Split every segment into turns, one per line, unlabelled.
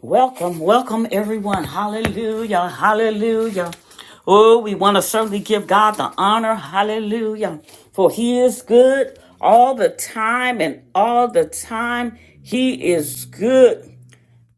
Welcome, welcome everyone. Hallelujah, hallelujah. Oh, we want to certainly give God the honor. Hallelujah. For he is good all the time and all the time he is good.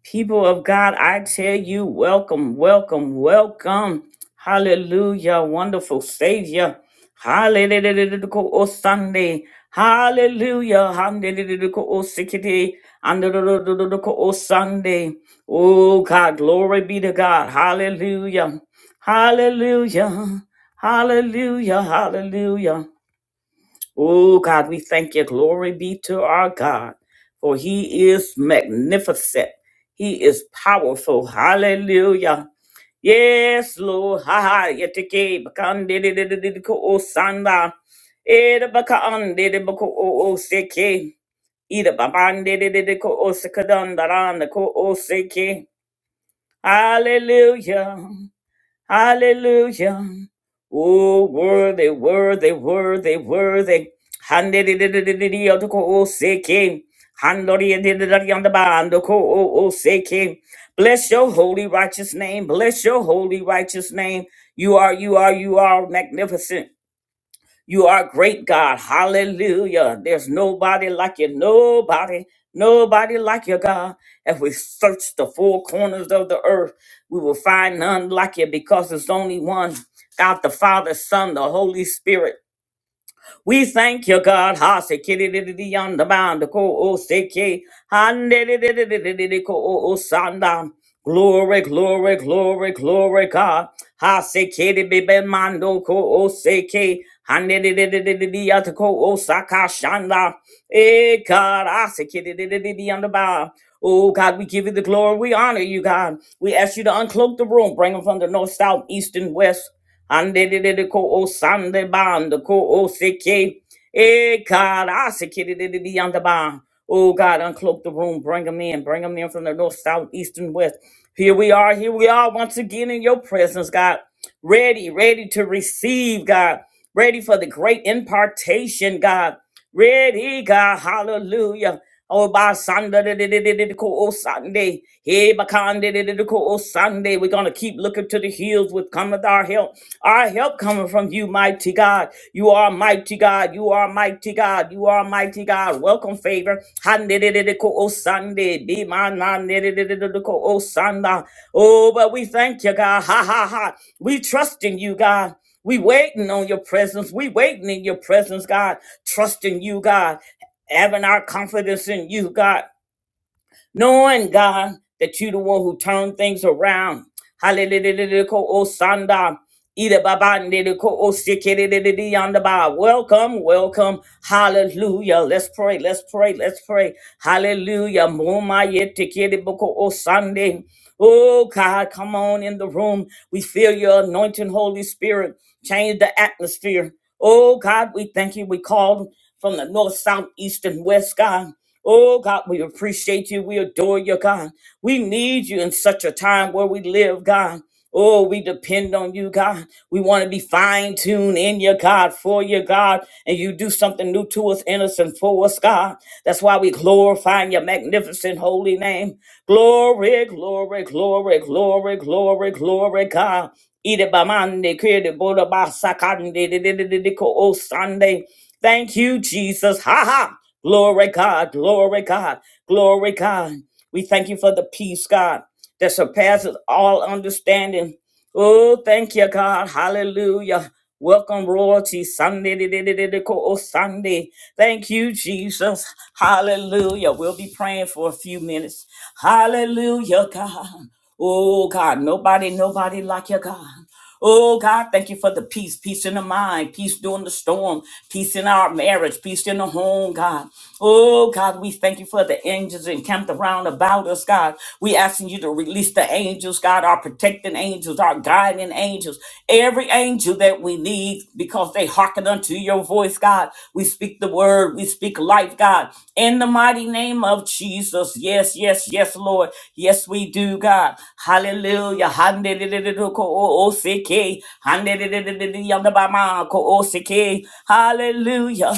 People of God, I tell you, welcome, welcome, welcome. Hallelujah, wonderful Savior. Hallelujah, O Sunday. Hallelujah, hallelujah, O Sikiti. Hallelujah, O Sunday. Oh God, glory be to God. Hallelujah, hallelujah, hallelujah, hallelujah. Oh God, we thank you. Glory be to our God, for He is magnificent. He is powerful. Hallelujah. Yes, Lord. Ha ha. Yetike bakande de de de de de ko o sanda. Eda bakande de bako o o seke. Ida babande de de de ko o sekadanda randa ko o seke. Hallelujah. Hallelujah. Oh, worthy, worthy, worthy, worthy. Handidididididiyotoko-oseke. Handoriyadidididiyandabandoko-o-oseke. Bless your holy righteous name. Bless your holy righteous name. You are, you are, you are magnificent. You are great, God. Hallelujah. There's nobody like you. Nobody, nobody like you, God. If we search the four corners of the earth, we will find none like you because there's only one God the Father, Son, the Holy Spirit. We thank you, God. Ha se kiri di di di yanda banda ko o se ke. Ha ne di di di di di di di ko o o sanda. Glory, glory, glory, glory, God. Ha se ke de bebe mando ko o se ke. Hande de de de de de de yata ko o saka shanda. Eh, God, I se ke de de de de de yanda ba. Oh, God, we give you the glory. We honor you, God. We ask you to uncloak the room. Bring them from the north, south, east, and west. Hande de de de ko o sande bando ko o se ke. Eh, God, I secured it beyond the bound. Oh, God, uncloak the room. Bring them in. Bring them in from the north, south, east, and west. Here we are. Here we are once again in your presence, God. Ready, ready to receive, God. Ready for the great impartation, God. Ready, God, hallelujah. Oh, by Sunday, oh Sunday, hey, Bakande, oh Sunday, we're gonna keep looking to the hills with cometh our help. Our help coming from you, mighty God. You are mighty God. You are mighty God. You are mighty God. Welcome, favor. Hande, oh Sunday, be my nan, oh Sunday. Oh, but we thank you, God. Ha ha ha. We trust in you, God. We waiting on your presence. We waiting in your presence, God, trusting you, God, having our confidence in you, God, knowing, God, that you the one who turned things around. Hallelujah. Ida baba ndidi ko osikidi didi di yanda ba. Welcome, welcome. Hallelujah. Let's pray, let's pray, let's pray. Hallelujah. Muma yeti kidi boko o Sunday. Oh God, come on in the room. We feel your anointing, Holy Spirit. Change the atmosphere. Oh God, we thank you. We called from the north, south, east, and west, God. Oh God, we appreciate you. We adore you, God. We need you in such a time where we live, God. Oh, we depend on you, God. We want to be fine tuned in your God, for your God, and you do something new to us, innocent for us, God. That's why we glorify your magnificent holy name. Glory, glory, glory, glory, glory, glory, God. Eat it by Monday, boda ba Sakande, de de de de de ko- oh, Sunday. Thank you, Jesus. Ha ha. Glory, God. Glory, God. Glory, God. We thank you for the peace, God that surpasses all understanding. Oh, thank you, God. Hallelujah. Welcome, royalty Sunday. di- di- di- di- di- ko- oh, Sunday. Thank you, Jesus. Hallelujah. We'll be praying for a few minutes. Hallelujah, God. Oh, God. Nobody, nobody like you, God. Oh God, thank you for the peace, peace in the mind, peace during the storm, peace in our marriage, peace in the home, God. Oh God, we thank you for the angels encamped around about us, God. We asking you to release the angels, God, our protecting angels, our guiding angels, every angel that we need because they hearken unto your voice, God. We speak the word, we speak life life, God. In the mighty name of Jesus. Yes, yes, yes, Lord. Yes, we do, God. Hallelujah. Handididididikoosike. Handidididididiyandabamakoosike. Hallelujah.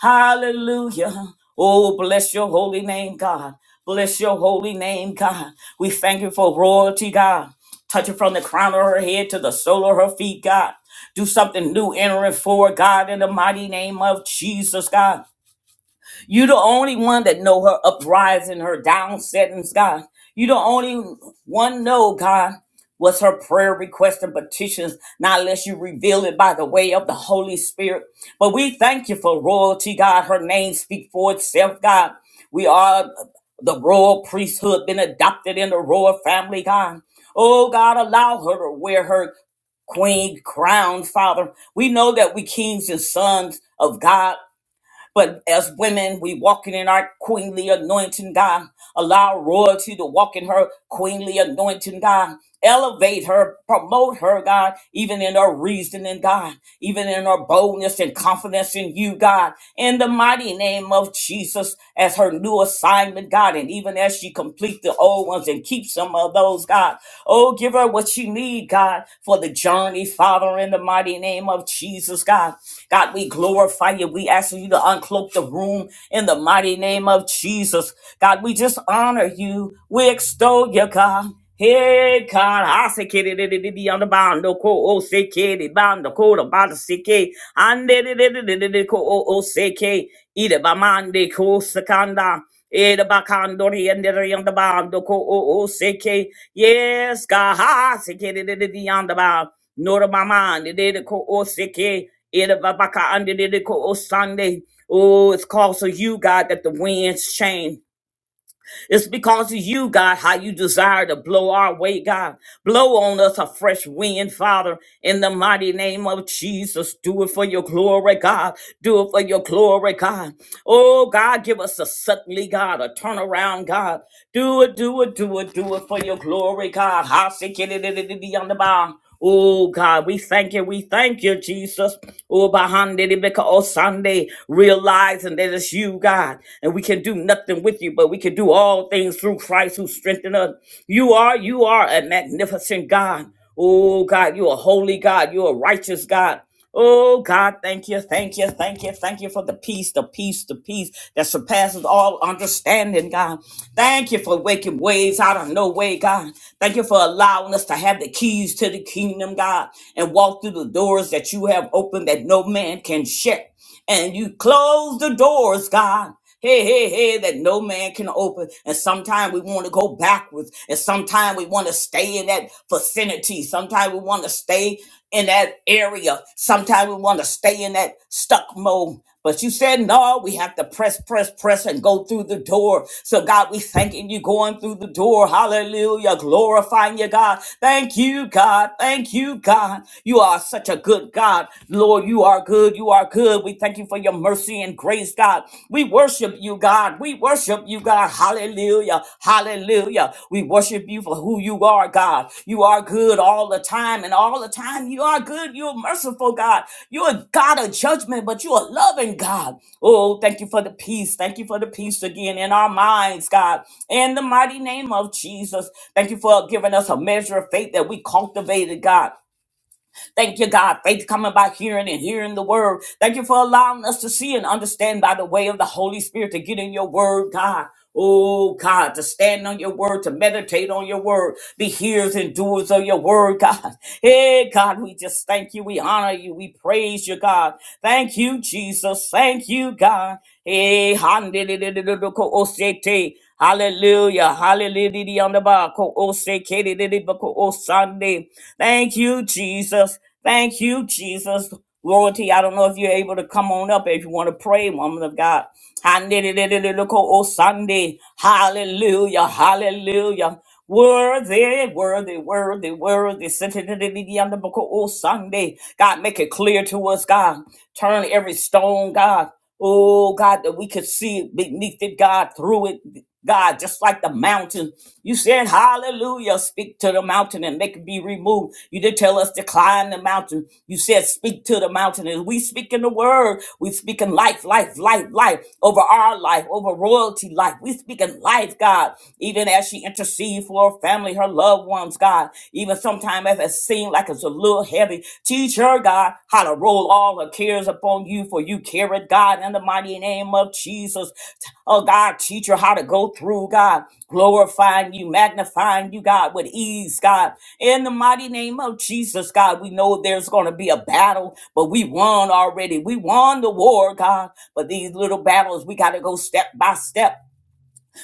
Hallelujah. Oh, bless your holy name, God. Bless your holy name, God. We thank you for royalty, God. Touch it from the crown of her head to the sole of her feet, God. Do something new in her and for her, God, in the mighty name of Jesus, God. You the only one that know her uprising, her downsettings, God. You the only one know, God, what's her prayer requests and petitions, not unless you reveal it by the way of the Holy Spirit. But we thank you for royalty, God. Her name speak for itself, God. We are the royal priesthood, been adopted in the royal family, God. Oh, God, allow her to wear her queen crown, Father. We know that we kings and sons of God but as women, we walking in our queenly anointing, God. Allow royalty to walk in her queenly anointing, God. Elevate her, promote her, God, even in her reasoning, God, even in her boldness and confidence in you, God. In the mighty name of Jesus, as her new assignment, God, and even as she complete the old ones and keep some of those, God. Oh, give her what she need, God, for the journey, Father, in the mighty name of Jesus, God. God, we glorify you. We ask you to uncloak the room in the mighty name of Jesus. God, we just honor you. We extol you, God. Hey God, I say kid it be on the bound no ko oh say kid it bound the code about the sick eh, and it ko oh oh say k eat it by mande ko secanda eat it about condori and the on the bound the ko oh oh say k yes God I say kid it be on the bound no to my mind it ko oh say k Idababaka andididiko osande. Oh, it's because of you, God, that the winds change. It's because of you, God, how you desire to blow our way, God. Blow on us a fresh wind, Father, in the mighty name of Jesus. Do it for your glory, God. Do it for your glory, God. Oh, God, give us a suddenly, God, a turnaround, God. Do it, do it, do it, do it for your glory, God. Ha, se, ke, de, de, de, de, de, on the bound. Oh God, we thank you. We thank you, Jesus. Oh, behind it, because oh Sunday, realizing that it's you, God, and we can do nothing with you, but we can do all things through Christ who strengthened us. You are, you are a magnificent God. Oh God, you're a holy God. You're a righteous God. Oh God, thank you, thank you, thank you, thank you for the peace, the peace, the peace that surpasses all understanding, God. Thank you for waking waves out of no way, God. Thank you for allowing us to have the keys to the kingdom, God, and walk through the doors that you have opened that no man can shut and you close the doors, God. Hey, hey, hey, that no man can open. And sometimes we want to go backwards. And sometimes we want to stay in that vicinity. Sometimes we want to stay in that area. Sometimes we want to stay in that stuck mode. But you said, no, we have to press, press, press and go through the door. So God, we thanking you going through the door. Hallelujah. Glorifying you, God. Thank you, God. Thank you, God. You are such a good God. Lord, you are good. You are good. We thank you for your mercy and grace, God. We worship you, God. We worship you, God. Hallelujah. Hallelujah. We worship you for who you are, God. You are good all the time, and all the time you are good. You're merciful, God. You're a God of judgment, but you're a loving God. Oh, thank you for the peace. Thank you for the peace again in our minds, God. In the mighty name of Jesus, thank you for giving us a measure of faith that we cultivated, God. Thank you, God. Faith coming by hearing and hearing the word. Thank you for allowing us to see and understand by the way of the Holy Spirit to get in your word, God. Oh God, to stand on your word, to meditate on your word, be hearers and doers of your word, God. Hey, God, we just thank you. We honor you. We praise you, God. Thank you, Jesus. Thank you, God. Hey, handedidididoko osete. Hallelujah. Hallelujah. On the bar. Ko- o- se- ke- de- de- de- ba- ko- o- Sunday. Thank you, Jesus. Thank you, Jesus. Royalty, I don't know if you're able to come on up if you want to pray, woman of God. Hallelujah. Ko- o- Sunday. Hallelujah. Hallelujah. Worthy, worthy, worthy, worthy. Sitting on the book of Sunday. God, make it clear to us, God. Turn every stone, God. Oh God, that we could see beneath it, God, through it, God, just like the mountain. You said, Hallelujah, speak to the mountain and make it be removed. You did tell us to climb the mountain. You said, Speak to the mountain. And we speak in the word. We speak in life, life, life, life over our life, over royalty life. We speak in life, God, even as she intercedes for her family, her loved ones, God. Even sometimes Sometimes it seems like it's a little heavy. Teach her, God, how to roll all her cares upon you, for you carry it, God, in the mighty name of Jesus. Oh, God, teach her how to go through, God, glorifying you, magnifying you, God, with ease, God. In the mighty name of Jesus, God, we know there's going to be a battle, but we won already. We won the war, God. But these little battles, we got to go step by step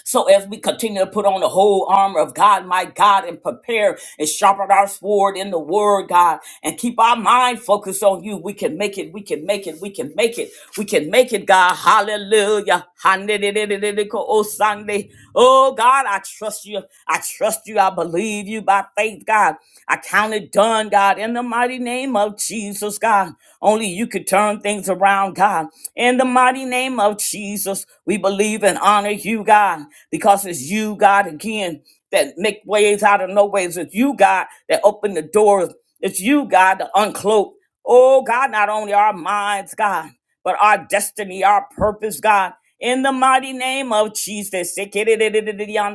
so as we continue to put on the whole armor of God, my God, and prepare and sharpen our sword in the word, God, and keep our mind focused on you, we can make it, we can make it, we can make it, we can make it, God. Hallelujah. Sunday. Oh God, I trust you. I trust you. I believe you by faith, God. I count it done, God, in the mighty name of Jesus, God. Only you could turn things around, God. In the mighty name of Jesus, we believe and honor you, God, because it's you, God, again, that make ways out of no ways. It's you, God, that open the doors. It's you, God, that uncloak. Oh God, not only our minds, God, but our destiny, our purpose, God. In the mighty name of Jesus. Right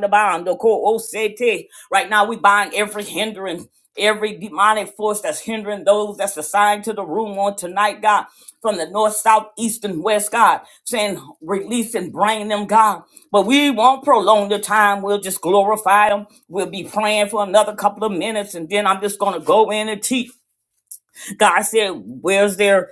now, we bind every hindrance, every demonic force that's hindering those that's assigned to the room on tonight, God, from the north, south, east, and west, God, saying, release and bring them, God. But we won't prolong the time. We'll just glorify them. We'll be praying for another couple of minutes, and then I'm just going to go in and teach. God said, Where's there?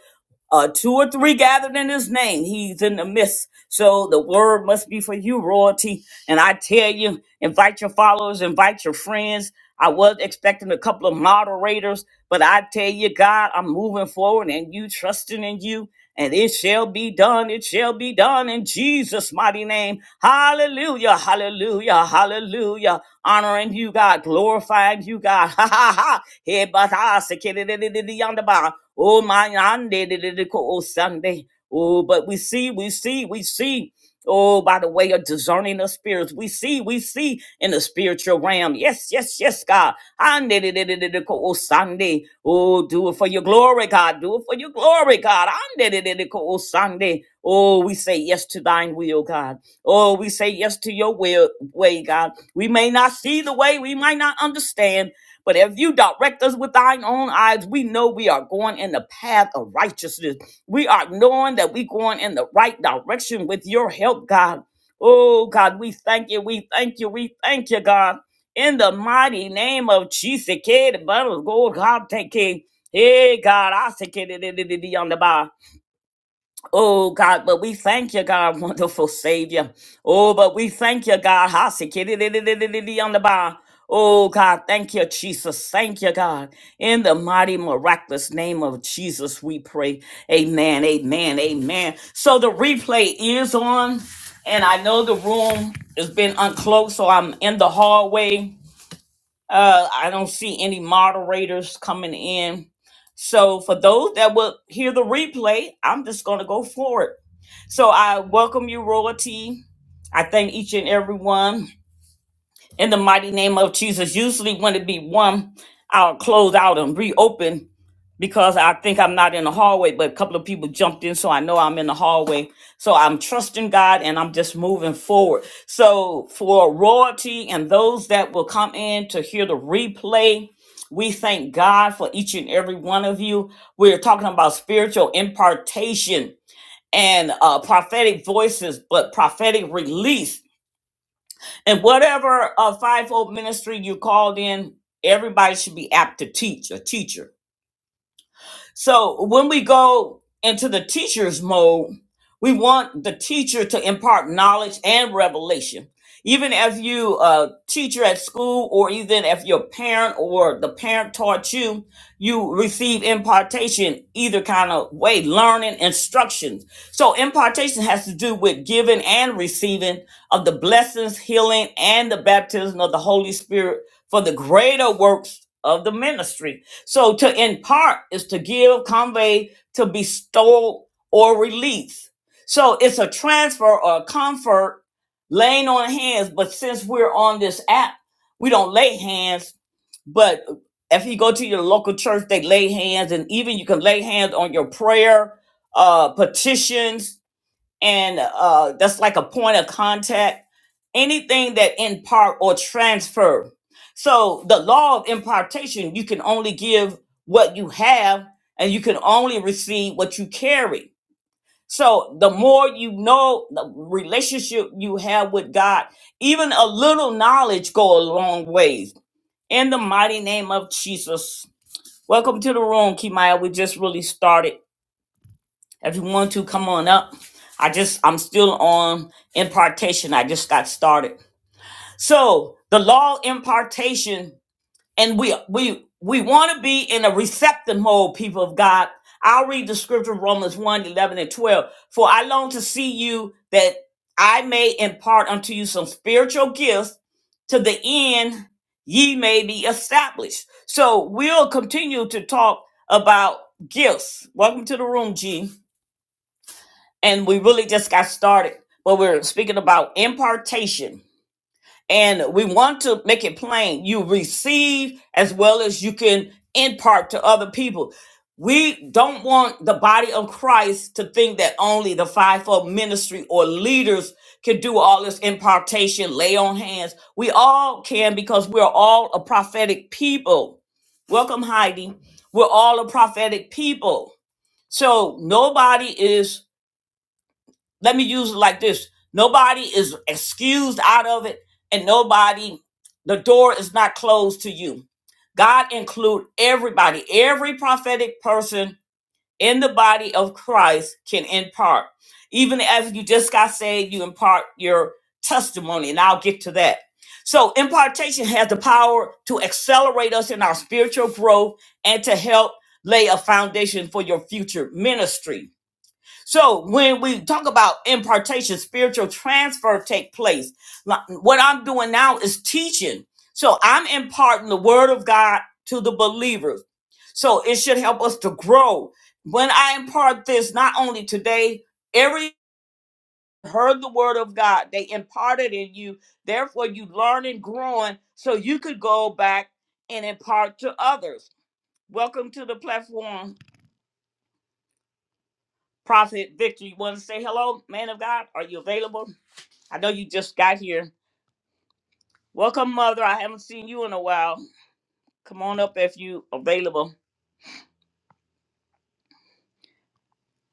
uh, two or three gathered in his name, he's in the midst. So the word must be for you, royalty. And I tell you, invite your followers, invite your friends. I was expecting a couple of moderators, but I tell you, God, I'm moving forward and you trusting in you, and it shall be done. It shall be done in Jesus' mighty name. Hallelujah, hallelujah, hallelujah. Honoring you, God, glorifying you, God. Ha ha ha. Hey, but I say, kiddy, diddy, diddy, yonder, bah. Oh my ande de- de- de- ko- oh Sunday. Oh, but we see, we see, we see. Oh, by the way of discerning the spirits, we see, we see in the spiritual realm. Yes, yes, yes, God. Ande de- de- de- de- de- ko- Oh, Sunday. Oh, do it for your glory, God. Do it for your glory, God. Ande de- de- de- ko- Oh, Sunday. Oh, we say yes to thine will, God. Oh, we say yes to your will, way, God. We may not see the way, we might not understand, but if you direct us with thine own eyes, we know we are going in the path of righteousness. We are knowing that we're going in the right direction with your help, God. Oh, God, we thank you. We thank you. We thank you, God. In the mighty name of Jesus, kid, but God, take care. Hey, God, I say, kid, on the bar. Oh God, but we thank you, God, wonderful Savior. Oh, but we thank you, God. Hasikididididididi on the bar. Oh God, thank you, Jesus. Thank you, God. In the mighty, miraculous name of Jesus, we pray. Amen. Amen. Amen. So the replay is on, and I know the room has been unclosed, so I'm in the hallway. Uh, I don't see any moderators coming in. So for those that will hear the replay, I'm just gonna go forward. So I welcome you, royalty. I thank each and every one in the mighty name of Jesus. Usually, when it be one, I'll close out and reopen because I think I'm not in the hallway, but a couple of people jumped in, so I know I'm in the hallway. So I'm trusting God and I'm just moving forward. So for royalty and those that will come in to hear the replay, we thank God for each and every one of you. We're talking about spiritual impartation and uh, prophetic voices, but prophetic release. And whatever uh, fivefold ministry you called in, everybody should be apt to teach, a teacher so when we go into the teacher's mode, we want the teacher to impart knowledge and revelation. Even if you a teacher at school, or even if your parent or the parent taught you, you receive impartation either kind of way, learning instructions. So impartation has to do with giving and receiving of the blessings, healing, and the baptism of the Holy Spirit for the greater works of the ministry. So to impart is to give, convey, to bestow or release. So it's a transfer or comfort laying on hands. But since we're on this app, we don't lay hands. But if you go to your local church, they lay hands, and even you can lay hands on your prayer uh, petitions and uh, that's like a point of contact. Anything that impart or transfer. So the law of impartation, you can only give what you have, and you can only receive what you carry. So the more you know, the relationship you have with God, even a little knowledge go a long ways. In the mighty name of Jesus. Welcome to the room, Kimaya. We just really started. If you want to, come on up. I just, I'm still on impartation. I just got started. So the law of impartation, and we, we, we want to be in a receptive mode, people of God. I'll read the scripture, Romans one 11 and 12. For I long to see you that I may impart unto you some spiritual gifts to the end ye may be established. So we'll continue to talk about gifts. Welcome to the room, G and we really just got started but we're speaking about impartation and we want to make it plain you receive as well as you can impart to other people we don't want the body of christ to think that only the fivefold ministry or leaders can do all this impartation lay on hands we all can because we're all a prophetic people welcome heidi we're all a prophetic people so nobody is let me use it like this. Nobody is excused out of it, and nobody, the door is not closed to you. God include everybody, every prophetic person in the body of Christ can impart. Even as you just got saved, you impart your testimony, and I'll get to that. So impartation has the power to accelerate us in our spiritual growth and to help lay a foundation for your future ministry. So when we talk about impartation, spiritual transfer take place. Like, What I'm doing now is teaching. So I'm imparting the word of God to the believers. So it should help us to grow. When I impart this, not only today, every heard the word of God, they imparted in you. Therefore, you learn and growing so you could go back and impart to others. Welcome to the platform, Prophet Victor. You want to say hello, man of God? Are you available? I know you just got here. Welcome, mother. I haven't seen you in a while. Come on up if you available.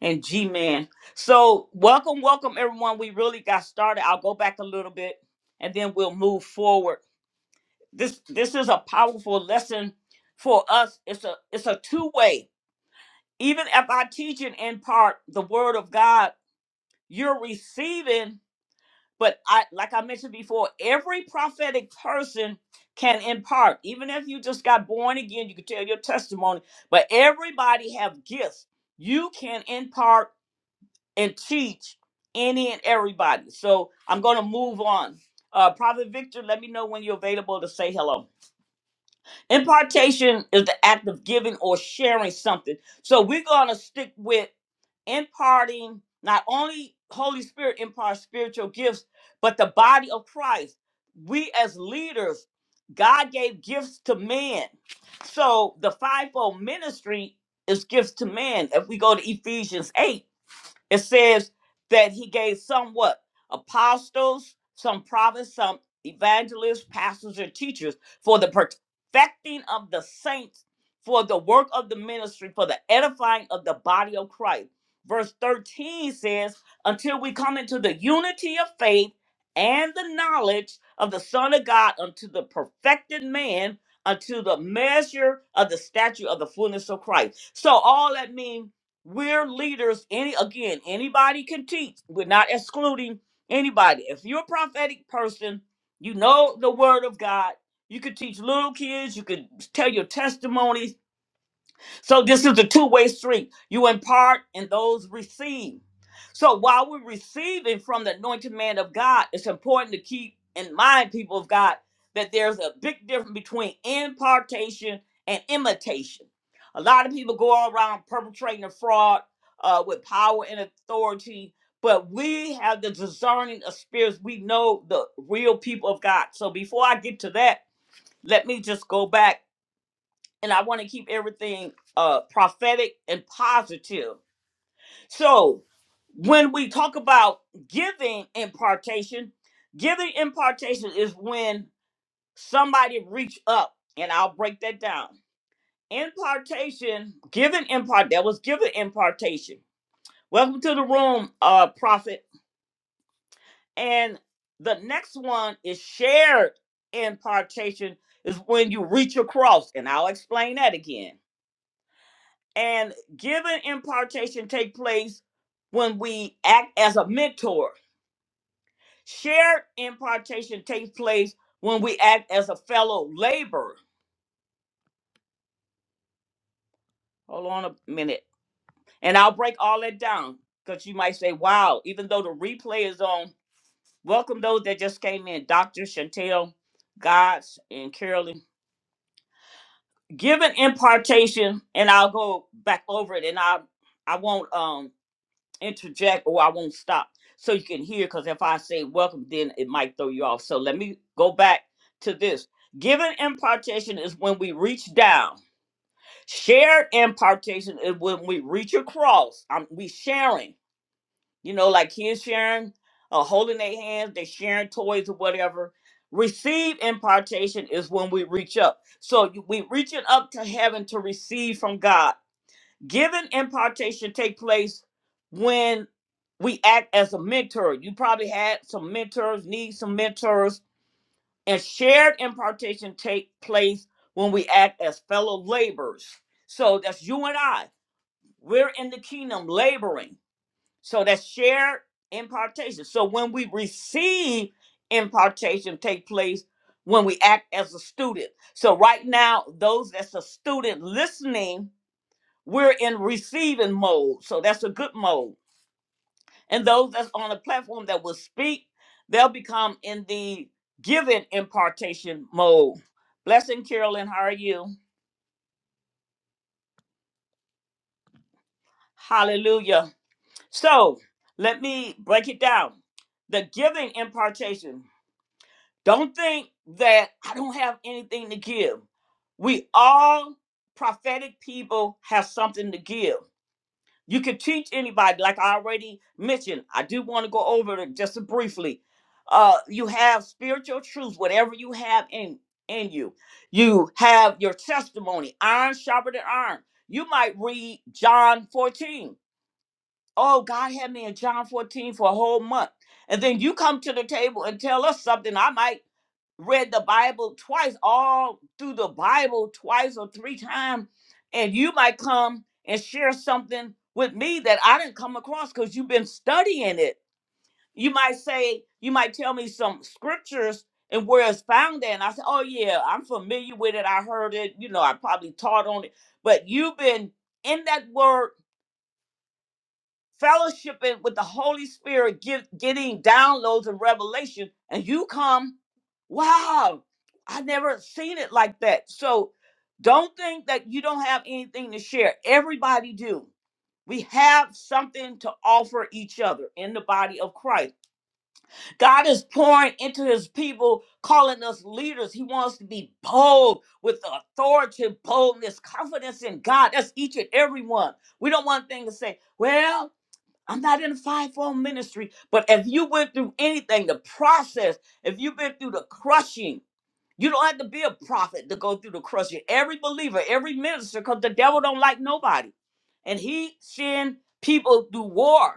And G Man. So welcome, welcome everyone. We really got started. I'll go back a little bit and then we'll move forward. This this is a powerful lesson for us. It's a it's a two-way. Even if I teach it in part the word of God, you're receiving But I, like I mentioned before, every prophetic person can impart. Even if you just got born again, you can tell your testimony. But everybody have gifts. You can impart and teach any and everybody. So I'm going to move on. Uh, Prophet Victor, let me know when you're available to say hello. Impartation is the act of giving or sharing something. So we're going to stick with imparting not only Holy Spirit imparts spiritual gifts, but the body of Christ. We as leaders, God gave gifts to men. So the fivefold ministry is gifts to men. If we go to Ephesians 8, it says that he gave some what? Apostles, some prophets, some evangelists, pastors, and teachers for the perfecting of the saints, for the work of the ministry, for the edifying of the body of Christ. Verse 13 says, until we come into the unity of faith and the knowledge of the Son of God, unto the perfected man, unto the measure of the stature of the fullness of Christ. So all that means we're leaders. Any again, anybody can teach. We're not excluding anybody. If you're a prophetic person, you know the word of God. You could teach little kids. You could tell your testimonies so this is a two-way street. You impart and those receive. So while we're receiving from the anointed man of God, it's important to keep in mind, people of God, that there's a big difference between impartation and imitation. A lot of people go around perpetrating a fraud uh, with power and authority, but we have the discerning of spirits. We know the real people of God. So before I get to that, let me just go back and I want to keep everything uh prophetic and positive. So when we talk about giving impartation, giving impartation is when somebody reach up, and I'll break that down. Impartation, giving impart that was given impartation. Welcome to the room, uh, prophet. And the next one is shared impartation is when you reach across, and I'll explain that again And giving impartation take place when we act as a mentor. Shared impartation takes place when we act as a fellow laborer. Hold on a minute. And I'll break all that down because you might say, wow, even though the replay is on, welcome those that just came in, Dr. Chantel, Gods, and Carolyn. Given impartation, and I'll go back over it and I I won't um. interject or I won't stop so you can hear. Because if I say welcome, then it might throw you off. So let me go back to this. Given impartation is when we reach down. Shared impartation is when we reach across. Um, we sharing. You know, like kids sharing, uh, holding their hands, they sharing toys or whatever. Receive impartation is when we reach up. So you- we reaching up to heaven to receive from God Giving impartation take place when we act as a mentor. You probably had some mentors, need some mentors, and shared impartation take place when we act as fellow laborers. So that's you and I. We're in the kingdom laboring. So that's shared impartation. So when we receive impartation take place when we act as a student. So right now, those that's a student listening we're in receiving mode, so that's a good mode. And those that's on the platform that will speak, they'll become in the giving impartation mode. Blessing, Carolyn, how are you? Hallelujah. So let me break it down. The giving impartation. Don't think that I don't have anything to give. We all prophetic people have something to give. You can teach anybody, like I already mentioned. I do want to go over it just briefly. Uh, you have spiritual truth, whatever you have in in you. You have your testimony, iron sharper than iron. You might read John 14. Oh, God had me in John 14 for a whole month. And then you come to the table and tell us something. I might read the Bible twice, all through the Bible twice or three times, and you might come and share something with me that I didn't come across because you've been studying it. You might say, you might tell me some scriptures and where it's found at. And I say, oh yeah, I'm familiar with it. I heard it. You know, I probably taught on it. But you've been in that word fellowshipping with the Holy Spirit, get, getting downloads and revelation, and you come, wow, I never seen it like that. So don't think that you don't have anything to share. Everybody do. We have something to offer each other in the body of Christ. God is pouring into his people, calling us leaders. He wants to be bold with authority, boldness, confidence in God. That's each and every one. We don't want thing to say, well, I'm not in a fivefold ministry, but if you went through anything, the process, if you've been through the crushing, you don't have to be a prophet to go through the crushing. Every believer, every minister, because the devil don't like nobody, and he send people through war.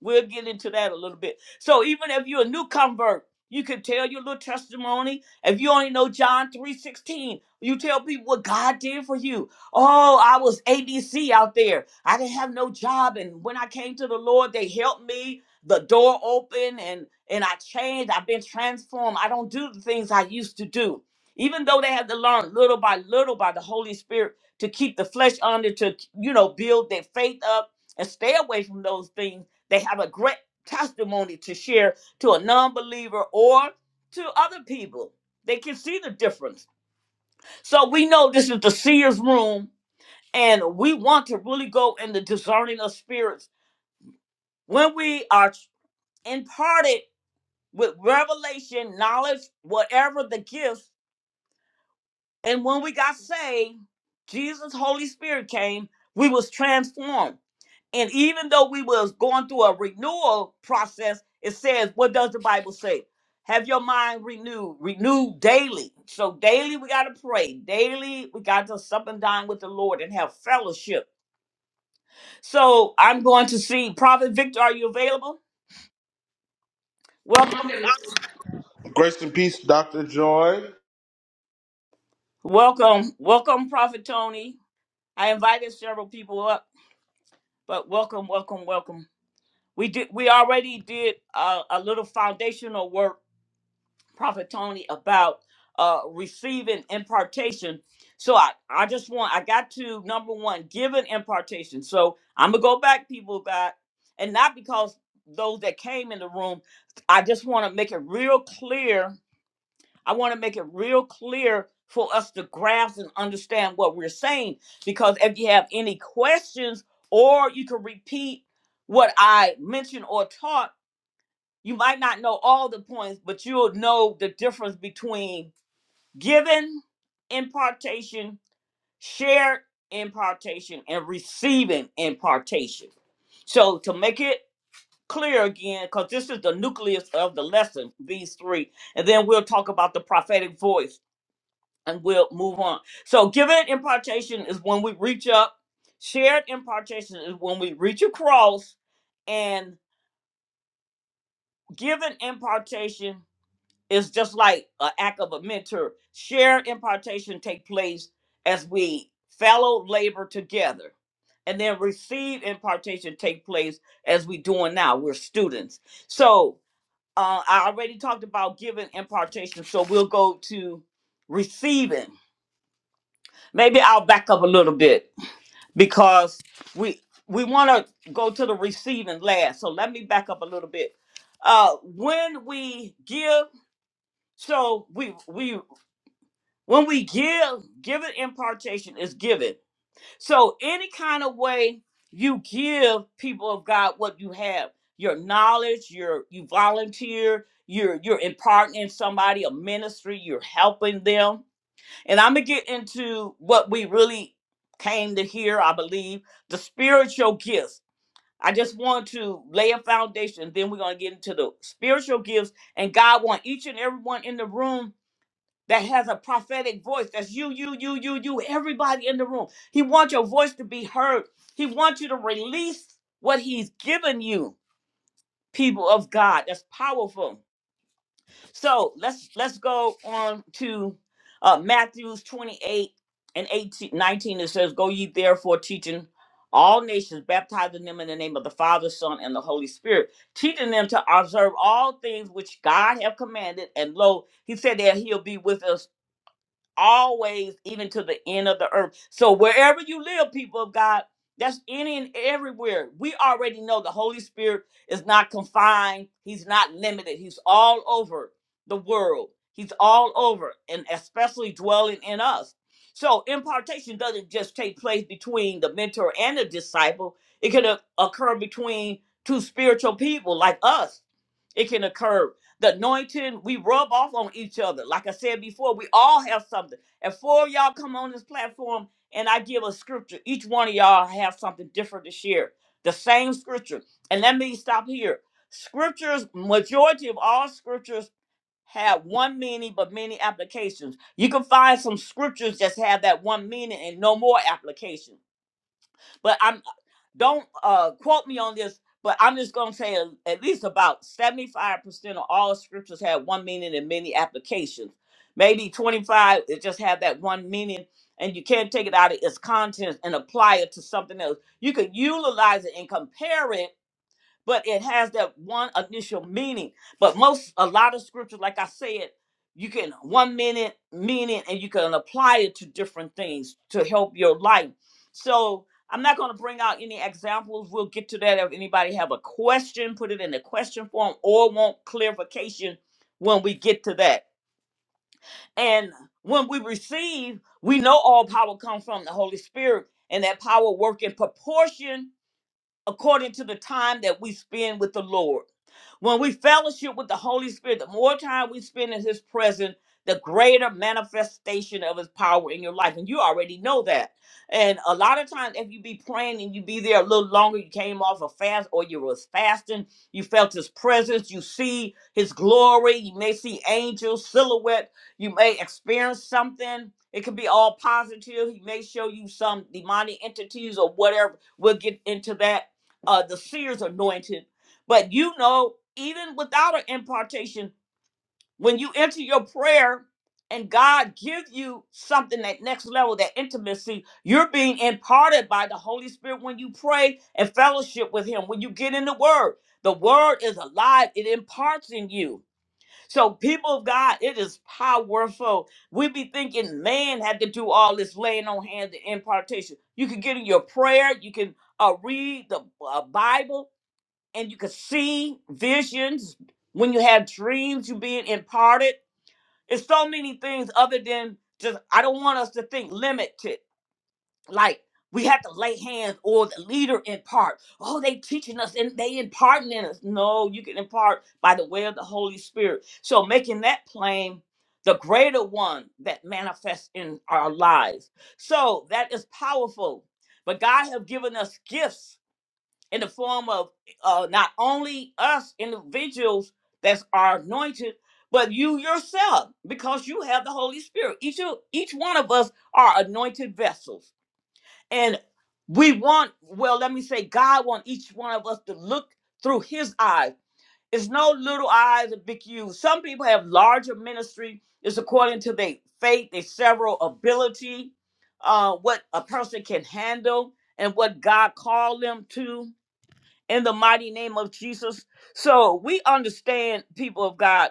We'll get into that a little bit. So even if you're a new convert, you can tell your little testimony. If you only know John 3.16, you tell people what God did for you. Oh, I was ABC out there. I didn't have no job. And when I came to the Lord, they helped me. The door opened and, and I changed. I've been transformed. I don't do the things I used to do. Even though they had to learn little by little by the Holy Spirit to keep the flesh under, to, you know, build their faith up and stay away from those things they have a great testimony to share to a non believer or to other people. They can see the difference. So we know this is the seer's room, and we want to really go in the discerning of spirits. When we are imparted with revelation, knowledge, whatever the gift, and when we got saved, Jesus' Holy Spirit came, we was transformed And even though we was going through a renewal process, it says, what does the Bible say? Have your mind renewed, renewed daily. So daily we gotta pray. Daily we got to sup and dine with the Lord and have fellowship. So I'm going to see Prophet Victor. Are you available? Welcome,
Grace and peace, Dr. Joy.
welcome, welcome, Prophet Tony. I invited several people up, but welcome, welcome, welcome. We did we already did uh, a little foundational work Prophet Tony about uh, receiving impartation. So I, I just want, I got to number one, give an impartation. So I'm going to go back, people, of God, and not because those that came in the room, I just want to make it real clear. I want to make it real clear for us to grasp and understand what we're saying. Because if you have any questions, or you can repeat what I mentioned or taught, you might not know all the points, but you'll know the difference between giving impartation, shared impartation, and receiving impartation. So to make it clear again, because this is the nucleus of the lesson, these three, and then we'll talk about the prophetic voice and we'll move on. So giving impartation is when we reach up, shared impartation is when we reach across, and giving impartation It's just like an act of a mentor. Shared impartation take place as we fellow labor together. And then receive impartation take place as we doing now. We're students. So uh, I already talked about giving impartation. So we'll go to receiving. Maybe I'll back up a little bit because we we want to go to the receiving last. So let me back up a little bit. Uh, when we give so we we When we give, give it impartation is given. So any kind of way you give people of God what you have, your knowledge, your you volunteer, you're you're imparting in somebody a ministry, you're helping them. And I'm gonna get into what we really came to hear, I believe, the spiritual gifts. I just want to lay a foundation, then we're gonna get into the spiritual gifts, and God want each and everyone in the room that has a prophetic voice. That's you, you, you, you, you, everybody in the room. He wants your voice to be heard. He wants you to release what he's given you, people of God. That's powerful. So let's let's go on to uh Matthew's 28 and 18 19. It says, Go ye therefore teaching all nations, baptizing them in the name of the Father, Son, and the Holy Spirit, teaching them to observe all things which God have commanded. And lo, he said that he'll be with us always, even to the end of the earth. So wherever you live, people of God, that's any and everywhere. We already know the Holy Spirit is not confined. He's not limited. He's all over the world. He's all over, and especially dwelling in us. So impartation doesn't just take place between the mentor and the disciple. It can o- occur between two spiritual people like us. It can occur the anointing, we rub off on each other. Like I said before, we all have something. And four of y'all come on this platform and I give a scripture. Each one of y'all have something different to share. The same scripture. And let me stop here. Scriptures, majority of all scriptures have one meaning but many applications. You can find some scriptures just have that one meaning and no more application. But I'm don't uh, quote me on this, but I'm just going to say a- at least about 75% of all scriptures have one meaning and many applications. Maybe 25 it just have that one meaning, and you can't take it out of its contents and apply it to something else. You could utilize it and compare it but it has that one initial meaning. But most, a lot of scriptures, like I said, you can one minute meaning and you can apply it to different things to help your life. So I'm not going to bring out any examples. We'll get to that. If anybody have a question, put it in the question form or want clarification when we get to that. And when we receive, we know all power comes from the Holy Spirit and that power work in proportion according to the time that we spend with the Lord. When we fellowship with the Holy Spirit, the more time we spend in His presence, the greater manifestation of His power in your life. And you already know that. And a lot of times, if you be praying and you be there a little longer, you came off a fast or you was fasting, you felt His presence, you see His glory, you may see angels, silhouette, you may experience something. It could be all positive. He may show you some demonic entities or whatever. We'll get into that uh the seer's anointed but you know even without an impartation when you enter your prayer and god give you something that next level that intimacy you're being imparted by the holy spirit when you pray and fellowship with him when you get in the word the word is alive it imparts in you so people of god it is powerful we be thinking man had to do all this laying on hands and impartation you can get in your prayer you can uh, read the uh, bible and you can see visions when you have dreams you being imparted it's so many things other than just i don't want us to think limited like we have to lay hands or the leader impart oh they teaching us and they imparting in us no you can impart by the way of the holy spirit so making that plain the greater one that manifests in our lives so that is powerful but god have given us gifts in the form of uh, not only us individuals that are anointed, but you yourself, because you have the Holy Spirit. Each of, each one of us are anointed vessels, and we want. Well, let me say, God wants each one of us to look through His eyes. It's no little eyes and big you. Some people have larger ministry. It's according to their faith, their several ability, uh, what a person can handle, and what God called them to in the mighty name of Jesus. So we understand, people of God,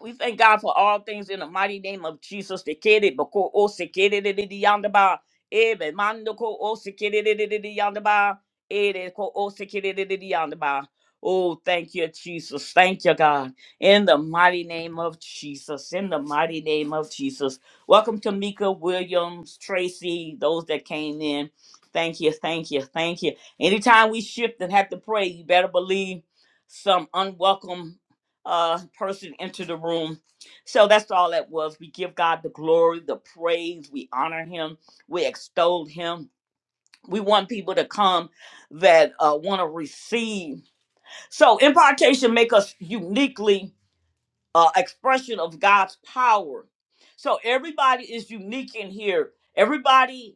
we thank God for all things in the mighty name of Jesus. Te quiere, boko, o se quiere de de de yonder ba. Ebe mando ko o se quiere de de de de yonder ba. Ere ko o se quiere de de de yonder ba. Oh, thank you, Jesus. Thank you, God. In the mighty name of Jesus. In the mighty name of Jesus. Welcome to Mika Williams, Tracy, those that came in. Thank you, thank you, thank you. Anytime we shift and have to pray, you better believe some unwelcome uh person into the room so that's all that was we give god the glory the praise we honor him we extol him we want people to come that uh, want to receive so impartation make us uniquely uh, expression of god's power so everybody is unique in here everybody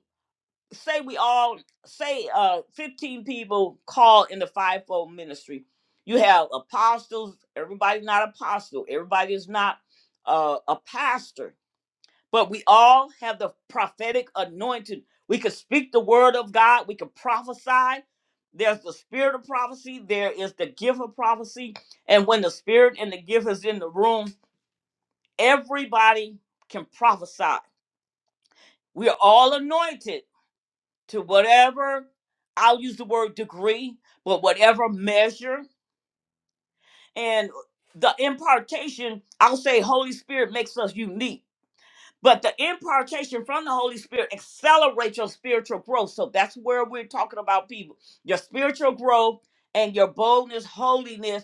say we all say uh 15 people call in the fivefold ministry you have apostles everybody's not apostle everybody is not uh, a pastor but we all have the prophetic anointing we can speak the word of god we can prophesy there's the spirit of prophecy there is the gift of prophecy and when the spirit and the gift is in the room everybody can prophesy we are all anointed to whatever I'll use the word degree, but whatever measure and the impartation, I'll say Holy Spirit makes us unique. But the impartation from the Holy Spirit accelerates your spiritual growth. So that's where we're talking about people. Your spiritual growth and your boldness, holiness,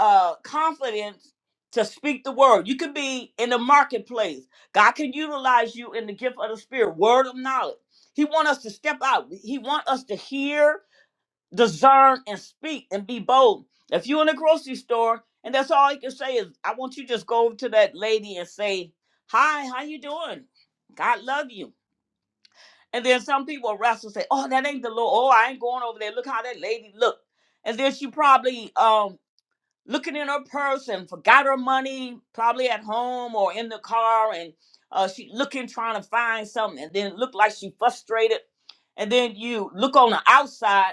uh, confidence to speak the word. You could be in the marketplace. God can utilize you in the gift of the spirit, word of knowledge. He want us to step out. He want us to hear discern and speak and be bold. If you're in a grocery store and that's all you can say is, I want you to just go over to that lady and say, Hi, how you doing? God love you. And then some people are wrestle and say, Oh, that ain't the Lord. Oh, I ain't going over there. Look how that lady look. And then she probably um looking in her purse and forgot her money, probably at home or in the car, and uh she looking trying to find something and then look like she frustrated. And then you look on the outside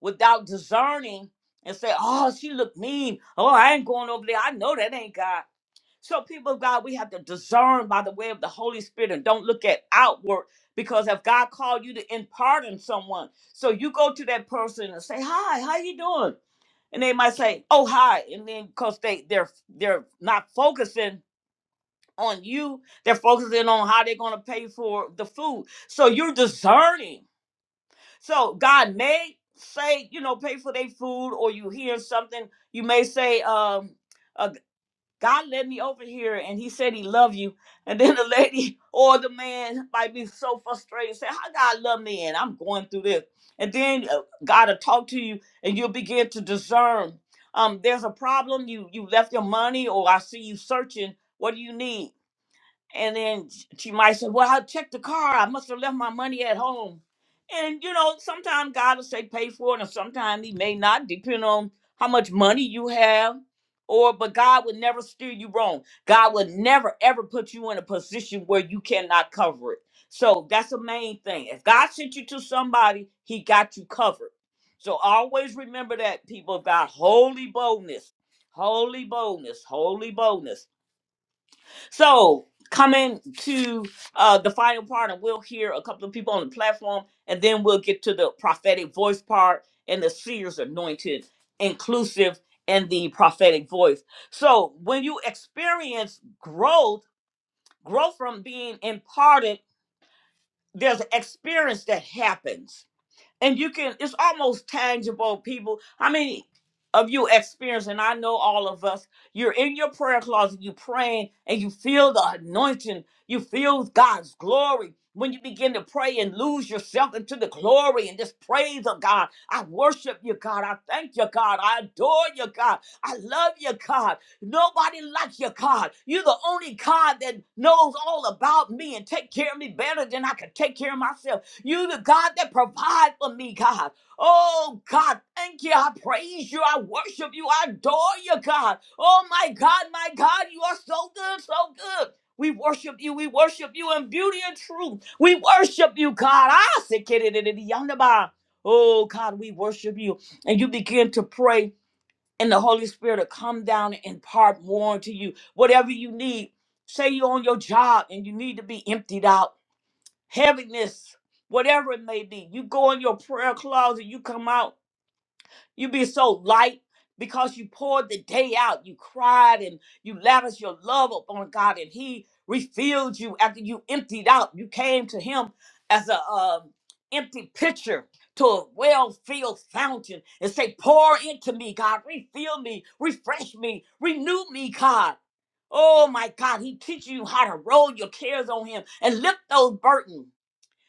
without discerning and say, oh, she looked mean. Oh, I ain't going over there. I know that ain't God. So, people of God, we have to discern by the way of the Holy Spirit and don't look at outward because if God called you to impart in someone, so you go to that person and say, hi, how you doing? And they might say, oh, hi. And then because they, they're, they're not focusing on you, they're focusing on how they're going to pay for the food. So you're discerning so God may say, you know, pay for their food, or you hear something. You may say, um, uh, God led me over here, and He said He loved you. And then the lady or the man might be so frustrated, say, "How God love me, and I'm going through this." And then uh, God will talk to you, and you'll begin to discern. Um, there's a problem. You you left your money, or I see you searching. What do you need? And then sh- she might say, Well, I checked the car. I must have left my money at home. And you know, sometimes God will say pay for it, and sometimes he may not, depending on how much money you have. Or but God would never steer you wrong. God would never ever put you in a position where you cannot cover it. So that's the main thing. If God sent you to somebody, he got you covered. So always remember that people of God, holy boldness, holy boldness, holy boldness. So coming to uh, the final part, and we'll hear a couple of people on the platform, and then we'll get to the prophetic voice part and the seers anointed, inclusive, and the prophetic voice. So when you experience growth, growth from being imparted, there's an experience that happens and you can it's almost tangible people how many of you experience and i know all of us you're in your prayer closet you praying and you feel the anointing you feel god's glory when you begin to pray and lose yourself into the glory and just praise of god i worship you god i thank you god i adore you god i love you god nobody like you god you're the only god that knows all about me and take care of me better than i could take care of myself you, the God that provide for me, God. Oh, God, thank you. I praise you. I worship you. I adore you, God. Oh, my God, my God, you are so good, so good. We worship you. We worship you in beauty and truth. We worship you, God. I say, "Kididididiyandaba." Oh, God, we worship you. And you begin to pray, and the Holy Spirit will come down and impart more to you. Whatever you need, say you're on your job and you need to be emptied out heaviness, whatever it may be. You go in your prayer closet, you come out, you be so light because you poured the day out. You cried and you lavished your love upon God, and He refilled you after you emptied out. You came to Him as a um, empty pitcher to a well-filled fountain and say, "Pour into me, God. Refill me, refresh me, renew me, God." Oh my God, He teaches you how to roll your cares on Him and lift those burdens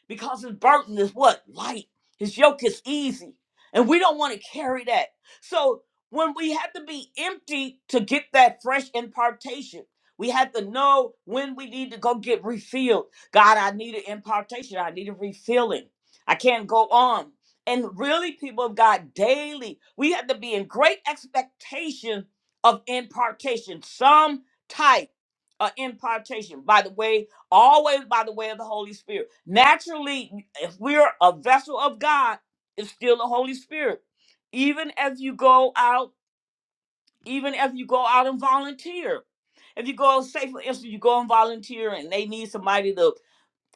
because his burden is what? Light. His yoke is easy. And we don't want to carry that. So when we have to be empty to get that fresh impartation, we have to know when we need to go get refilled. God, I need an impartation. I need a refilling. I can't go on. And really, people of God, daily, we have to be in great expectation of impartation, some type of impartation. By the way, always by the way of the Holy Spirit. Naturally, if we're a vessel of God, it's still the Holy Spirit. Even if you go out, even if you go out and volunteer. If you go, say for instance, you go and volunteer and they need somebody to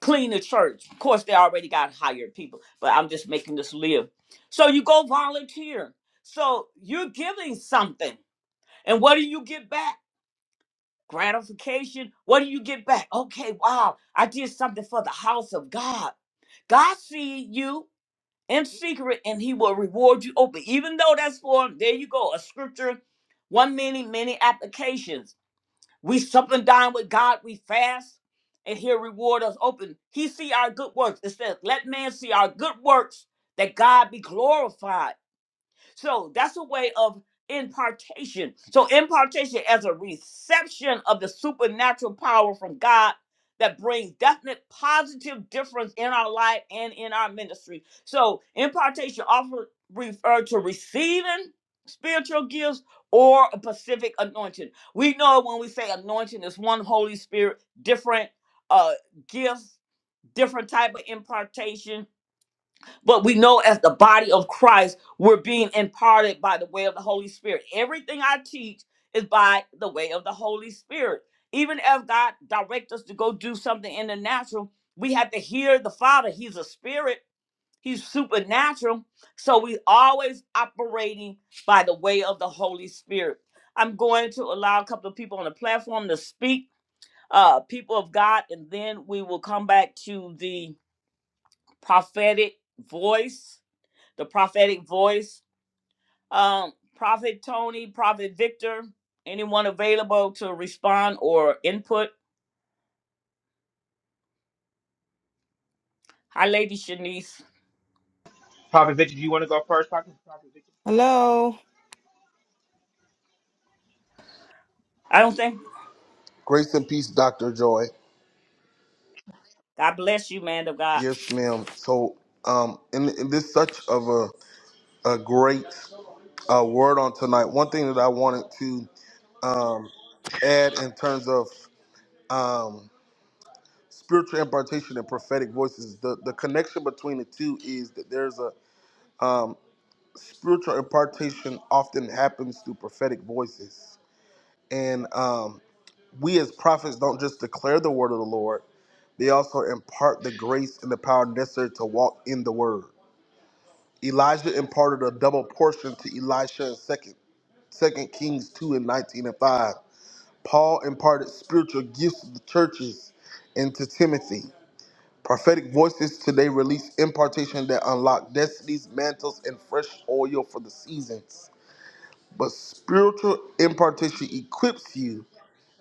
clean the church. Of course, they already got hired people, but I'm just making this live. So you go volunteer. So you're giving something. And what do you get back? gratification. What do you get back? Okay, wow, I did something for the house of God. God see you in secret and he will reward you open. Even though that's for there you go, a scripture, one many, many applications. We something down with God, we fast, and he'll reward us open. He see our good works. It says, let man see our good works that God be glorified. So that's a way of impartation. So impartation as a reception of the supernatural power from God that brings definite positive difference in our life and in our ministry. So impartation often refer to receiving spiritual gifts or a specific anointing. We know when we say anointing is one Holy Spirit, different uh gifts, different type of impartation but we know as the body of Christ, we're being imparted by the way of the Holy Spirit. Everything I teach is by the way of the Holy Spirit. Even if God directs us to go do something in the natural, we have to hear the Father. He's a spirit, He's supernatural. So we always operating by the way of the Holy Spirit. I'm going to allow a couple of people on the platform to speak, uh, people of God, and then we will come back to the prophetic voice the prophetic voice. Um, Prophet Tony, Prophet Victor, anyone available to respond or input? Hi, Lady Shanice.
Prophet Victor, do you want to go first? Prophet, Prophet Victor?
Hello.
I don't think.
Grace and peace, Dr. Joy.
God bless you, man of God.
Yes, ma'am. So, um, and, and this such of a, a great uh, word on tonight. One thing that I wanted to um, add in terms of um, spiritual impartation and prophetic voices, the, the connection between the two is that there's a um, spiritual impartation often happens through prophetic voices. And um, we as prophets don't just declare the word of the Lord, They also impart the grace and the power necessary to walk in the word. Elijah imparted a double portion to Elisha in 2nd, 2 Kings 2 and 19 and 5. Paul imparted spiritual gifts to the churches and to Timothy. Prophetic voices today release impartation that unlock destinies, mantles, and fresh oil for the seasons. But spiritual impartation equips you,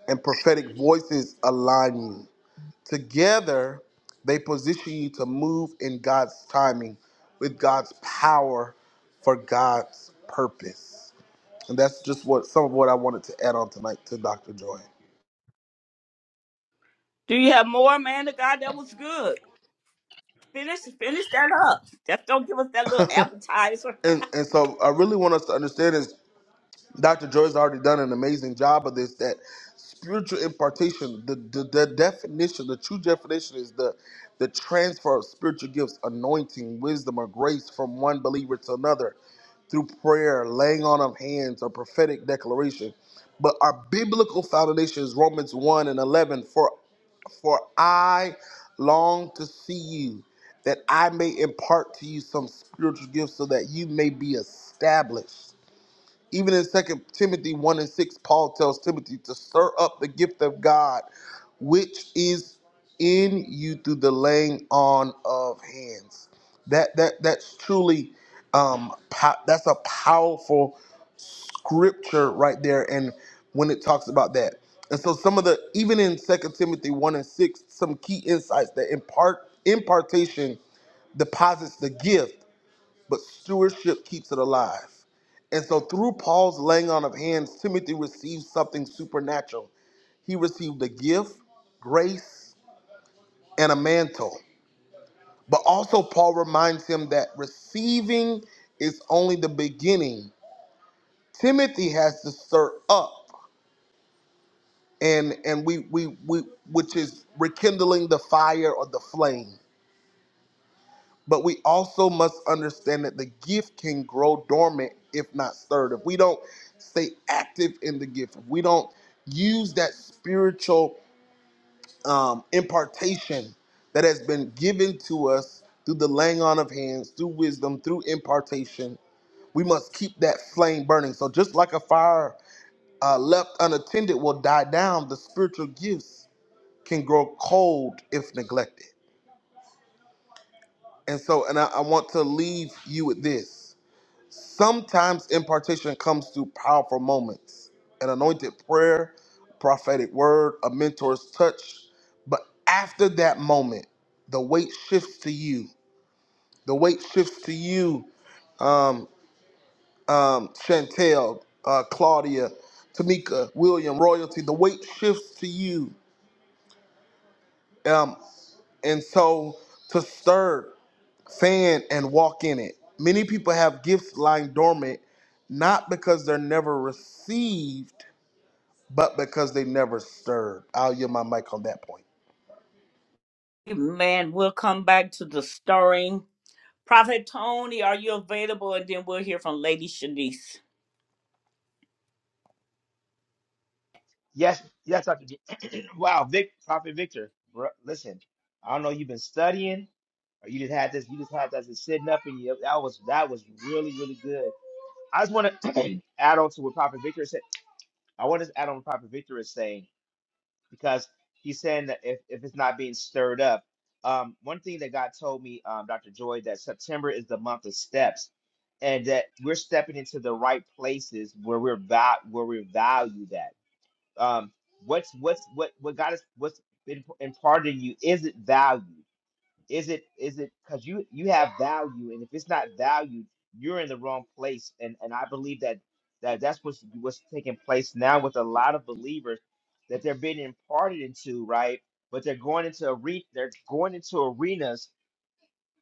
and prophetic voices align you. Together, they position you to move in God's timing, with God's power, for God's purpose. And that's just what some of what I wanted to add on tonight to Dr. Joy.
Do you have more, man of God? That was good. Finish, finish that up. Just don't give us that little appetizer.
And and so I really want us to understand is Dr. Joy's already done an amazing job of this. That spiritual impartation, the, the the definition, the true definition is the the transfer of spiritual gifts, anointing, wisdom, or grace from one believer to another through prayer, laying on of hands, or prophetic declaration. But our biblical foundation is Romans 1 and 11. For for I long to see you, that I may impart to you some spiritual gifts, so that you may be established. Even in Second Timothy 1 and 6, Paul tells Timothy to stir up the gift of God, which is in you through the laying on of hands. That that that's truly um po- that's a powerful scripture right there and when it talks about that. And so some of the even in Second Timothy 1 and 6, some key insights that impart impartation deposits the gift but stewardship keeps it alive. And so through Paul's laying on of hands, Timothy received something supernatural. He received a gift, grace, and a mantle. But also, Paul reminds him that receiving is only the beginning. Timothy has to stir up, and and we we we which is rekindling the fire or the flame. But we also must understand that the gift can grow dormant if not stirred. If we don't stay active in the gift, if we don't use that spiritual um, impartation that has been given to us through the laying on of hands, through wisdom, through impartation, we must keep that flame burning. So just like a fire uh, left unattended will die down, the spiritual gifts can grow cold if neglected. And so, and I, I want to leave you with this Sometimes impartation comes through powerful moments, an anointed prayer, prophetic word, a mentor's touch. But after that moment, the weight shifts to you. The weight shifts to you, um, um, Chantel, uh, Claudia, Tamika, William, Royalty. The weight shifts to you. Um, and so to stir, fan, and walk in it. Many people have gifts lying dormant, not because they're never received but because they never stirred. I'll yield my mic on that point.
Man, we'll come back to the stirring. Prophet Tony, are you available? And then we'll hear from Lady Shanice.
Yes, yes, Dr. D. wow, Vic, Prophet Victor, bro, listen, I don't know, you've been studying, or you just had this, you just had that just sitting up in you. That was that was really, really good. I just want to add on to what Prophet Victor said. I want to add on what Prophet Victor is saying because he's saying that if, if it's not being stirred up, um, one thing that God told me, um, Dr. Joy, that September is the month of steps and that we're stepping into the right places where we're va- where we're valued at. um, what's what's what what God has what's been imparted in you is it valued? Is it is it because you you have value, and if it's not valued, you're in the wrong place. And and I believe that that that's what's what's taking place now with a lot of believers that they're being imparted into, right? But they're going into a re- they're going into arenas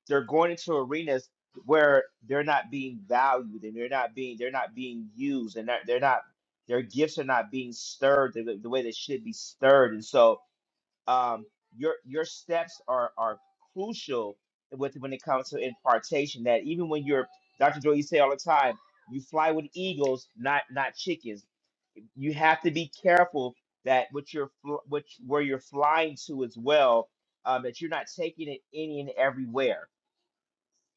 they're going into arenas where they're not being valued and they're not being they're not being used and they're, they're not their gifts are not being stirred the, the way they should be stirred. And so um, your your steps are are crucial with when it comes to impartation. That even when you're Dr. Joy, you say all the time, you fly with eagles, not not chickens. You have to be careful that what you're fl- which where you're flying to as well um, that you're not taking it any and everywhere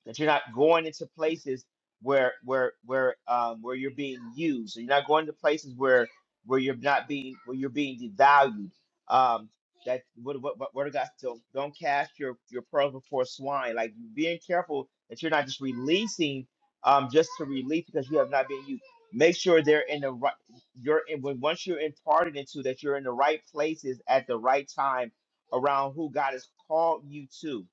that you're not going into places where where where um where you're being used you're not going to places where where you're not being where you're being devalued um that what what what, what I got so don't cast your your pearls before swine like being careful that you're not just releasing um just to release because you have not been used make sure they're in the right you're in when once you're imparted into that you're in the right places at the right time around who God has called you to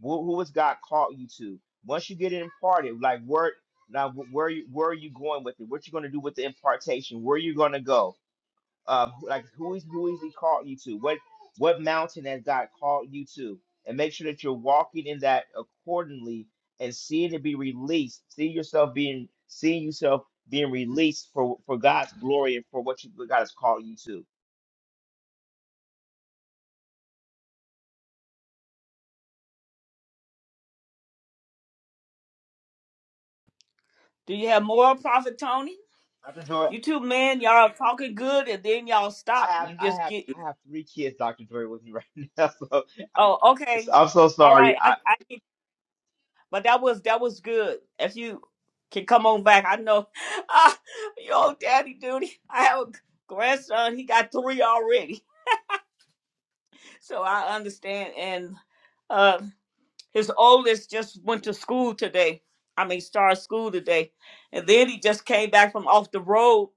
who, who has God called you to? Once you get it imparted, like where now where you where are you going with it? What you going to do with the impartation? Where you going to go? Uh, who- like who is who is He called you to? What what mountain has God called you to? And make sure that you're walking in that accordingly and seeing it be released. See yourself being seeing yourself being released for for God's glory and for what you what God has called you
Do you have more, Prophet Tony?
to.
You two men, y'all are talking good, and then y'all
I
stop.
have
You
I
just
have
get
I have three kids, Dr. Joy, with me right now. So I,
Oh, okay.
so I'm so
All right.
sorry,
I,
I,
I can- but that was that was good. If you can come on back, I know. Ah, yo, daddy duty. I have a grandson. He got three already, so I understand. And uh, his oldest just went to school today. I mean, started school today, and then he just came back from off the road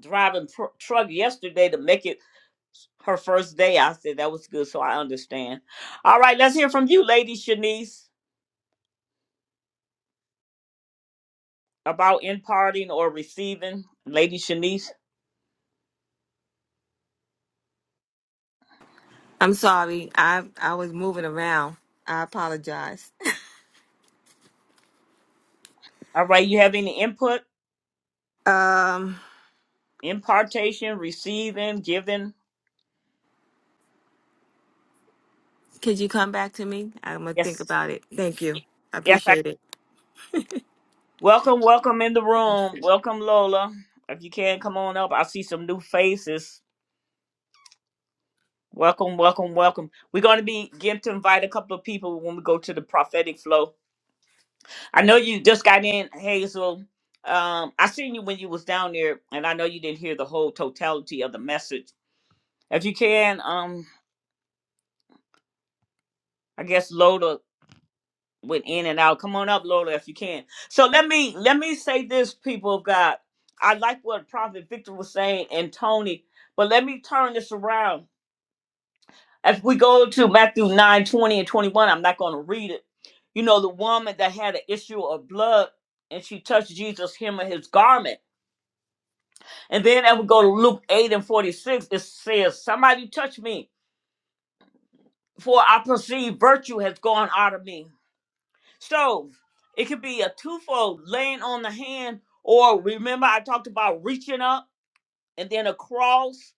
driving tr- truck yesterday to make it her first day. I said that was good, so I understand. All right, let's hear from you, Lady Shanice. about imparting or receiving, Lady Shanice?
I'm sorry. I I was moving around. I apologize.
All right, you have any input,
Um,
impartation, receiving, giving?
could you come back to me? I'm gonna think
Yes,
about it. Thank you. I
yes. I,
appreciate
welcome, welcome in the
it.
room. Welcome, Lola. If you can come on up, I see some new faces. Welcome, welcome, welcome. We're going to be getting to invite a couple of people when we go to the prophetic flow. I know you just got in, Hazel. Um, I seen you when you was down there, and I know you didn't hear the whole totality of the message. If you can, um, I guess Lola went in and out. Come on up, Lola, if you can. So let me let me say this, people of God. I like what Prophet Victor was saying and Tony, but let me turn this around. If we go to Matthew 9 20 and 21, I'm not going to read it. You know, the woman that had an issue of blood and she touched Jesus' hem of his garment. And then if we go to Luke 8 and 46, it says, Somebody touched me, for I perceive virtue has gone out of me. So it could be a twofold laying on the hand, or remember I talked about reaching up and then across,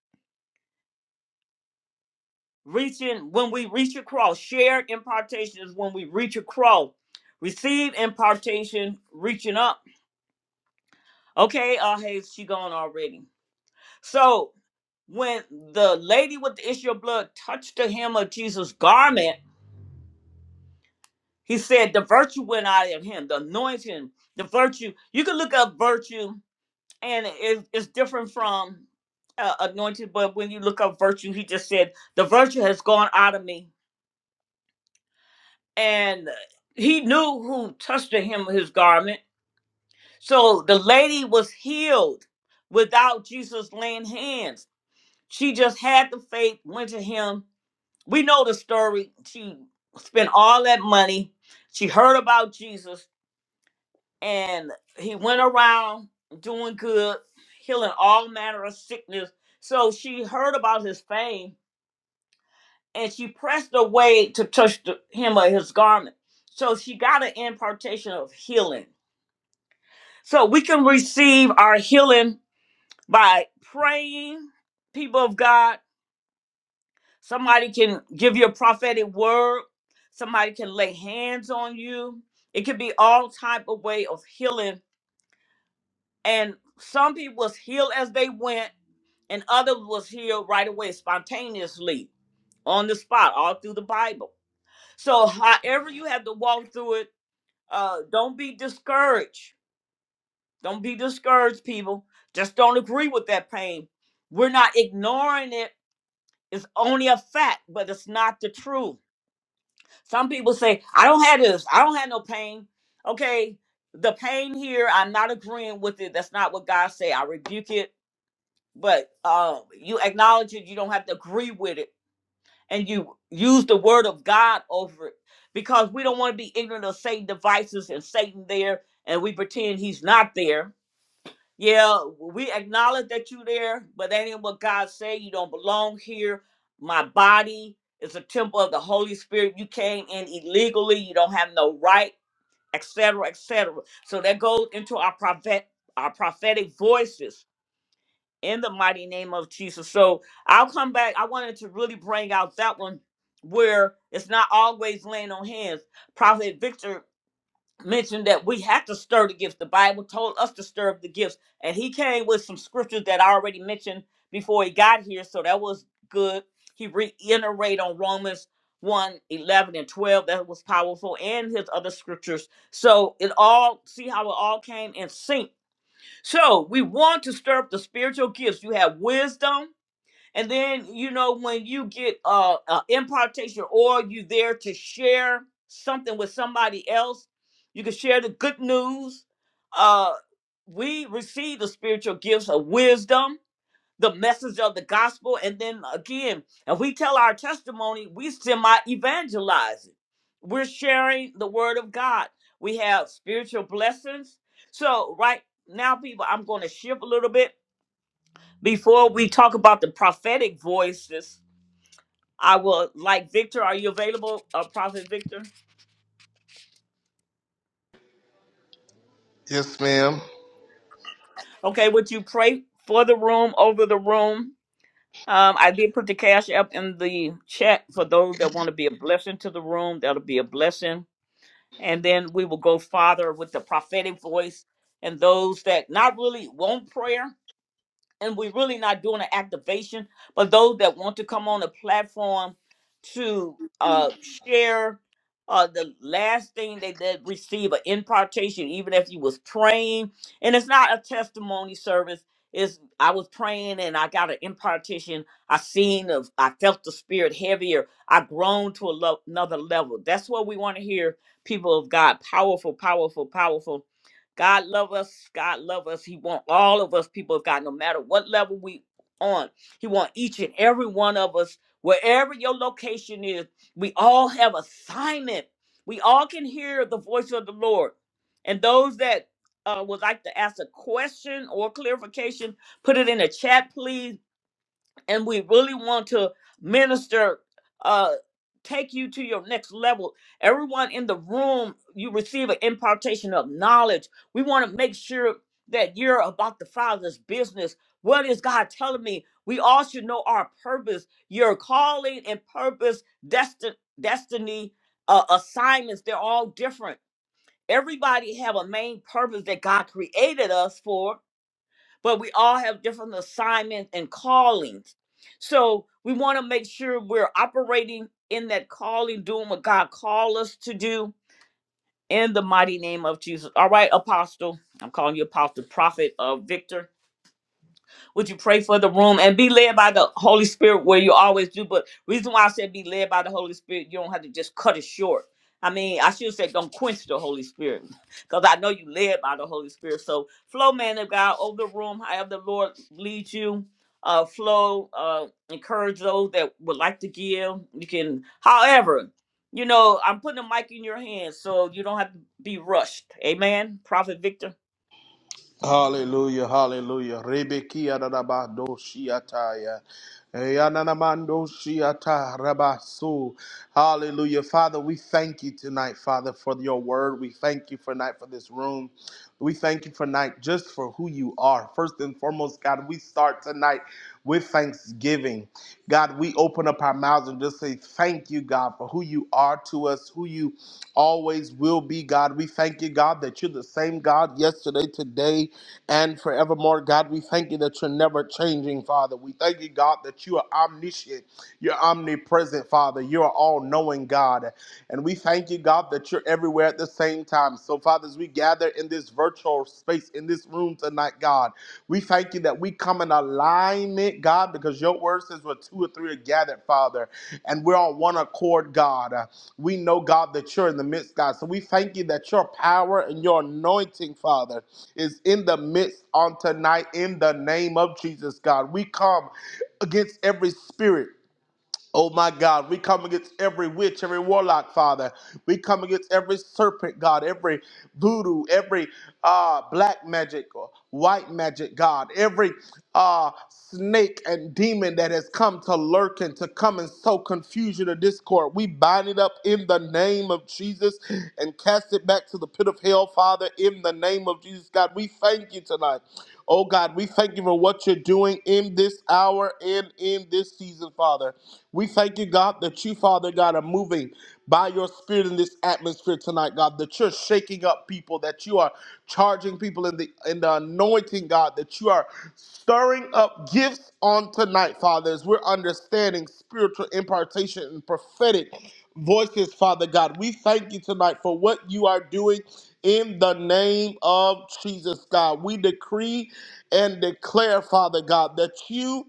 reaching when we reach across. Shared impartation is when we reach across. Receive impartation, reaching up. Okay, uh hey, she gone already. So when the lady with the issue of blood touched the hem of Jesus' garment, he said the virtue went out of him, the anointing, the virtue. You can look up virtue and it, it's different from uh, anointed but when you look up virtue he just said the virtue has gone out of me and he knew who touched him his garment so the lady was healed without jesus laying hands she just had the faith went to him we know the story she spent all that money she heard about jesus and he went around doing good, healing all manner of sickness. So she heard about his fame and she pressed away to touch the hem of his garment. So she got an impartation of healing. So we can receive our healing by praying, people of God. Somebody can give you a prophetic word. Somebody can lay hands on you. It could be all type of way of healing And some people was healed as they went, and others was healed right away, spontaneously, on the spot, all through the Bible. So however you have to walk through it, uh, don't be discouraged. Don't be discouraged, people. Just don't agree with that pain. We're not ignoring it. It's only a fact, but it's not the truth. Some people say, I don't have this, I don't have no pain. Okay, the pain here, I'm not agreeing with it. That's not what God said. I rebuke it but uh, you acknowledge it. You don't have to agree with it, and you use the word of God over it because we don't want to be ignorant of Satan devices and Satan there, and we pretend he's not there. Yeah, we acknowledge that you there, but that ain't what God said. You don't belong here. My body is a temple of the Holy Spirit. You came in illegally. You don't have no right, etc., etc. So that goes into our prophet, our prophetic voices in the mighty name of Jesus. So I'll come back. I wanted to really bring out that one where it's not always laying on hands. Prophet Victor mentioned that we have to stir the gifts. The Bible told us to stir up the gifts. And he came with some scriptures that I already mentioned before he got here. So that was good. He reiterated on Romans one 11 and 12. That was powerful. And his other scriptures. So it all, see how it all came in sync so we want to stir up the spiritual gifts. You have wisdom, and then you know when you get uh, uh impartation, or you there to share something with somebody else. You can share the good news. Uh, we receive the spiritual gifts of wisdom the message of the gospel. And then again, if we tell our testimony, we semi evangelizing. We're sharing the word of God. We have spiritual blessings. So, right now, people, I'm going to shift a little bit. Before we talk about the prophetic voices, I will, like Victor, are you available, uh, Prophet Victor?
Yes, ma'am.
Okay, would you pray for the room, over the room? Um, I did put the cash up in the chat for those that want to be a blessing to the room. That'll be a blessing and then we will go farther with the prophetic voice and those that not really want prayer and we're really not doing an activation, but those that want to come on the platform to uh, share uh, the last thing they did receive an impartation, even if you was praying, and it's not a testimony service. It's I was praying and I got an impartation. I seen of I felt the spirit heavier. I grown to a lo- another level. That's what we want to hear. People of God, powerful, powerful, powerful. God love us. God love us. He want all of us people of God, no matter what level we on. He want each and every one of us, wherever your location is. We all have assignment. We all can hear the voice of the Lord. And those that uh, would like to ask a question or clarification, put it in the chat, please and we really want to minister uh take you to your next level everyone in the room you receive an impartation of knowledge we want to make sure that you're about the father's business what is god telling me we all should know our purpose your calling and purpose desti- destiny uh, assignments they're all different everybody have a main purpose that god created us for but we all have different assignments and callings. So we want to make sure we're operating in that calling, doing what God called us to do in the mighty name of Jesus. All right, Apostle. I'm calling you Apostle Prophet of Victor. Would you pray for the room and be led by the Holy Spirit where you always do? But reason why I said be led by the Holy Spirit, you don't have to just cut it short. I mean, I should say don't quench the Holy Spirit because I know you led by the Holy Spirit. So flow, man of God, over the room, however the Lord leads you. Uh, flow, uh, encourage those that would like to give. You can, however, you know, I'm putting a mic in your hands so you don't have to be rushed. Amen. Prophet Victor.
Hallelujah, hallelujah. Rebekia dadabado shiataya. Yananamando shiata rabasu. Hallelujah. Father, we thank you tonight, Father, for your word. We thank you for night for this room. We thank you for night just for who you are. First and foremost, God, we start tonight with thanksgiving. God, we open up our mouths and just say, Thank you, God, for who you are to us, who you always will be, God. We thank you, God, that you're the same God yesterday, today, and forevermore. God, we thank you that you're never changing, Father. We thank you, God, that you are omniscient, you're omnipresent, Father. You're all knowing, God. And we thank you, God, that you're everywhere at the same time. So, fathers, we gather gather in this virtual space, in this room tonight, God. We thank you that we come in alignment, God, because your word says where two or three are gathered, Father, and we're on one accord, God. Uh, We know, God, that you're in the midst, God. So we thank you that your power and your anointing, Father, is in the midst on tonight in the name of Jesus, God. We come against every spirit Oh my God, we come against every witch, every warlock, Father. We come against every serpent, God, every voodoo, every uh, black magic or white magic, God, every uh, snake and demon that has come to lurk and to come and sow confusion or discord. We bind it up in the name of Jesus and cast it back to the pit of hell, Father, in the name of Jesus, God. We thank you tonight. Oh God, we thank you for what you're doing in this hour and in this this season, Father. We thank you, God, that you, Father God, are moving by your spirit in this atmosphere tonight, God, that you're shaking up people, that you are charging people in the in the anointing, God, that you are stirring up gifts on tonight, Father, as we're understanding spiritual impartation and prophetic voices, Father God. We thank you tonight for what you are doing in the name of Jesus, God. We decree and declare, Father God, that you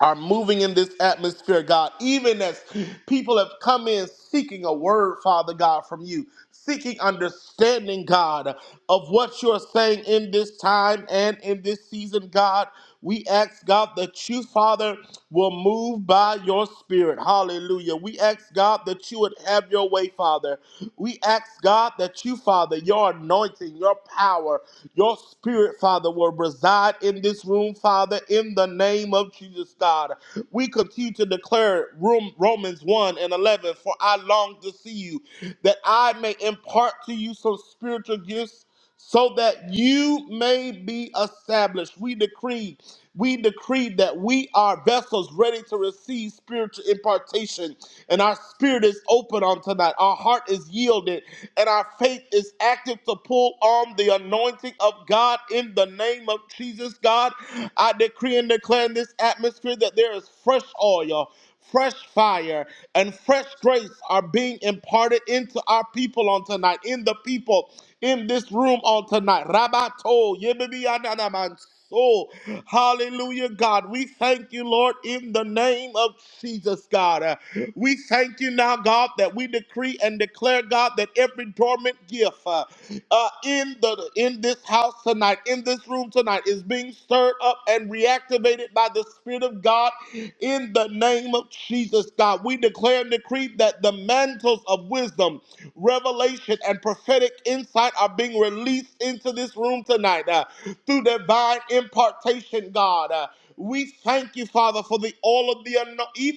are moving in this atmosphere, God, even as people have come in seeking a word, Father God, from you, seeking understanding, God, of what you're saying in this time and in this season, God. We ask, God, that you, Father, will move by your spirit. Hallelujah. We ask, God, that you would have your way, Father. We ask, God, that you, Father, your anointing, your power, your spirit, Father, will reside in this room, Father, in the name of Jesus, God. We continue to declare room, Romans 1 and 11, for I long to see you, that I may impart to you some spiritual gifts so that you may be established. We decree, we decree that we are vessels ready to receive spiritual impartation, and our spirit is open on tonight. Our heart is yielded, and our faith is active to pull on the anointing of God in the name of Jesus. God, I decree and declare in this atmosphere that there is fresh oil. Fresh fire and fresh grace are being imparted into our people on tonight, in the people in this room on tonight. Rabato, yebibiyananaman, soul. Hallelujah, God. We thank you, Lord, in the name of Jesus, God. Uh, We thank you now, God, that we decree and declare, God, that every dormant gift uh, uh, in the in this house tonight, in this room tonight, is being stirred up and reactivated by the Spirit of God in the name of Jesus, God, we declare and decree that the mantles of wisdom, revelation, and prophetic insight are being released into this room tonight uh, through divine impartation, God. Uh, we thank you, Father, for the all of the anointing.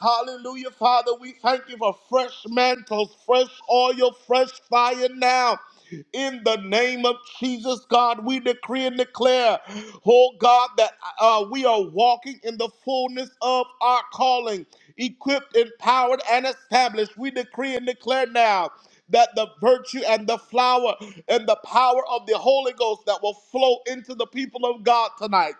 Hallelujah, Father. We thank you for fresh mantles, fresh oil, fresh fire now in the name of Jesus, God, we decree and declare, oh God, that uh, we are walking in the fullness of our calling, equipped, empowered, and established. We decree and declare now that the virtue and the flower and the power of the Holy Ghost that will flow into the people of God tonight.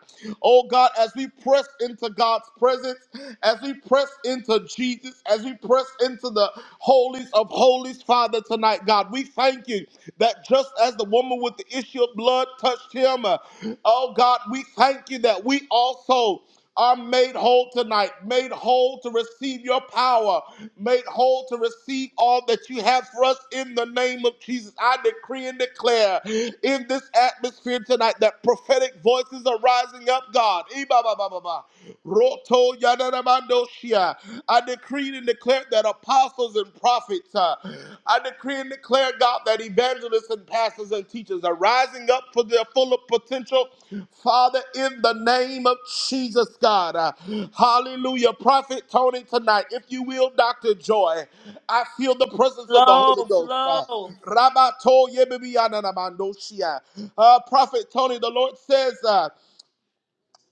Oh God, as we press into God's presence, as we press into Jesus, as we press into the holies of holies, Father, tonight, God, we thank you that just as the woman with the issue of blood touched him, uh, oh God, we thank you that we also are made whole tonight, made whole to receive your power, made whole to receive all that you have for us in the name of Jesus. I decree and declare in this atmosphere tonight that prophetic voices are rising up, God. Roto Yadanamandoshia. I decreed and declared that apostles and prophets, uh, I decree and declare, God, that evangelists and pastors and teachers are rising up for their full potential. Father, in the name of Jesus, God. Uh, hallelujah. Prophet Tony, tonight, if you will, Dr. Joy, I feel the presence of the Holy
Flow,
Ghost. Uh,
flow.
Rabato Yebibiyananamandoshia. Uh, Prophet Tony, the Lord says, uh,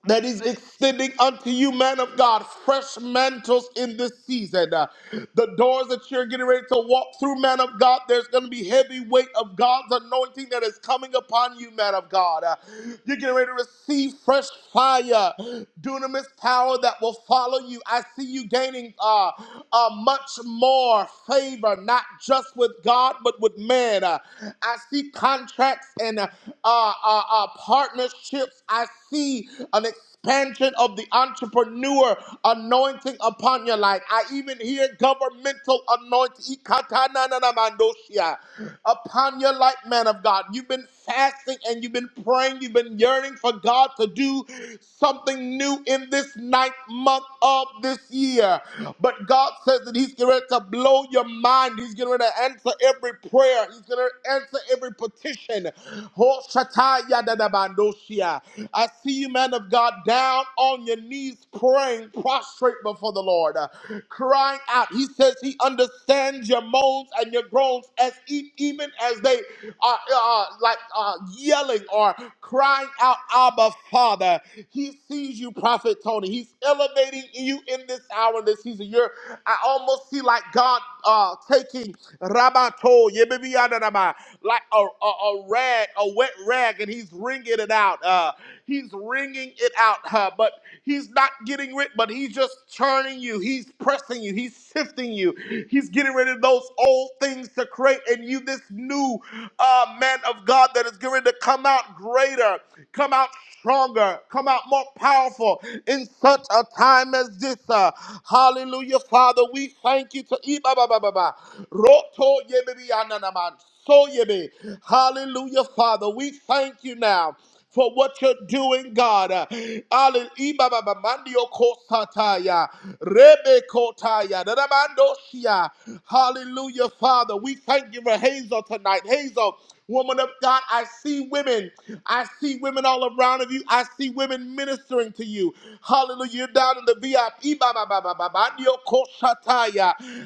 that is extending unto you, man of God, fresh mantles in this season. Uh, the doors that you're getting ready to walk through, man of God, there's going to be heavy weight of God's anointing that is coming upon you, man of God. Uh, you're getting ready to receive fresh fire, dunamis power that will follow you. I see you gaining uh, uh, much more favor, not just with God, but with man. Uh, I see contracts and uh, uh, uh, uh, partnerships. I see an expansion of the entrepreneur anointing upon your life. I even hear governmental anointing ikatanananamandoshia, upon your life, man of God. You've been fasting and you've been praying. You've been yearning for God to do something new in this ninth month of this year. But God says that He's getting ready to blow your mind. He's getting ready to answer every prayer. He's going to answer every petition. Ho shatai yadadabandoshia. I see you, man of God, down on your knees praying, prostrate before the Lord, uh, crying out. He says he understands your moans and your groans as e- even as they are uh, like uh, yelling or crying out, Abba, Father. He sees you, Prophet Tony. He's elevating you in this hour, in this season. You're, I almost see like God uh, taking Rabato, yebibiyanadaba, like a, a, a rag, a wet rag, and he's wringing it out. Uh, he's wringing it out, uh, but he's not getting rid, but he's just churning you. He's pressing you. He's sifting you. He's getting rid of those old things to create in you this new uh, man of God that is going to come out greater, come out stronger, come out more powerful in such a time as this. uh. hallelujah, Father. We thank you to Iba ba ba ba ba. Roto yebebi ananaman. So yebe. Hallelujah, Father. We thank you now for what you're doing, God. Uh, alle- Iba ba ba mandio kosataya. Rebe kotaya. Dadamandoshia. Hallelujah, Father. We thank you for Hazel tonight. Hazel, woman of God, I see women. I see women all around of you. I see women ministering to you. Hallelujah. You're down in the VIP. Ba, ba, ba, ba, ba, ba. Ndio ko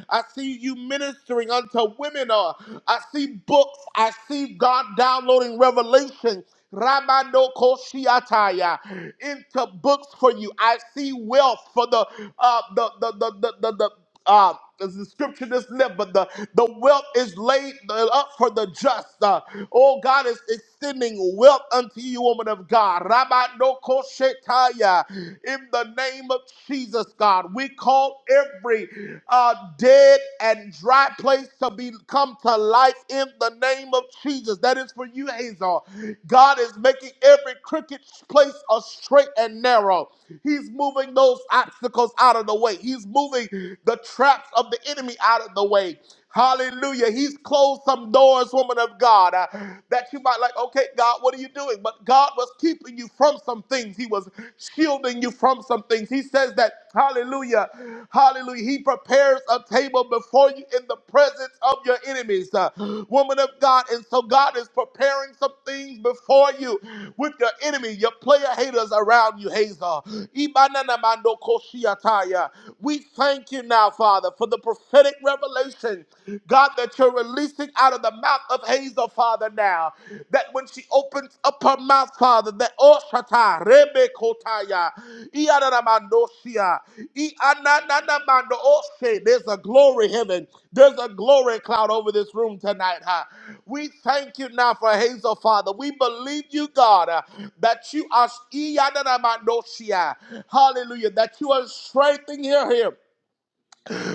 I see you ministering unto women. uh, I see books. I see God downloading revelation. Ramando Koshiataya into books for you. I see wealth for the uh the the the the, the, the, uh, there's the scripture that's left, but the, the wealth is laid up for the just. Uh, oh, God is extending wealth unto you, woman of God. Rabbi no koshetaya. In the name of Jesus, God, we call every uh, dead and dry place to be come to life in the name of Jesus. That is for you, Hazel. God is making every crooked place a straight and narrow. He's moving those obstacles out of the way. He's moving the traps of the enemy out of the way. Hallelujah. He's closed some doors, woman of God, uh, that you might like, okay, God, what are you doing? But God was keeping you from some things. He was shielding you from some things. He says that, hallelujah, hallelujah. He prepares a table before you in the presence of your enemies, uh, woman of God. And so God is preparing some things before you with your enemy, your player haters around you, Hazel. Ibanana mando koshiataya. We thank thank you now, Father, for the prophetic revelation, God, that you're releasing out of the mouth of Hazel, Father, now. That when she opens up her mouth, Father, that oh shata, rebe kotaya, ianaramandosia, iananamando, oh, there's a glory heaven. There's a glory cloud over this room tonight, huh? We thank you now for Hazel, Father. We believe you, God, uh, that you are, ianaramandosia, hallelujah, that you are strengthening her here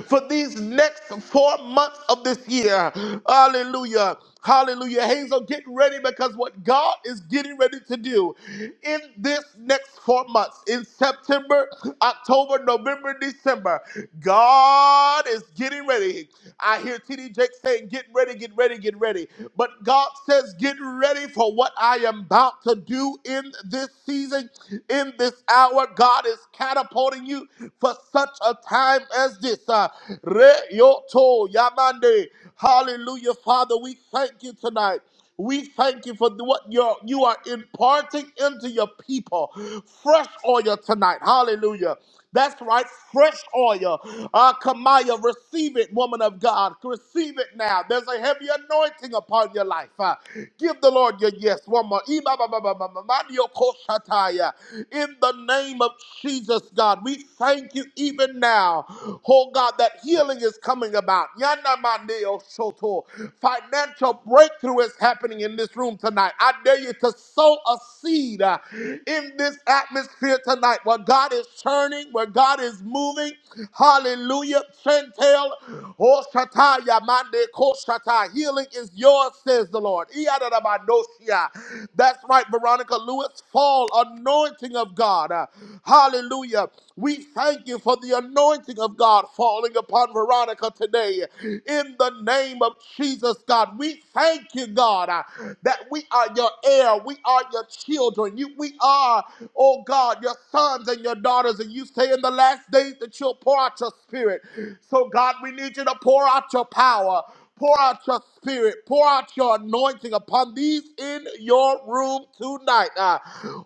for these next four months of this year. Hallelujah. Hallelujah. Hazel, get ready because what God is getting ready to do in this next four months, in September, October, November, December, God is getting ready. I hear TD Jake saying, Get ready, get ready, get ready. But God says, Get ready for what I am about to do in this season, in this hour. God is catapulting supporting you for such a time as this. Uh, Reyoto Yamande. Hallelujah, Father. We thank you tonight. We thank you for what you're, you are imparting into your people. Fresh oil tonight. Hallelujah. That's right, fresh oil. Uh, Kamaya, receive it, woman of God. Receive it now. There's a heavy anointing upon your life. Uh, give the Lord your yes. One more. Imamamamamamamadiokoshataya. In the name of Jesus, God, we thank you even now. Oh God, that healing is coming about. Yanamaneosoto. Financial breakthrough is happening in this room tonight. I dare you to sow a seed uh, in this atmosphere tonight where God is turning, where God is moving. Hallelujah. Chantel, oh Shataya, Mande Ko Shatai. Healing is yours, says the Lord. Iyadadabadoshia. That's right, Veronica Lewis. Fall anointing of God. Uh, Hallelujah. We thank you for the anointing of God falling upon Veronica today. In the name of Jesus, God, we thank you, God, uh, that we are your heir. We are your children. You, we are oh God, your sons and your daughters. And you say in the last days that you'll pour out your spirit. So, God, we need you to pour out your power. Pour out your spirit, pour out your anointing upon these in your room tonight. Uh,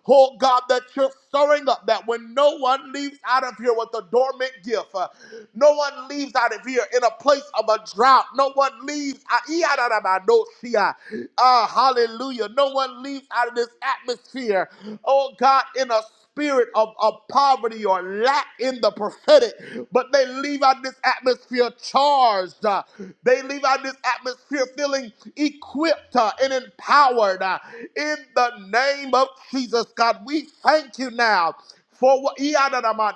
oh God, that you're stirring up, that when no one leaves out of here with a dormant gift, uh, no one leaves out of here in a place of a drought. No one leaves. ah, ee, ah, no, see, ah. Ah, hallelujah. No one leaves out of this atmosphere there, oh God, in a spirit of, of poverty or lack in the prophetic, but they leave out this atmosphere charged. uh, they leave out this atmosphere feeling equipped uh, and empowered. uh, in the name of Jesus, God, we thank you now. For what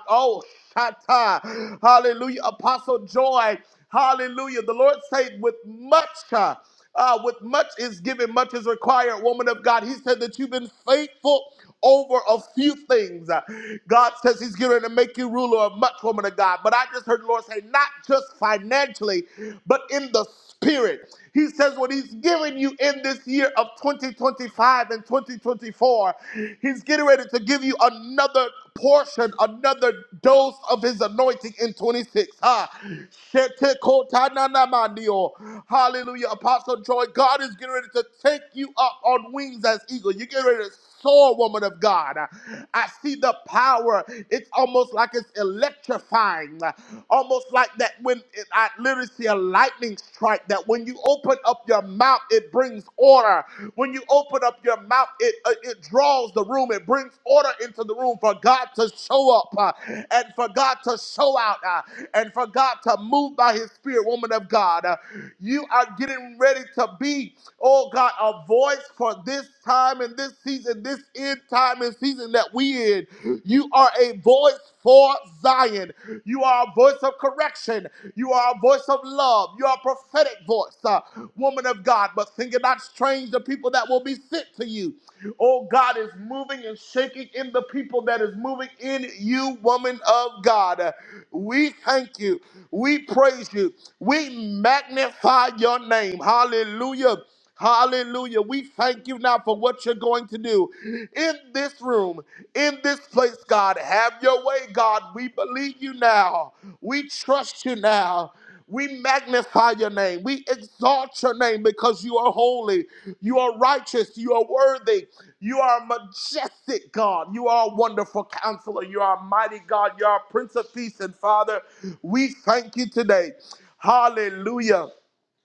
Oh, Shatta. Hallelujah. Apostle Joy. Hallelujah. The Lord said, with much. uh, uh, with much is given, much is required, woman of God. He said that you've been faithful over a few things. Uh, God says He's going to make you ruler of much, woman of God. But I just heard the Lord say, not just financially, but in the spirit. He says what he's giving you in this year of 2025 and 2024, he's getting ready to give you another portion, another dose of his anointing in 26. Ah, shetekotananamandio. Hallelujah. Apostle Joy, God is getting ready to take you up on wings as eagle. You're getting ready to soul, woman of God. I see the power. It's almost like it's electrifying, almost like that when it, I literally see a lightning strike. That when you open up your mouth, it brings order. When you open up your mouth, it uh, it draws the room. It brings order into the room for God to show up uh, and for God to show out uh, and for God to move by His Spirit, woman of God. Uh, you are getting ready to be, oh God, a voice for this time and this season, this end time and season that we in. You are a voice for Zion. You are a voice of correction. You are a voice of love. You are a prophetic voice, uh, woman of God. But think it not strange the people that will be sent to you. Oh, God is moving and shaking in the people that is moving in you, woman of God. We thank you. We praise you. We magnify your name. Hallelujah. Hallelujah. We thank you now for what you're going to do in this room, in this place, God. Have your way, God. We believe you now. We trust you now. We magnify your name. We exalt your name because you are holy. You are righteous. You are worthy. You are a majestic God. You are a wonderful counselor. You are a mighty God. You are a Prince of Peace. And Father, we thank you today. Hallelujah.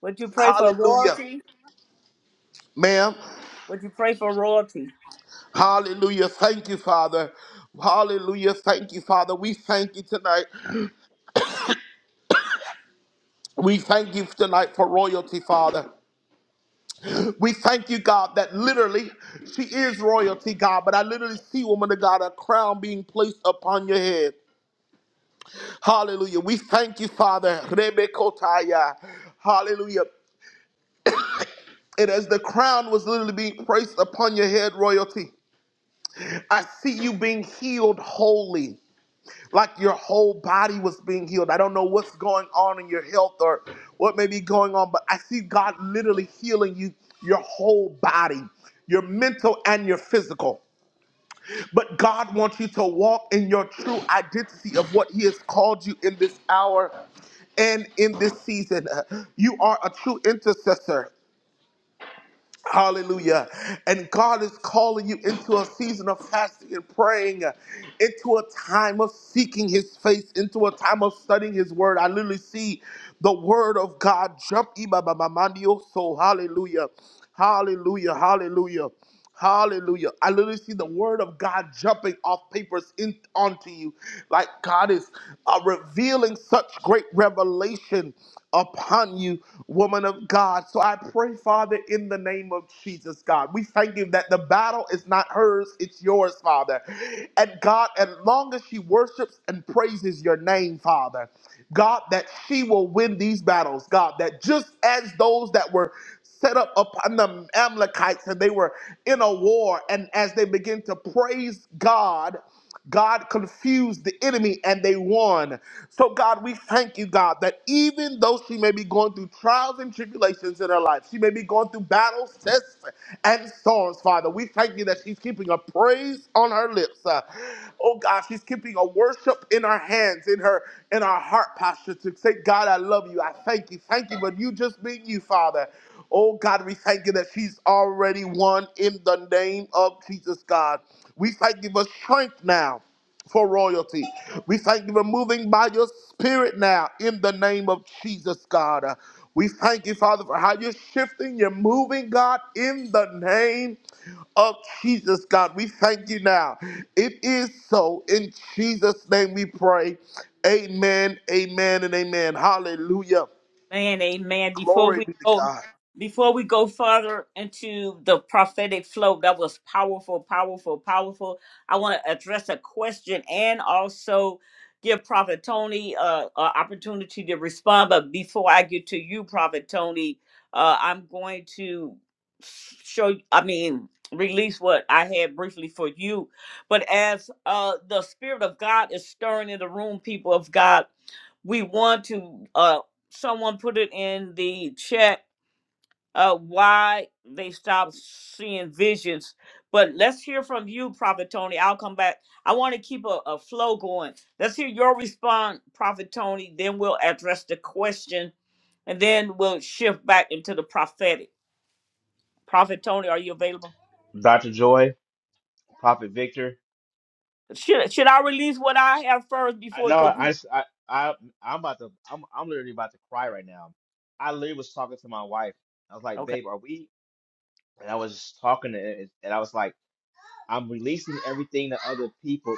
Would you pray for
Hallelujah.
royalty?
Ma'am.
Would you pray for royalty?
Hallelujah. Thank you, Father. Hallelujah. Thank you, Father. We thank you tonight. We thank you tonight for royalty, Father. We thank you, God, that literally she is royalty, God. But I literally see, woman of God, a crown being placed upon your head. Hallelujah. We thank you, Father. Rebekotaya. Hallelujah. And as the crown was literally being placed upon your head, royalty, I see you being healed wholly. like your whole body was being healed. I don't know what's going on in your health or what may be going on, but I see God literally healing you, your whole body, your mental and your physical. But God wants you to walk in your true identity of what He has called you in this hour and in this season. You are a true intercessor. Hallelujah. And God is calling you into a season of fasting and praying, uh, into a time of seeking His face, into a time of studying His Word. I literally see the Word of God jump. Iba ba ba mandio. So, hallelujah. Hallelujah. Hallelujah. Hallelujah. I literally see the word of God jumping off papers in, onto you. Like God is uh, revealing such great revelation upon you, woman of God. So I pray, Father, in the name of Jesus, God. We thank you that the battle is not hers, it's yours, Father. And God, as long as she worships and praises your name, Father, God, that she will win these battles, God, that just as those that were set up upon the Amalekites and they were in a war. And as they began to praise God, God confused the enemy and they won. So, God, we thank you, God, that even though she may be going through trials and tribulations in her life, she may be going through battles, tests, and storms, Father, we thank you that she's keeping a praise on her lips. Uh, oh, God, she's keeping a worship in her hands, in her in our heart posture to say, God, I love you. I thank you. Thank you for you just being you, Father. Oh God, we thank you that she's already won in the name of Jesus God. We thank you for strength now for royalty. We thank you for moving by your spirit now in the name of Jesus God. Uh, We thank you, Father, for how you're shifting, you're moving, God, in the name of Jesus, God. We thank you now. It is so. In Jesus' name we pray. Amen, amen, and amen. Hallelujah.
Man, amen. Before
Glory
we
be to
go
God.
before we go further into the prophetic flow, that was powerful, powerful, powerful. I want to address a question and also give Prophet Tony uh, an opportunity to respond. But before I get to you, Prophet Tony, uh, I'm going to show, I mean, release what I had briefly for you. But as uh, the Spirit of God is stirring in the room, people of God, we want to uh someone put it in the chat uh why they stopped seeing visions but let's hear from you prophet tony i'll come back i want to keep a, a flow going let's hear your response prophet tony then we'll address the question and then we'll shift back into the prophetic prophet tony are you available
Dr. Joy, Prophet Victor.
should, should i release what i have first
I
before
know
because you
I, I I I'm about to I'm I'm literally about to cry right now. I literally was talking to my wife. I was like,
okay.
"Babe, are we?" And I was just talking to her, and I was like, "I'm releasing everything to other people,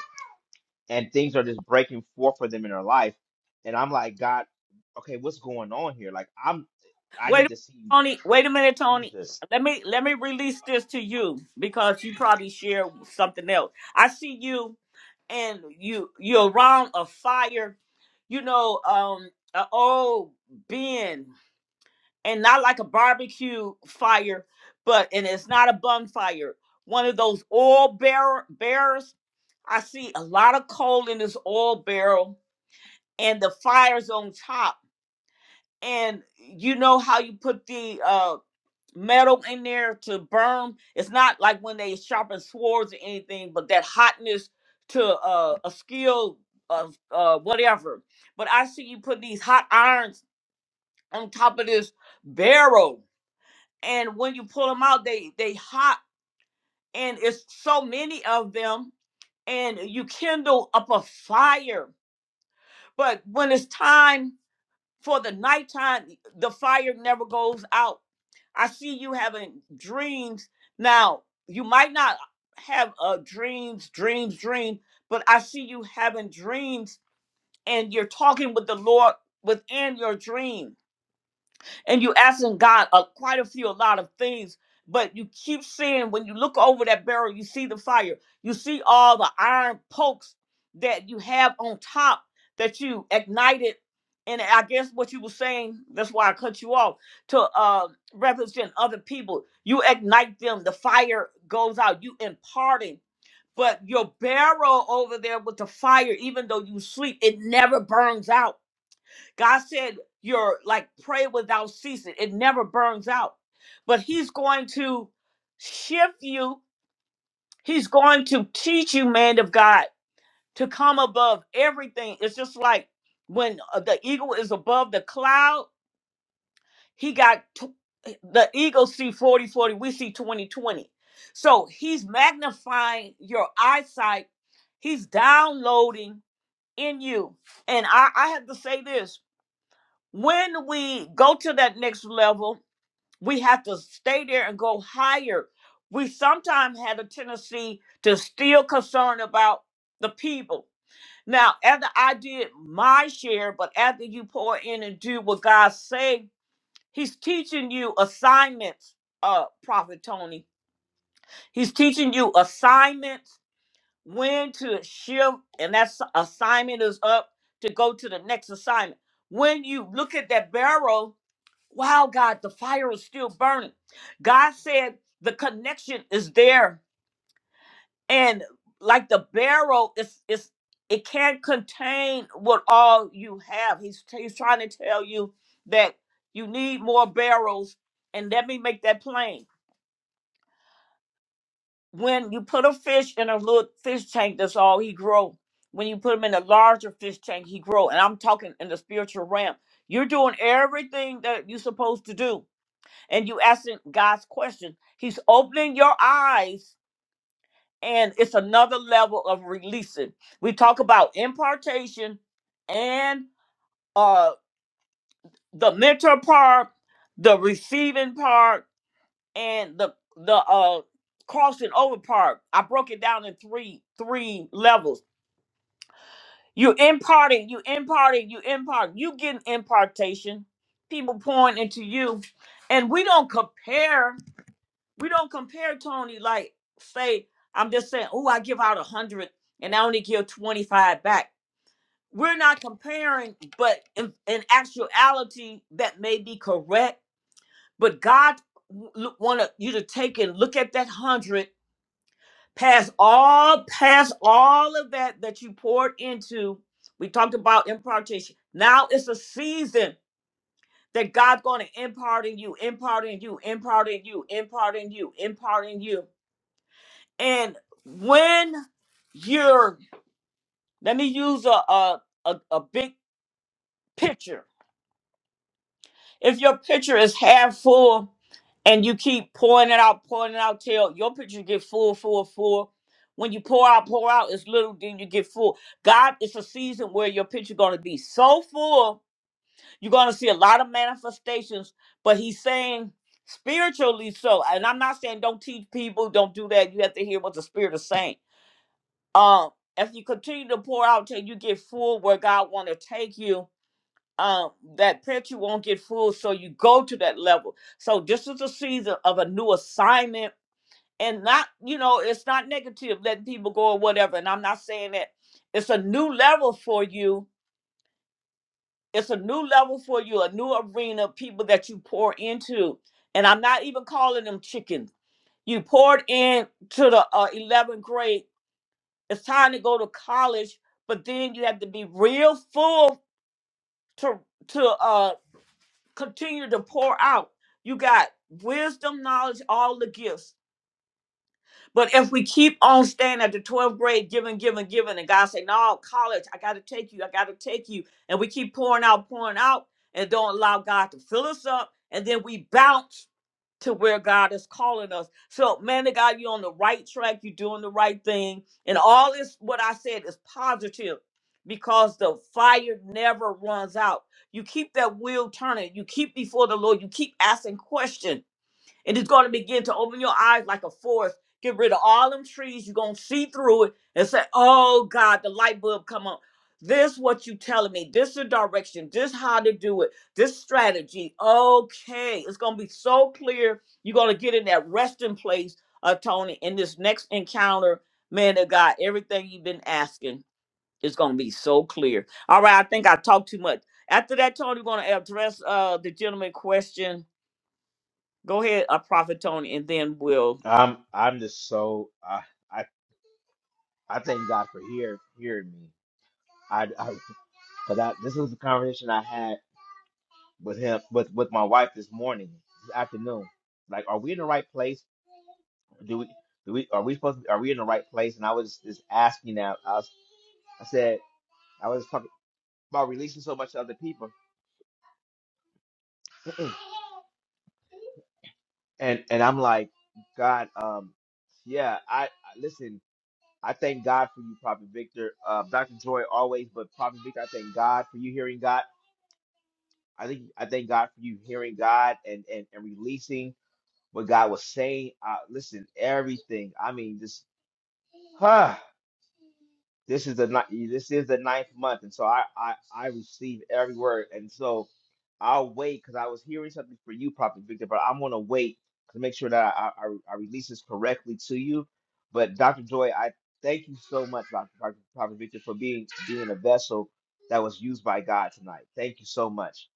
and things are just breaking forth for them in their life." And I'm like, "God, okay, what's going on here? Like, I'm I
Wait
need
a minute,
to see
Tony. Wait a minute, Tony.
Jesus."
Let me let me release this to you because you probably share something else. I see you and you you're around a fire, you know, um an old bin and not like a barbecue fire, but and it's not a bonfire. One of those oil bear bearers. I see a lot of coal in this oil barrel and the fire's on top. And you know how you put the uh metal in there to burn. It's not like when they sharpen swords or anything, but that hotness to uh, a skill of uh, whatever. But I see you put these hot irons on top of this barrel, and when you pull them out, they they hot, and it's so many of them, and you kindle up a fire. But when it's time. for the nighttime, the fire never goes out. I see you having dreams. Now, you might not have uh, dreams, dreams, dreams, but I see you having dreams and you're talking with the Lord within your dream and you asking God uh, quite a few, a lot of things. But you keep seeing when you look over that barrel, you see the fire. You see all the iron pokes that you have on top that you ignited. And I guess what you were saying, that's why I cut you off, to uh, represent other people. You ignite them, the fire goes out, you imparting. But your barrel over there with the fire, even though you sleep, it never burns out God said you're like pray without ceasing. It never burns out. But he's going to shift you. He's going to teach you, man of God, to come above everything. It's just like when uh, the eagle is above the cloud, he got tw- eh, the eagle see 40 40. we see 20 20. So he's magnifying your eyesight. He's downloading in you. And I, I have to say this when we go to that next level, we have to stay there and go higher. We sometimes had a tendency to still concern about the people. Now, after I did my share, but after you pour in and do what God say, He's teaching you assignments, uh, Prophet Tony. He's teaching you assignments, when to shift, and that s- assignment is up to go to the next assignment. When you look at that barrel Wow, God, the fire is still burning. God said the connection is there, and like the barrel, it's it's it can't contain what all you have. He's he's trying to tell you that you need more barrels. And let me make that plain. When you put a fish in a little fish tank, that's all he grow. When you put him in a larger fish tank, he grow. And I'm talking in the spiritual realm. You're doing everything that you're supposed to do and you asking God's question. He's opening your eyes, and it's another level of releasing. We talk about impartation and uh the mentor part, the receiving part, and the the uh crossing over part. I broke it down in three three levels. You imparting, you imparting, you imparting, you getting impartation, people pouring into you. And we don't compare we don't compare Tony like say I'm just saying, oh, I give out a hundred and I only give twenty five back. We're not comparing, but in, in actuality, that may be correct. But God wanted you to take and look at that hundred, pass all, pass all of that that you poured into. We talked about impartation. Now it's a season that God's going to impart in you, imparting you, imparting you, imparting you, imparting you. And when you're, let me use a, a, a, a big picture. If your picture is half full and you keep pouring it out, pouring it out till your picture get full, full, full. When you pour out, pour out, it's little, then you get full. God, it's a season where your picture gonna be so full, you're gonna see a lot of manifestations. But he's saying spiritually so, and I'm not saying don't teach people, don't do that. You have to hear what the spirit is saying um if you continue to pour out till you get full where god want to take you um that picture won't get full so you go to that level so this is a season of a new assignment and not you know it's not negative letting people go or whatever and i'm not saying that it's a new level for you it's a new level for you a new arena of people that you pour into and i'm not even calling them chickens you poured in to the uh, 11th grade it's time to go to college, but then you have to be real full to to uh continue to pour out. You got wisdom, knowledge, all the gifts. But if we keep on staying at the 12th grade, giving, giving, giving, and God say, No, college, I gotta take you, I gotta take you, and we keep pouring out, pouring out, and don't allow God to fill us up, and then we bounce to where God is calling us. So, man of God, you're on the right track. You're doing the right thing. And all this, what I said, is positive because the fire never runs out. You keep that wheel turning. You keep before the Lord. You keep asking questions and it's going to begin to open your eyes like a forest. Get rid of all them trees. You're going to see through it and say, oh God, the light bulb come on. This what you telling me. This the direction. This how to do it. This strategy. Okay. It's going to be so clear. You're going to get in that resting place, uh, Tony, in this next encounter. Man of God, everything you've been asking is going to be so clear. All right. I think I talked too much. After that, Tony, we're going to address uh, the gentleman question Go ahead, uh, Prophet Tony, and then we'll.
I'm I'm just so uh, I I thank God for hear hearing me. I, I cause I, this was the conversation I had with him with with my wife this morning, this afternoon. Like, are we in the right place? Do we do we are we supposed to, are we in the right place? And I was just asking that. I was, I said I was talking about releasing so much to other people, and and I'm like, God, um, yeah. I, I listen. I thank God for you, Prophet Victor. Uh, Dr. Joy always, but Prophet Victor, I thank God for you hearing God. I think I thank God for you hearing God and and, and releasing what God was saying. Uh, listen, everything. I mean, this. Huh, this is the ni- this is the ninth month, and so I I I receive every word, and so I'll wait because I was hearing something for you, Prophet Victor, but I'm gonna wait to make sure that I I, I release this correctly to you. But Dr. Joy, I thank you so much, Dr. Prophet Prophet Victor, for being being a vessel that was used by God tonight. Thank you so much.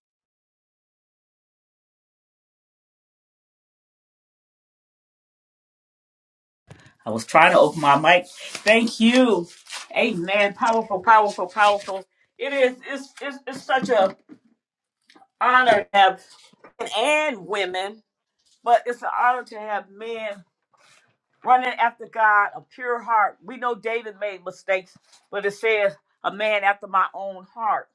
I was trying to open my mic. Thank you. Amen. Powerful, powerful, powerful. It is. It's, it's, it's such a honor to have men and women, but it's an honor to have men running after God, a pure heart. We know David made mistakes, but it says, a man after my own heart.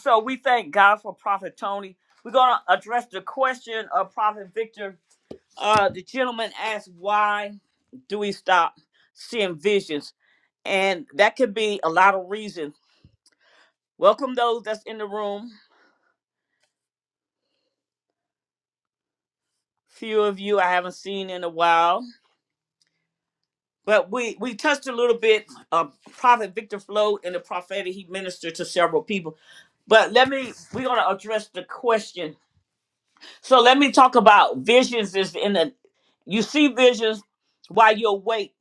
So we thank God for Prophet Tony. We're going to address the question of Prophet Victor Uh, the gentleman asked, why do we stop seeing visions? And that could be a lot of reasons. Welcome those that's in the room. Few of you I haven't seen in a while, but we we touched a little bit. Uh, Prophet Victor Flo and the prophetic, he ministered to several people. But let me we're gonna address the question. So let me talk about visions. Is in the you see visions while you're awake.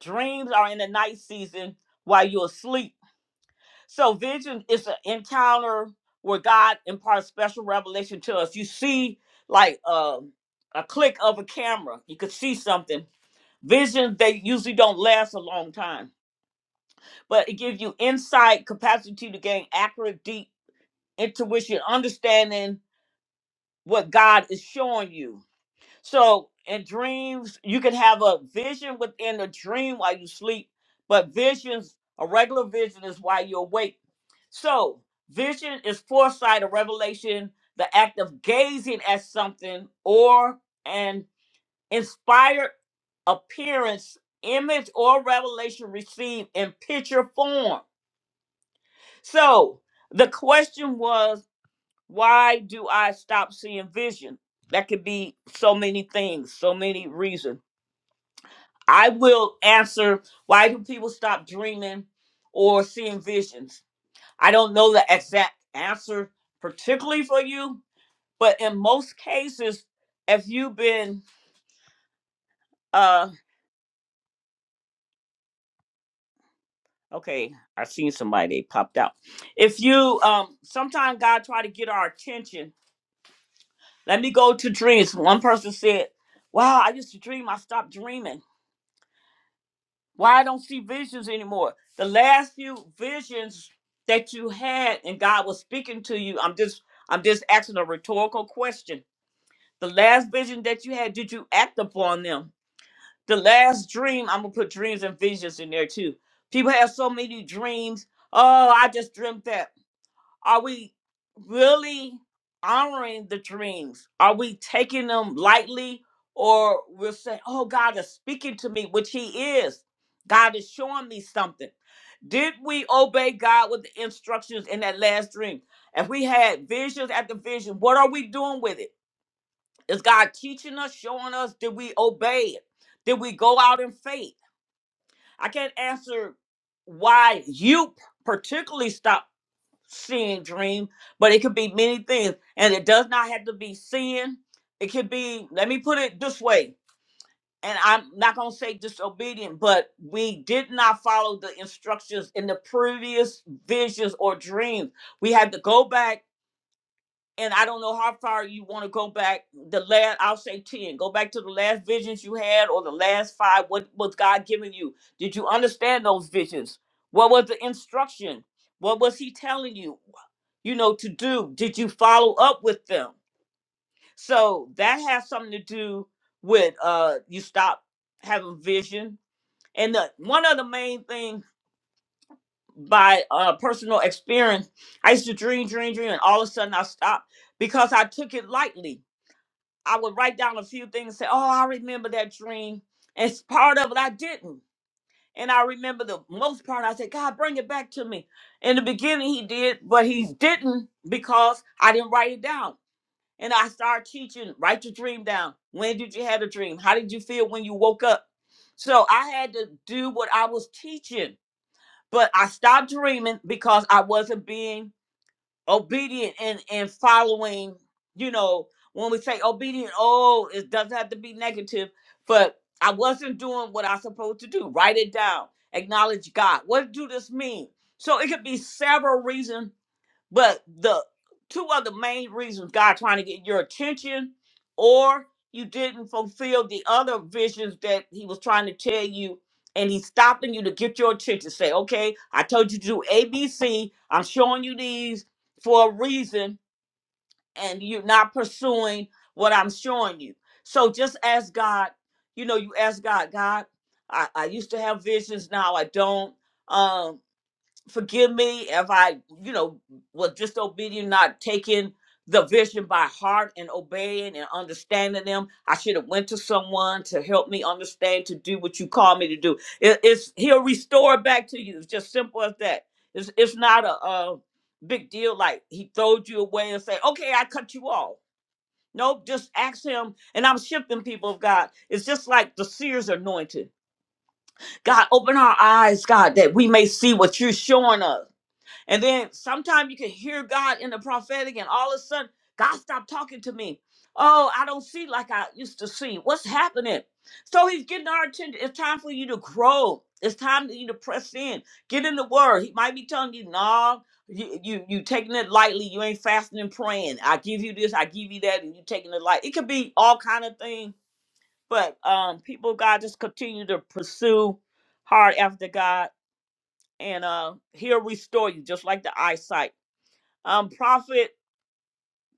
Dreams are in the night season while you're asleep So vision is an encounter where God imparts special revelation to us. You see, like uh, a click of a camera, you could see something. Visions they usually don't last a long time, but it gives you insight, capacity to gain accurate, deep intuition, understanding what God is showing you so in dreams, you can have a vision within a dream while you sleep, but visions, a regular vision is while you're awake. So vision is foresight or revelation, the act of gazing at something or an inspired appearance, image, or revelation received in picture form. So the question was, why do I stop seeing vision? That could be so many things, so many reasons I will answer why do people stop dreaming or seeing visions? I don't know the exact answer, particularly for you, but in most cases, if you've been uh okay, I seen somebody they popped out. If you um sometimes God try to get our attention. Let me go to dreams. One person said, Wow, I used to dream, I stopped dreaming. Why I don't see visions anymore? The last few visions that you had and God was speaking to you, I'm just I'm just asking a rhetorical question. The last vision that you had, did you act upon them? The last dream, I'm gonna put dreams and visions in there too. People have so many dreams. Oh, I just dreamt that. Are we really honoring the dreams? Are we taking them lightly? Or we'll say, oh, God is speaking to me, which He is. God is showing me something. Did we obey God with the instructions in that last dream? If we had visions after vision, what are we doing with it? Is God teaching us, showing us? Did we obey it? Did we go out in faith? I can't answer why you particularly stopped seeing dream, but it could be many things. And it does not have to be sin. It could be, let me put it this way, and I'm not going to say disobedient, but we did not follow the instructions in the previous visions or dreams. We had to go back and I don't know how far you want to go back. The last, I'll say ten. Go back to the last visions you had, or the last five. What was God giving you? Did you understand those visions? What was the instruction? What was He telling you? You know to do. Did you follow up with them? So that has something to do with uh, you stop having vision. And the, one of the main things by uh, personal experience, I used to dream, dream, dream, and all of a sudden I stopped because I took it lightly I would write down a few things, and say, "Oh, I remember that dream." And s- part of it I didn't, and I remember the most part. I said, "God, bring it back to me." In the beginning, He did, but He didn't because I didn't write it down. And I started teaching: write your dream down. When did you have a dream? How did you feel when you woke up? So I had to do what I was teaching, but I stopped dreaming because I wasn't being obedient and and following you know when we say obedient oh it doesn't have to be negative but i wasn't doing what i supposed to do write it down acknowledge god what do this mean so it could be several reasons but the two other main reasons God trying to get your attention, or you didn't fulfill the other visions that He was trying to tell you, and He's stopping you to get your attention. Say, okay, I told you to do A, B, C. I'm showing you these for a reason, and you're not pursuing what I'm showing you. So just ask God. You know, you ask God, God, I, I used to have visions, now I don't. Um, forgive me if I, you know, was disobedient, not taking the vision by heart and obeying and understanding them. I should have went to someone to help me understand to do what you call me to do. It, it's he'll restore it back to you. It's just simple as that. It's it's not a, a big deal like he throwed you away and say, okay, I cut you off. Nope, just ask him. And I'm shifting people of God. It's just like the seer's anointing. God, open our eyes, God, that we may see what you're showing us. And then sometimes you can hear God in the prophetic, and all of a sudden, God stopped talking to me. Oh, I don't see like I used to see. What's happening? So he's getting our attention. It's time for you to grow. It's time for you to press in. Get in the word. He might be telling you, no, you, you you taking it lightly. You ain't fasting and praying. I give you this, I give you that, and you taking it light. It could be all kind of things. But um, people, of God, just continue to pursue hard after God and uh he'll restore you just like the eyesight. Um, Prophet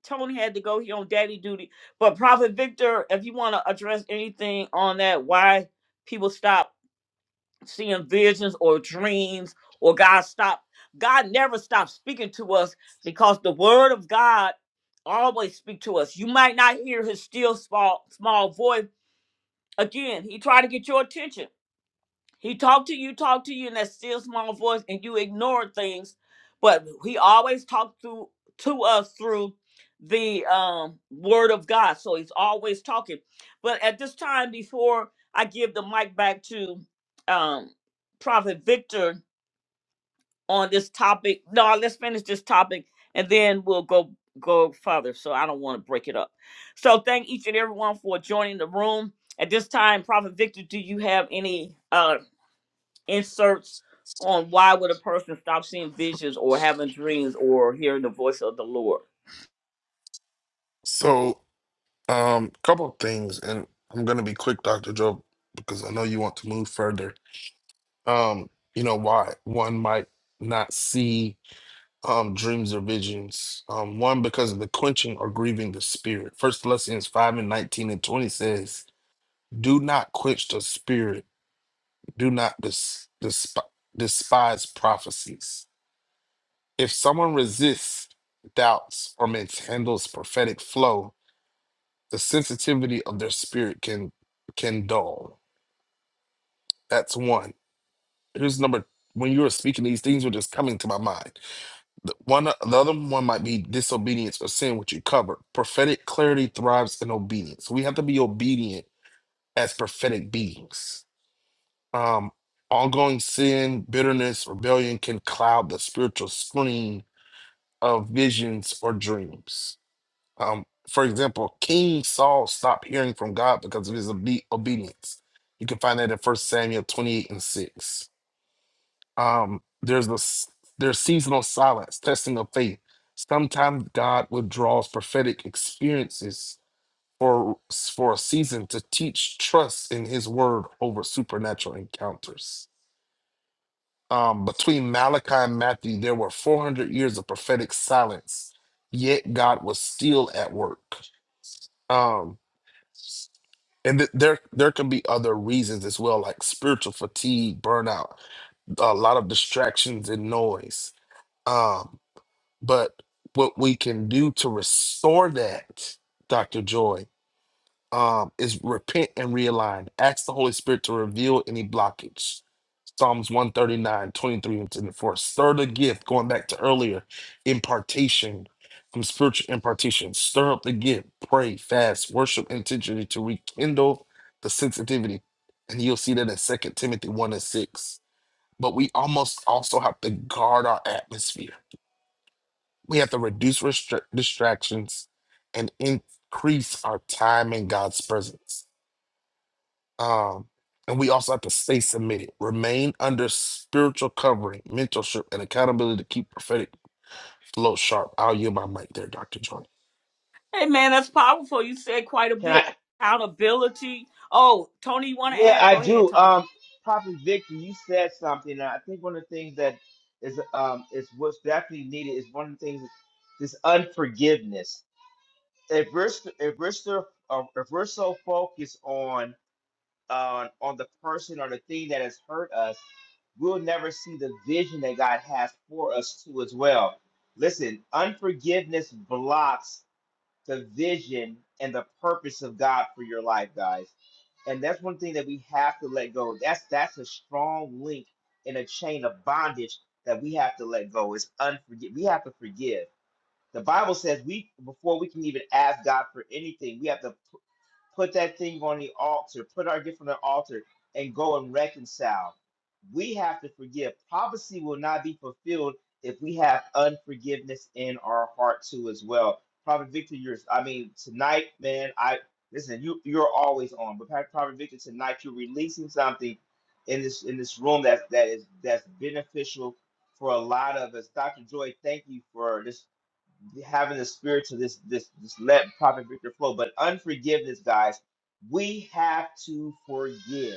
Tony had to go. He on daddy duty. But Prophet Victor, if you want to address anything on that, why people stop seeing visions or dreams, or God stop. God never stops speaking to us because the Word of God always speak to us. You might not hear His still small small voice. Again, He tried to get your attention he talked to you, talked to you in that still small voice, and you ignored things. But he always talked through to us through the um, word of God. So he's always talking. But at this time, before I give the mic back to um, Prophet Victor on this topic, no, let's finish this topic, and then we'll go go further. So I don't want to break it up. So thank each and everyone for joining the room. At this time, Prophet Victor, do you have any? uh, inserts on why would a person stop seeing visions or having dreams or hearing the voice of the Lord.
So. Um, couple of things, and I'm gonna be quick, Dr. Joe, because I know you want to move further. Um, you know why one might not see um dreams or visions. Um, one because of the quenching or grieving the spirit. First Thessalonians five and nineteen and twenty says, "Do not quench the spirit. Do not des- desp- despise prophecies. If someone resists, doubts, or mishandles prophetic flow, the sensitivity of their spirit can can dull." That's one. Here's number when you were speaking, these things were just coming to my mind. The one the other one might be disobedience or sin, which you covered. Prophetic clarity thrives in obedience. We have to be obedient as prophetic beings. Um, ongoing sin, bitterness, rebellion can cloud the spiritual screen of visions or dreams. Um, for example, King Saul stopped hearing from God because of his obe- obedience. You can find that in First Samuel 28 and 6 um there's the s- there's seasonal silence testing of faith sometimes god withdraws prophetic experiences for for a season to teach trust in his word over supernatural encounters um between malachi and matthew there were 400 years of prophetic silence yet god was still at work um and th- there there can be other reasons as well like spiritual fatigue burnout a lot of distractions and noise Um, But what we can do to restore that, Dr. Joy, um, is repent and realign. Ask the Holy Spirit to reveal any blockage. Psalms one thirty nine twenty three and 24. Stir the gift, going back to earlier, impartation, from spiritual impartation. Stir up the gift, pray, fast, worship intentionally to rekindle the sensitivity. And you'll see that in Second Timothy 1 and 6. But we almost also have to guard our atmosphere we have to reduce restra- distractions and increase our time in God's presence. Um, and we also have to stay submitted, remain under spiritual covering, mentorship, and accountability to keep prophetic flow sharp. I'll yield my mic there, Dr. Jordan.
Hey man, that's powerful. You said quite a
Can
bit.
I?
Accountability. Oh, Tony, you want to
Yeah,
add?
I
Go ahead,
do.
Tony.
Um, Prophet Victor, you said something. and I think one of the things that is um is what's definitely needed is one of the things this unforgiveness. If we're st- if we're still uh, if we're so focused on on on the person or the thing that has hurt us, we'll never see the vision that God has for us too as well. Listen, unforgiveness blocks the vision and the purpose of God for your life, guys. And that's one thing that we have to let go. That's that's a strong link in a chain of bondage that we have to let go. It's unforgive. We have to forgive. The Bible says we before we can even ask God for anything, we have to put that thing on the altar, put our gift on the altar, and go and reconcile. We have to forgive. Prophecy will not be fulfilled if we have unforgiveness in our heart too, as well. Prophet Victor, you're I mean, tonight, man, I listen, you you're always on, but Prophet Victor, tonight you're releasing something in this in this room that that is that's beneficial for a lot of us. Dr. Joy, thank you for this having the spirit to this this this let prophet Victor flow. But unforgiveness, guys, we have to forgive.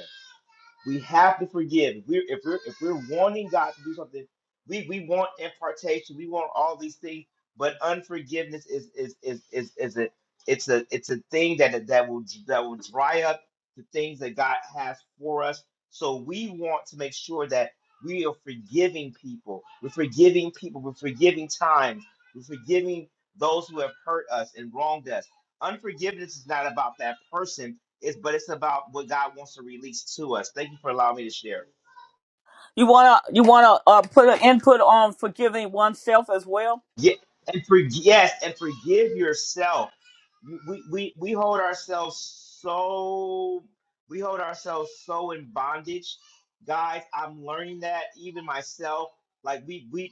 We have to forgive. If we're if we're if we're wanting God to do something, we we want impartation. We want all these things, but unforgiveness is is is is is a it's a it's a thing that that will that will dry up the things that God has for us. So we want to make sure that we are forgiving people. We're forgiving people. We're forgiving times. We're forgiving those who have hurt us and wronged us. Unforgiveness is not about that person it's but it's about what God wants to release to us. Thank you for allowing me to share.
You wanna you wanna uh, put an input on forgiving oneself as well?
Yeah, and for yes, and forgive yourself. You- We we we hold ourselves so we hold ourselves so in bondage, guys. I'm learning that even myself. Like we we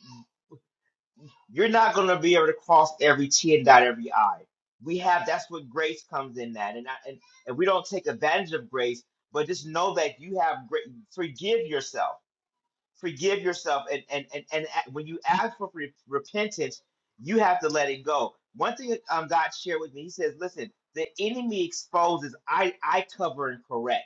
you're not gonna be able to cross every T and dot every I. We have that's what grace comes in that, and I, and and we don't take advantage of grace, but just know that you have great. Forgive yourself forgive yourself and and and, and a- when you ask for re- repentance you have to let it go one thing um, god shared with me he says listen the enemy exposes i i cover and correct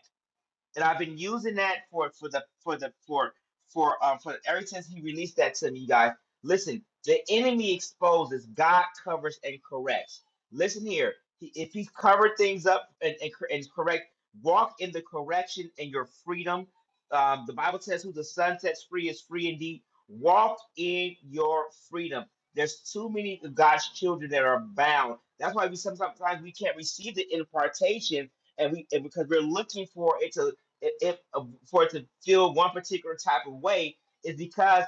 and I've been using that for for the for the for for um for ever since he released that to me, guys. Listen, the enemy exposes, God covers and corrects. Listen here, he, if He's covered things up and and, cor- and correct, walk in the correction and your freedom. Um, the Bible says, "Who the Son sets free is free indeed." Walk in your freedom. There's too many of God's children that are bound. That's why we sometimes we can't receive the impartation and we and because we're looking for it if, if uh, for it to feel one particular type of way is because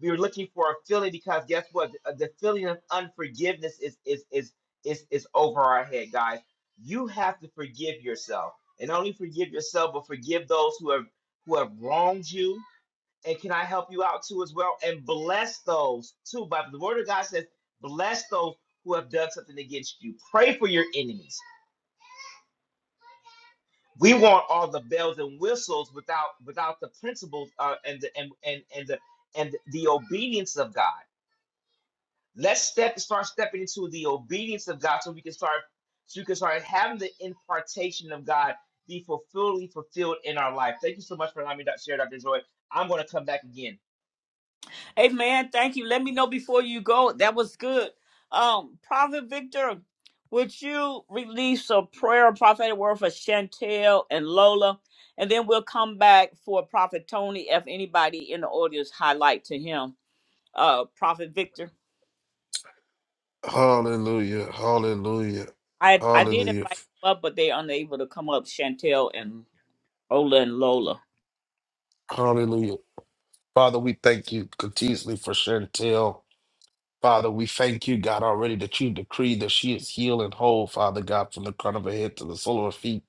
we are looking for a feeling because guess what the, uh, the feeling of unforgiveness is is is is is over our head guys you have to forgive yourself and not only forgive yourself but forgive those who have who have wronged you and can i help you out too as well and bless those too but the word of god says bless those who have done something against you pray for your enemies we want all the bells and whistles without without the principles uh, and the and, and and the and the obedience of God. Let's step start stepping into the obedience of God so we can start so we can start having the impartation of God be fully fulfilled in our life. Thank you so much for allowing me to share, Dr. Joy. I'm going to come back again.
Hey man, thank you. Let me know before you go. That was good. Um, Prophet Victor, would you release a prayer, a prophetic word for Chantel and Lola? And then we'll come back for Prophet Tony if anybody in the audience highlight to him. Uh Prophet Victor.
Hallelujah, hallelujah,
I I did
hallelujah,
invite them up, but they're unable to come up, Chantel and Ola and Lola.
hallelujah. Father, we thank you continuously for Chantel. Father, we thank you, God, already that you decree that she is healed and whole, Father God, from the crown of her head to the sole of her feet.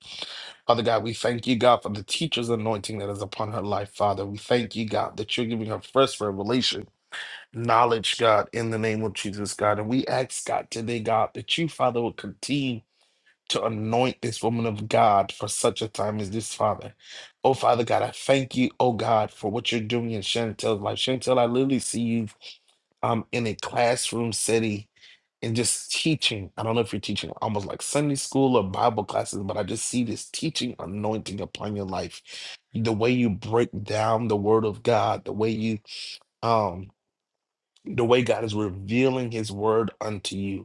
Father God, we thank you, God, for the teacher's anointing that is upon her life, Father. We thank you, God, that you're giving her fresh revelation, knowledge, God, in the name of Jesus, God. And we ask, God, today, God, that you, Father, will continue to anoint this woman of God for such a time as this, Father. Oh, Father God, I thank you, oh God, for what you're doing in Chantel's life. Chantel, I literally see you um, in a classroom setting and just teaching. I don't know if you're teaching almost like Sunday school or Bible classes, but I just see this teaching anointing upon your life. The way you break down the word of God, the way you um the way God is revealing his word unto you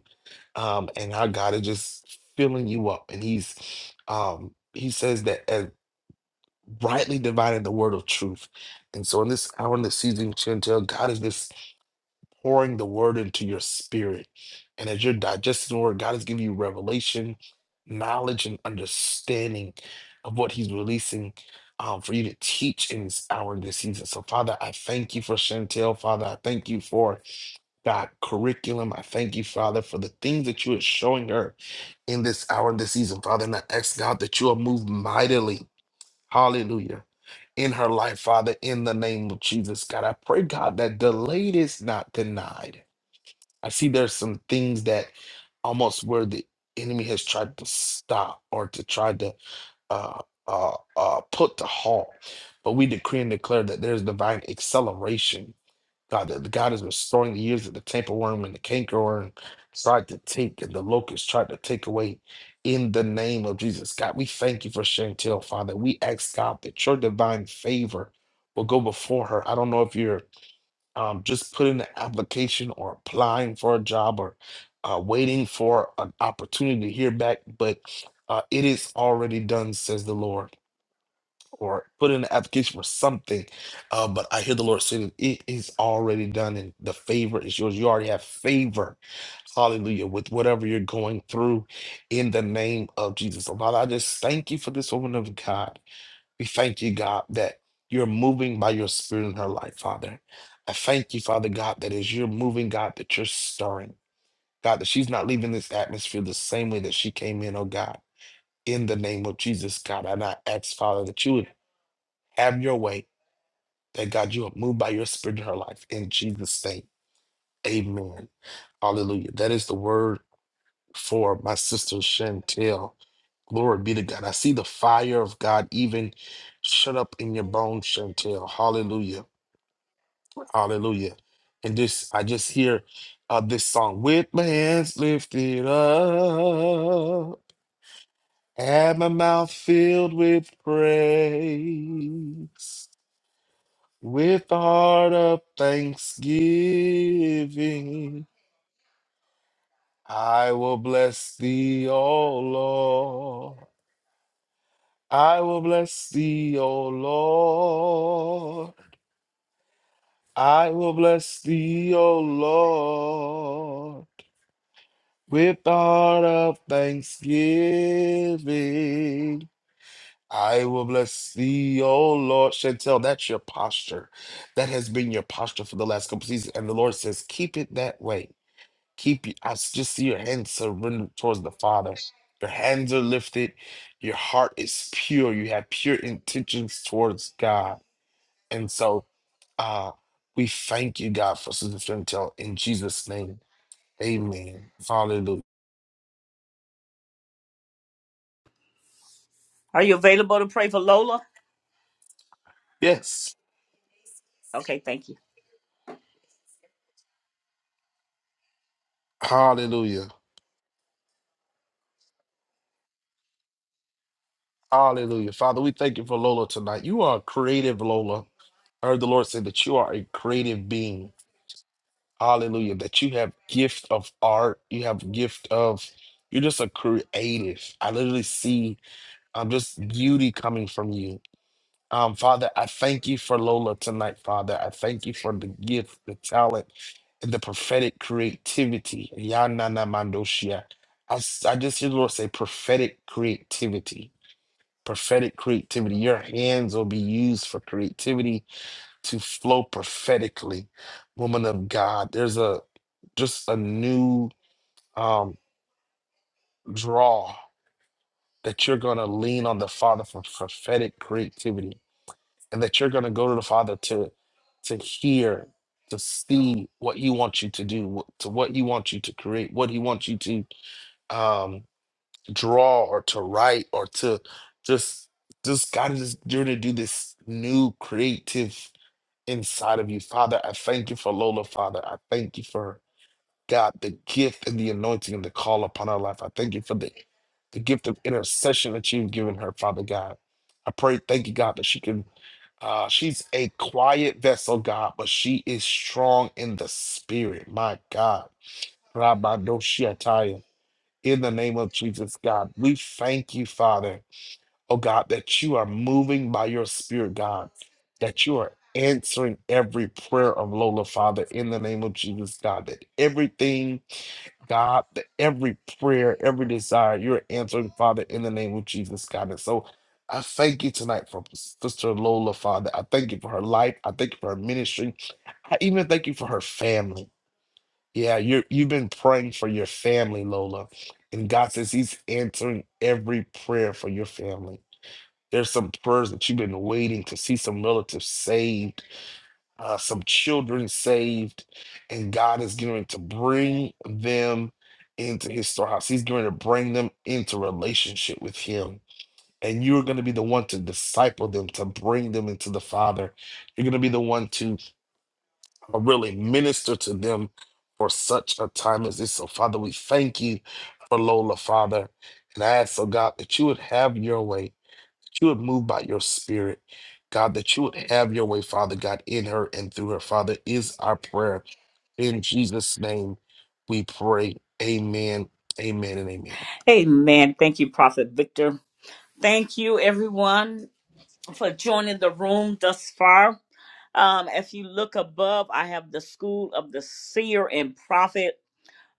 um, and how God is just filling you up. And He's um, He says that as rightly dividing the word of truth. And so in this hour in this season, you can tell God is just pouring the word into your spirit. And as you're digesting the word, God is giving you revelation, knowledge, and understanding of what He's releasing. Um, for you to teach in this hour in this season. So, Father, I thank you for Chantel. Father, I thank you for God, curriculum. I thank you, Father, for the things that you are showing her in this hour, and this season, Father. And I ask God that you will move mightily. Hallelujah. In her life, Father, in the name of Jesus, God. I pray, God, that delayed is not denied. I see there's some things that almost where the enemy has tried to stop or to try to uh, uh, uh, put to halt. But we decree and declare that there's divine acceleration God, that God is restoring the years of the temple worm and the cankerworm tried to take and the locust tried to take away in the name of Jesus. God, we thank you for Chantel, Father. We ask God that your divine favor will go before her. I don't know if you're um, just putting an application or applying for a job or uh, waiting for an opportunity to hear back, but uh, it is already done, says the Lord or put in an application for something. Uh, but I hear the Lord saying it is already done, and the favor is yours. You already have favor, hallelujah, with whatever you're going through in the name of Jesus. So, Father, I just thank you for this woman of God. We thank you, God, that you're moving by your spirit in her life, Father. I thank you, Father God, that as you're moving, God, that you're stirring. God, that she's not leaving this atmosphere the same way that she came in, oh God. In the name of Jesus, God, and I ask, Father, that you would have your way. That God, you have moved by your spirit in her life. In Jesus' name. Amen. Hallelujah. That is the word for my sister Chantel. Glory be to God. I see the fire of God even shut up in your bones, Chantel. Hallelujah. Hallelujah. And this, I just hear uh, this song with my hands lifted up and my mouth filled with praise. With heart of thanksgiving, I will bless thee, O Lord. I will bless thee, O Lord. I will bless thee, O Lord. With the heart of thanksgiving, I will bless thee, O Lord. Chantel, that's your posture. That has been your posture for the last couple seasons. And the Lord says, keep it that way. Keep you, I s- just see your hands surrendered towards the Father. Your hands are lifted. Your heart is pure. You have pure intentions towards God. And so uh, we thank you, God, for Sister Chantel. In Jesus' name, amen. Hallelujah.
Are you available to pray for Lola?
Yes.
Okay, thank you.
Hallelujah. Hallelujah. Father, we thank you for Lola tonight. You are a creative, Lola. I heard the Lord say that you are a creative being Hallelujah. That you have gift of art. You have gift of you're just a creative. I literally see um just beauty coming from you. Um, Father, I thank you for Lola tonight, Father. I thank you for the gift, the talent, and the prophetic creativity. Yanana Mandoshia. I, s- I just hear the Lord say prophetic creativity. Prophetic creativity. Your hands will be used for creativity to flow prophetically, woman of God. There's a just a new um draw that you're gonna lean on the Father for prophetic creativity and that you're gonna go to the Father to to hear, to see what he wants you to do, wh- to what he wants you to create, what he wants you to um draw or to write or to just just God is just you're to do this new creative inside of you. Father, I thank you for Lola, Father. I thank you for God, the gift and the anointing and the call upon her life. I thank you for the, the gift of intercession that you've given her, Father God. I pray, thank you, God, that she can uh, she's a quiet vessel, God, but she is strong in the spirit. My God. Rabbi Rabadoshiataya. In the name of Jesus, God, we thank you, Father oh God, that you are moving by your spirit, God, that you are answering every prayer of Lola, Father, in the name of Jesus, God, that everything, God, that every prayer, every desire, you're answering, Father, in the name of Jesus, God. And so I thank you tonight for Sister Lola, Father. I thank you for her life. I thank you for her ministry. I even thank you for her family. Yeah, you're, you've been praying for your family, Lola. And God says He's answering every prayer for your family. There's some prayers that you've been waiting to see some relatives saved, uh, some children saved, and God is going to bring them into his storehouse. He's going to bring them into relationship with him. And you're going to be the one to disciple them, to bring them into the Father. You're going to be the one to uh, really minister to them for such a time as this. So, Father, we thank you for Lola, Father. And I ask, oh God, that you would have your way that you would move by your spirit, God, that you would have your way, Father God, in her and through her, Father, is our prayer. In Jesus' name we pray. Amen, amen, and amen.
Hey man, thank you, Prophet Victor. Thank you, everyone. for joining the room thus far. Um, if you look above, I have the School of the Seer and Prophet.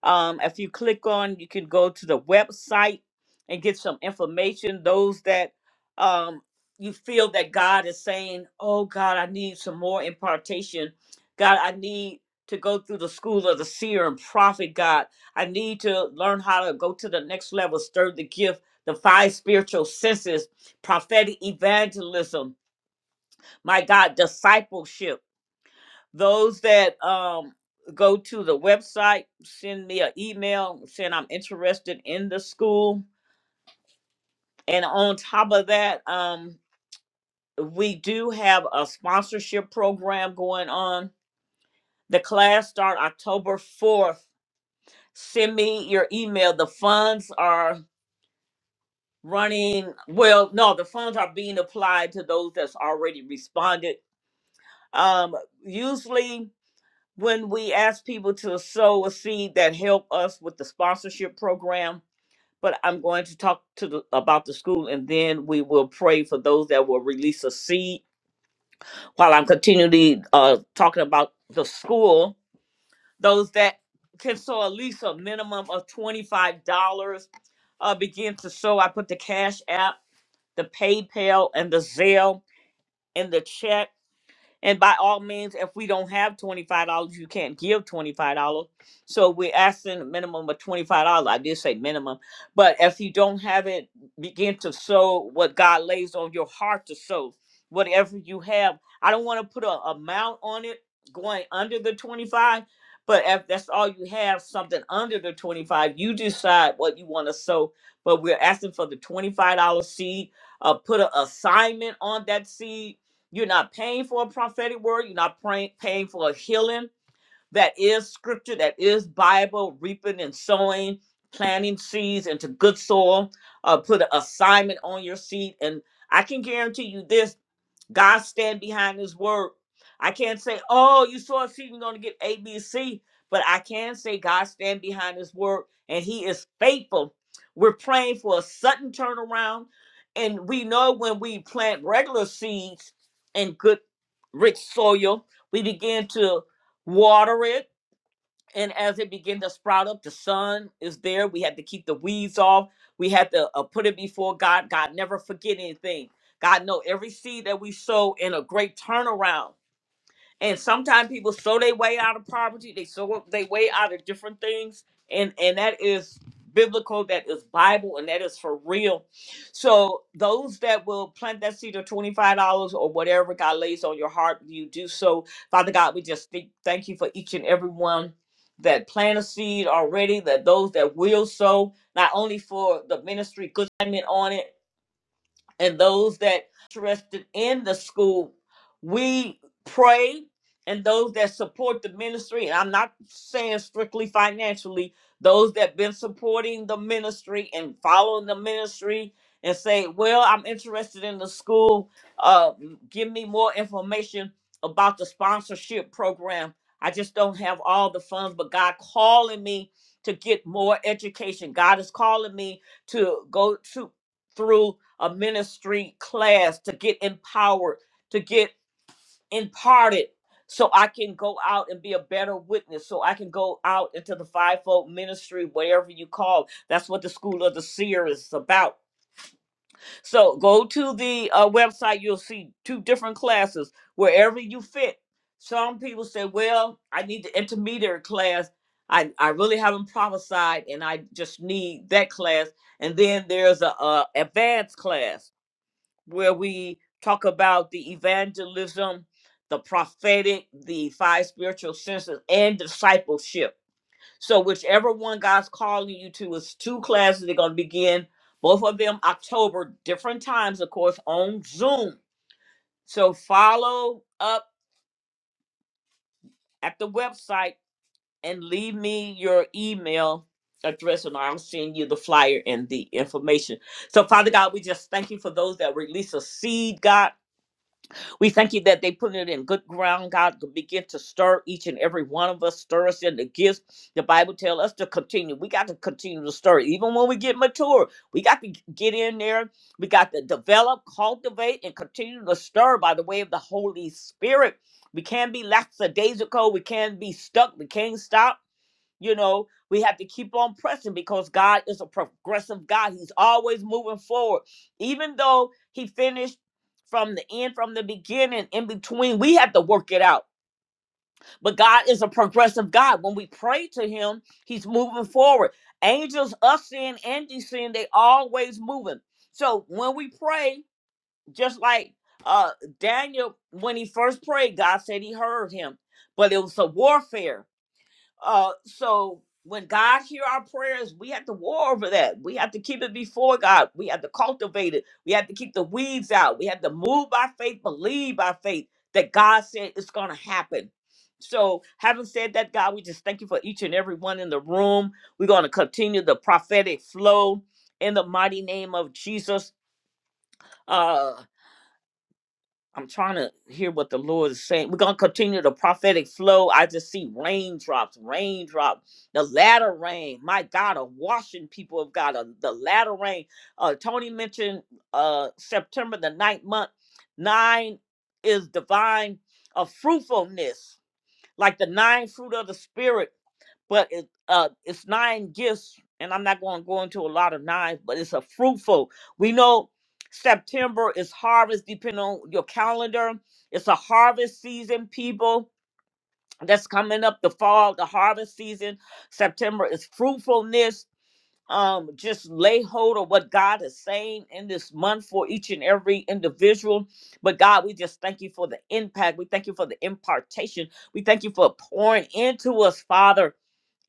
Um, if you click on, you can go to the website and get some information. Those that um, you feel that God is saying, Oh, God, I need some more impartation. God, I need to go through the School of the Seer and Prophet, God. I need to learn how to go to the next level, stir the gift, the five spiritual senses, prophetic evangelism my God, discipleship. Those that um, go to the website, send me an email saying I'm interested in the school. And on top of that, um, we do have a sponsorship program going on. The class start October 4th. Send me your email. The funds are running. Well, no, the funds are being applied to those that's already responded. Um, usually when we ask people to sow a seed that help us with the sponsorship program but i'm going to talk to the, about the school and then we will pray for those that will release a seed while i'm continually uh, talking about the school those that can sow at least a minimum of $25 uh, begin to sow i put the cash app the paypal and the zelle and the check And by all means, if we don't have $25, you can't give $25. So we're asking a minimum of $25. I did say minimum. But if you don't have it, begin to sow what God lays on your heart to sow. Whatever you have. I don't want to put a amount on it going under the 25, but if that's all you have, something under the 25, you decide what you want to sow. But we're asking for the $25 seed. Uh, put an assignment on that seed you're not paying for a prophetic word. You're not praying, paying for a healing that is scripture, that is Bible, reaping and sowing, planting seeds into good soil, uh, put an assignment on your seed. And I can guarantee you this God stand behind his word. I can't say, oh, you saw a seed, you're going to get A, B, C. But I can say God stand behind his word and he is faithful. We're praying for a sudden turnaround. And we know when we plant regular seeds in good, rich soil, we begin to water it and as it began to sprout up, the sun is there. We had to keep the weeds off. We had to uh, put it before God. God never forget anything. God know every seed that we sow in a great turnaround. And sometimes people sow their way out of poverty, they sow they way out of different things, and and that is biblical, that is Bible, and that is for real. So those that will plant that seed of twenty five dollars or whatever God lays on your heart, you do so. Father God, we just think, thank you for each and every one that plant a seed already, that those that will sow, not only for the ministry, good assignment on it and those that interested in the school, we pray and those that support the ministry, and I'm not saying strictly financially, those that been supporting the ministry and following the ministry and say, well, I'm interested in the school. Uh, give me more information about the sponsorship program. I just don't have all the funds, but God calling me to get more education. God is calling me to go to through a ministry class to get empowered, to get imparted, so I can go out and be a better witness, so I can go out into the fivefold ministry, whatever you call. it. That's what the School of the Seer is about. So go to the uh, website, you'll see two different classes, wherever you fit. Some people say, Well, I need the intermediate class. I, I really haven't prophesied and I just need that class. And then there's a, a advanced class where we talk about the evangelism, the prophetic, the five spiritual senses, and discipleship. So, whichever one God's calling you to, it's two classes. They're going to begin both of them October, different times, of course, on Zoom. So, follow up at the website and leave me your email address, and I'll send you the flyer and the information. So, Father God, we just thank you for those that release a seed, God. We thank you that they put it in good ground, God, to begin to stir each and every one of us, stir us in the gifts. The Bible tells us to continue. We got to continue to stir, even when we get mature. We got to get in there. We got to develop, cultivate, and continue to stir by the way of the Holy Spirit. We can't be lackadaisical. We can't be stuck. We can't stop you know we have to keep on pressing because god is a progressive god he's always moving forward even though he finished from the end from the beginning in between we have to work it out but god is a progressive god when we pray to him he's moving forward angels us sin and sin they always moving so when we pray just like uh daniel when he first prayed god said he heard him but it was a warfare uh, so when God hear our prayers, we have to war over that. We have to keep it before God. We have to cultivate it. We have to keep the weeds out. We have to move by faith, believe by faith that God said it's going to happen. So, having said that, God, we just thank you for each and every one in the room. We're going to continue the prophetic flow in the mighty name of Jesus. Uh, I'm trying to hear what the Lord is saying. We're gonna continue the prophetic flow. I just see raindrops, raindrops, the latter rain. My God, a washing people of God, a, the latter rain. Uh, Tony mentioned uh, September the ninth month. Nine is divine, a fruitfulness, like the nine fruit of the spirit but it uh it's nine gifts and i'm not going to go into a lot of nines but it's a fruitful we know september is harvest depending on your calendar it's a harvest season people that's coming up the fall the harvest season september is fruitfulness um just lay hold of what god is saying in this month for each and every individual but god we just thank you for the impact we thank you for the impartation we thank you for pouring into us father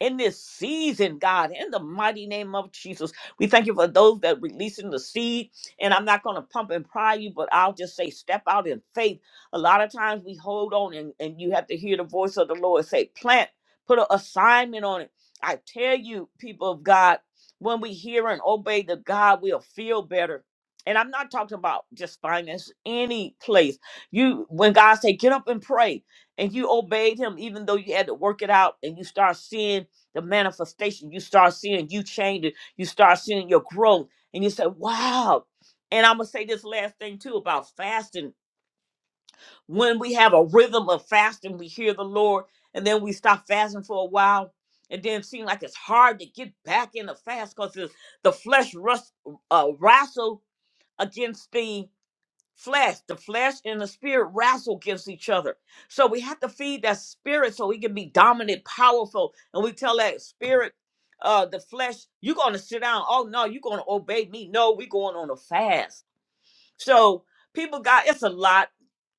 in this season, God, in the mighty name of Jesus. We thank you for those that releasing the seed. And I'm not going to pump and pry you, but I'll just say step out in faith. A lot of times we hold on and, and you have to hear the voice of the Lord say, plant, put an assignment on it. I tell you, people of God, when we hear and obey the God, we'll feel better. And I'm not talking about just finance, any place. You when God say get up and pray, and you obeyed him even though you had to work it out and you start seeing the manifestation. You start seeing you change it. You start seeing your growth. And you say, wow. And I'm going to say this last thing too about fasting. When we have a rhythm of fasting, we hear the Lord and then we stop fasting for a while. And then it seems like it's hard to get back in the fast because the the flesh rust, uh, wrestle against things flesh the flesh and the spirit wrestle against each other so we have to feed that spirit so he can be dominant powerful and we tell that spirit uh the flesh you're gonna sit down oh no you're gonna obey me no we're going on a fast so people got it's a lot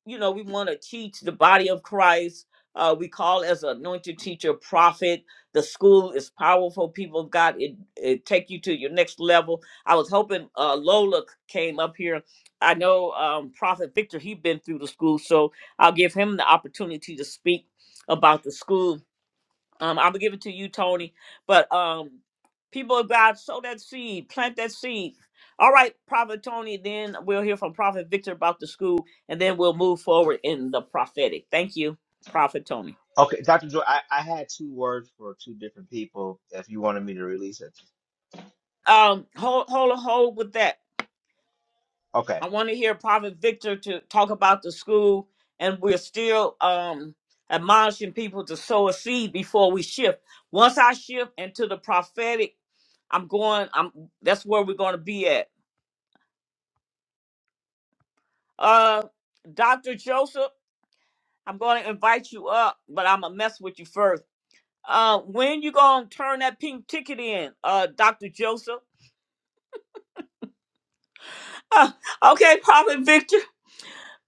you know, we want to teach the body of Christ. Uh, we call as an anointed teacher, prophet. The school is powerful. People of God, it it take you to your next level. I was hoping uh, Lola c- came up here. I know um, Prophet Victor. He been through the school, so I'll give him the opportunity to speak about the school um, I'm gonna give it to you, Tony. But um, people of God, sow that seed, plant that seed. All right, Prophet Tony. Then we'll hear from Prophet Victor about the school, and then we'll move forward in the prophetic. Thank you, Prophet Tony.
Okay, Dr. Joy, I, I had two words for two different people if you wanted me to release it.
Um, hold, hold, hold with that.
Okay.
I want to hear Prophet Victor to talk about the school, and we're still um admonishing people to sow a seed before we shift. Once I shift into the prophetic, I'm going. I'm. That's where we're going to be at Uh, Dr. Joseph, I'm going to invite you up, but I'm gonna mess with you first. Uh, when you gonna turn that pink ticket in, uh, Dr. Joseph? Uh, okay, Prophet Victor,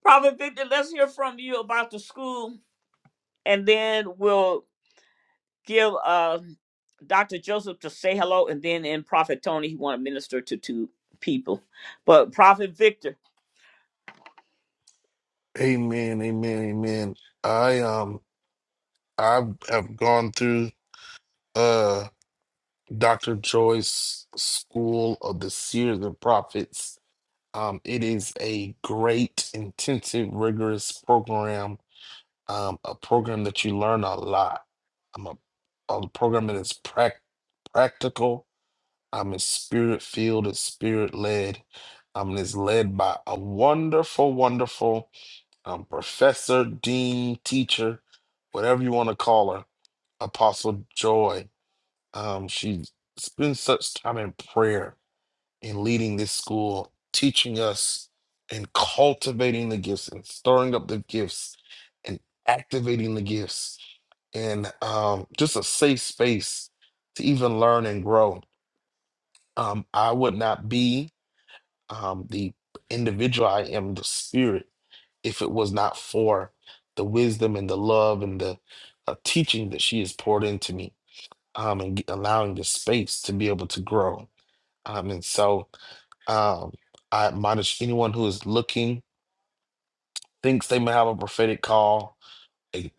Prophet Victor, let's hear from you about the school, and then we'll give uh, Dr. Joseph to say hello, and then in Prophet Tony, he want to minister to two people. But Prophet Victor.
Amen, amen, amen. I um I have gone through uh Dr. Joyce School of the Seers and Prophets. Um, it is a great, intensive, rigorous program, um, a program that you learn a lot. Um, a, a program that is prac practical, um, it's spirit filled, it's spirit led, um, and It's led by a wonderful, wonderful um, professor, dean, teacher, whatever you want to call her, Apostle Joy. Um, she spends such time in prayer and leading this school, teaching us and cultivating the gifts and stirring up the gifts and activating the gifts and um, just a safe space to even learn and grow. Um, I would not be um, the individual I am, the spirit, if it was not for the wisdom and the love and the uh, teaching that she has poured into me um, and g- allowing the space to be able to grow. Um, and so um, I admonish anyone who is looking, thinks they may have a prophetic call, they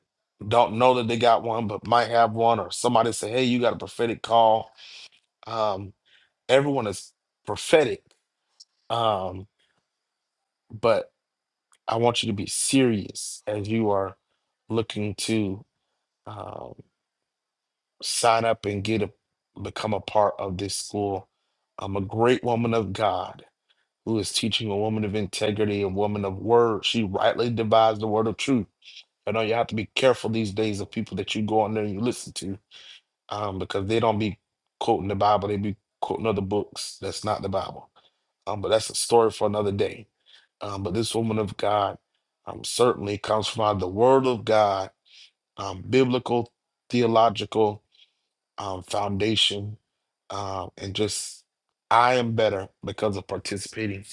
don't know that they got one, but might have one, or somebody say, hey, you got a prophetic call. Um, everyone is prophetic, um, but I want you to be serious as you are looking to um, sign up and get a become a part of this school. I'm a great woman of God who is teaching a woman of integrity, a woman of word. She rightly divides the word of truth. I know you have to be careful these days of people that you go on there and you listen to, um, because they don't be quoting the Bible, they be quoting other books. That's not the Bible. Um, but that's a story for another day. Um, but this woman of God um, certainly comes from the word of God, um, biblical, theological um, foundation, um, and just I am better because of participating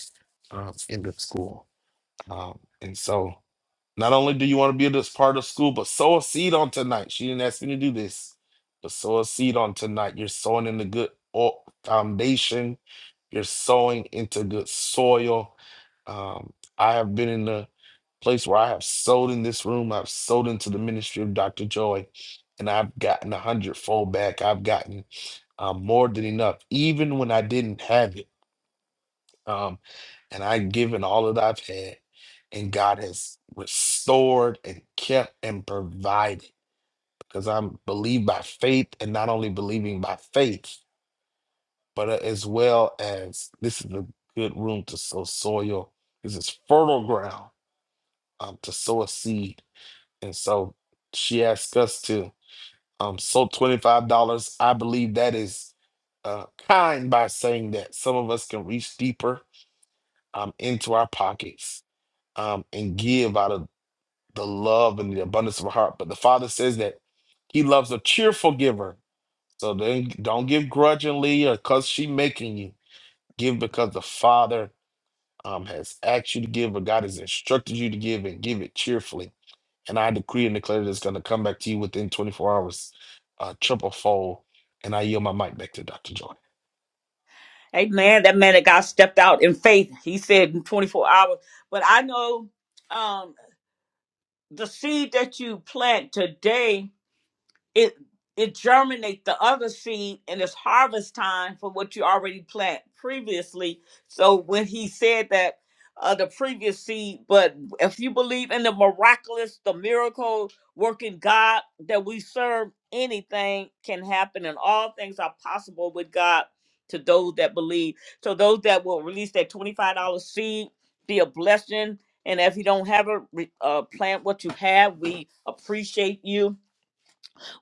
um, in the school. Um, and so not only do you want to be this part of school, but sow a seed on tonight. She didn't ask me to do this, but sow a seed on tonight. You're sowing in the good o- foundation. You're sowing into good soil. Um, I have been in the place where I have sold in this room. I've sold into the ministry of Dr. Joy, and I've gotten a hundredfold back. I've gotten uh, more than enough, even when I didn't have it. Um, and I've given all that I've had, and God has restored and kept and provided because I'm believe by faith, and not only believing by faith, but uh, as well as this is a good room to sow soil. This is fertile ground um, to sow a seed, and so she asked us to um, sow twenty five dollars. I believe that is uh, kind by saying that some of us can reach deeper um, into our pockets um, and give out of the love and the abundance of our heart. But the Father says that He loves a cheerful giver. So then don't give grudgingly or because she making you. Give because the Father um, has asked you to give or God has instructed you to give and give it cheerfully. And I decree and declare that it's going to come back to you within 24 hours, uh, triple fold. And I yield my mic back to Dr. Joy.
Amen. That man that God stepped out in faith. He said in 24 hours. But I know um, the seed that you plant today it it germinates the other seed and it's harvest time for what you already plant previously so when he said that uh, the previous seed but if you believe in the miraculous the miracle working god that we serve anything can happen and all things are possible with god to those that believe so those that will release that $25 seed be a blessing and if you don't have a re- uh, plant what you have we appreciate you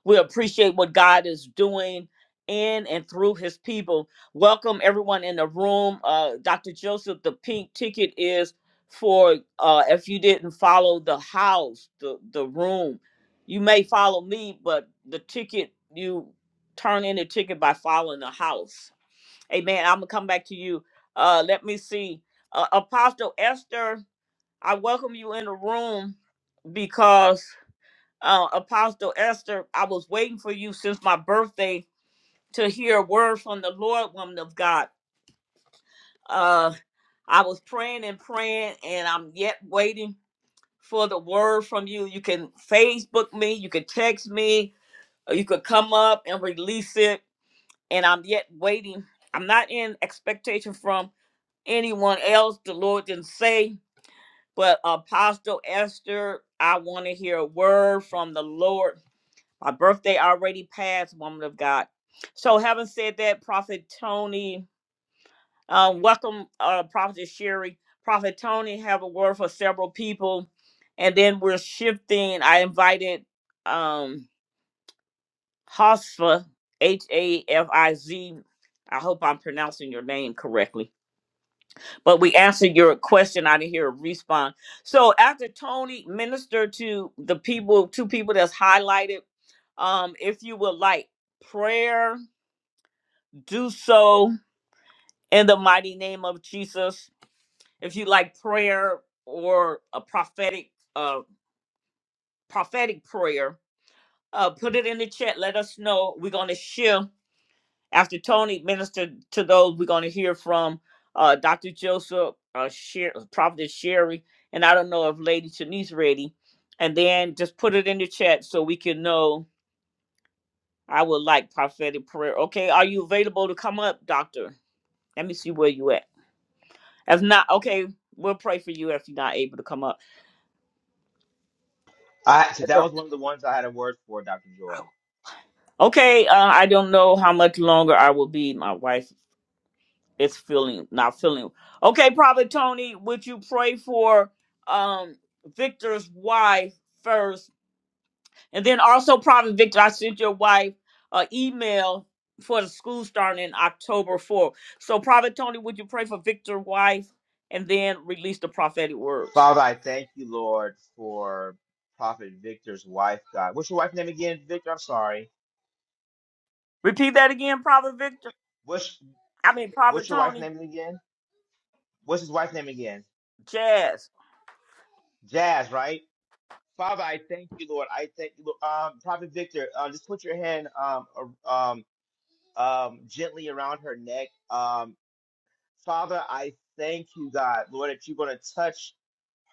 we appreciate what God is doing in and through his people. Welcome everyone in the room. Uh, Dr. Joseph, the pink ticket is for uh, if you didn't follow the house, the, the room. You may follow me, but the ticket, you turn in the ticket by following the house. Amen. I'm going to come back to you. Uh, let me see. Uh, Apostle Esther, I welcome you in the room because uh, Apostle Esther, I was waiting for you since my birthday to hear a word from the Lord, woman of God. Uh, I was praying and praying, and I'm yet waiting for the word from you. You can Facebook me, you can text me, or you could come up and release it. And I'm yet waiting. I'm not in expectation from anyone else. The Lord didn't say, but Apostle Esther, I want to hear a word from the Lord My birthday already passed, woman of God. So, having said that, Prophet Tony, uh, welcome, uh, Prophet Sherry. Prophet Tony, have a word for several people. And then we're shifting. I invited um, Hosfa, H A F I Z. I hope I'm pronouncing your name correctly. But we answered your question. I didn't hear a response. So, after Tony ministered to the people, two people that's highlighted, um, if you would like prayer do so in the mighty name of Jesus. If you like prayer or a prophetic uh prophetic prayer, uh put it in the chat. Let us know. We're gonna share after Tony ministered to those we're gonna hear from uh Dr. Joseph, uh Sher- Prophet Sherry, and I don't know if Lady Shanice ready. And then just put it in the chat so we can know I would like prophetic prayer. Okay, are you available to come up, doctor? Let me see where you at. If not, okay, we'll pray for you if you're not able to come up.
I, so
I
that was
don't-
one of the ones I had a word for, Dr. Joy.
Okay, uh, I don't know how much longer I will be. My wife is feeling not feeling. Okay, Prophet Tony, would you pray for um Victor's wife first, and then also Prophet Victor? I sent your wife an email for the school starting in October 4th. So, Prophet Tony, would you pray for Victor's wife and then release the prophetic words?
Father, I thank you, Lord, for Prophet Victor's wife, God. What's your wife's name again, Victor? I'm sorry.
Repeat that again, Prophet Victor.
What's
I mean, Prophet
what's your wife's
Tony.
name again? What's his wife's name again?
Jazz.
Jazz, right? Father, I thank you, Lord. I thank you, Lord. Um, Prophet Victor, uh, just put your hand um, ar- um, um, gently around her neck. Um, Father, I thank you, God, Lord, that you're going to touch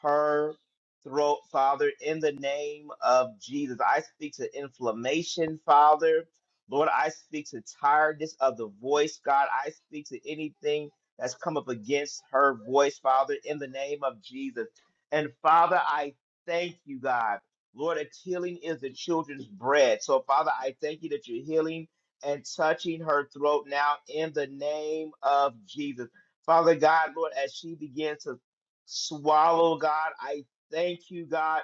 her throat, Father, in the name of Jesus. I speak to inflammation, Father. Lord, I speak to tiredness of the voice, God. I speak to anything that's come up against her voice, Father, in the name of Jesus. And Father, I thank you, God. Lord, that healing is the children's bread. So, Father, I thank you that you're healing and touching her throat now in the name of Jesus. Father God, Lord, as she begins to swallow, God, I thank you, God,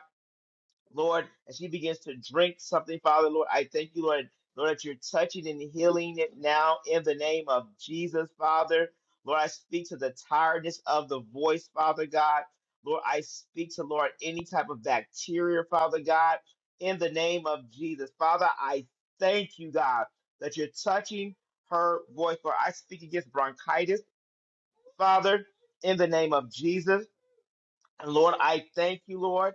Lord, as she begins to drink something, Father, Lord, I thank you, Lord, Lord, that you're touching and healing it now in the name of Jesus, Father. Lord, I speak to the tiredness of the voice, Father God. Lord, I speak to, Lord, any type of bacteria, Father God, in the name of Jesus. Father, I thank you, God, that you're touching her voice. Lord, I speak against bronchitis. Father, in the name of Jesus, and Lord, I thank you, Lord,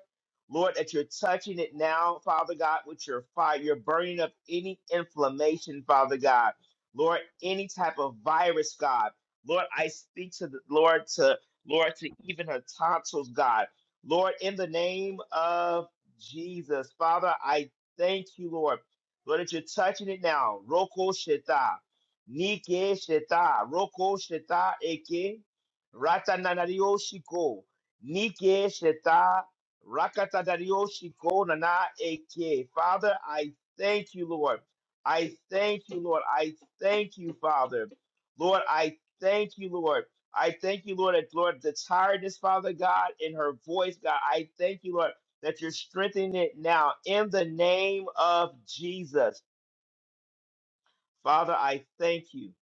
Lord, that you're touching it now, Father God, with your fire. You're burning up any inflammation, Father God. Lord, any type of virus, God. Lord, I speak to the Lord to Lord to even her tonsils, God. Lord, in the name of Jesus, Father, I thank you, Lord. Lord, that you're touching it now. Roko sheta, nike sheta, roko sheta eke, ratananario shiko. Nike Sheta Rakatadariyoshiko Nana Eke. Father, I thank you, Lord. I thank you, Lord. I thank you, Father. Lord, I thank you, Lord. I thank you, Lord, that Lord, the tiredness, Father God, in her voice, God. I thank you, Lord, that you're strengthening it now in the name of Jesus. Father, I thank you.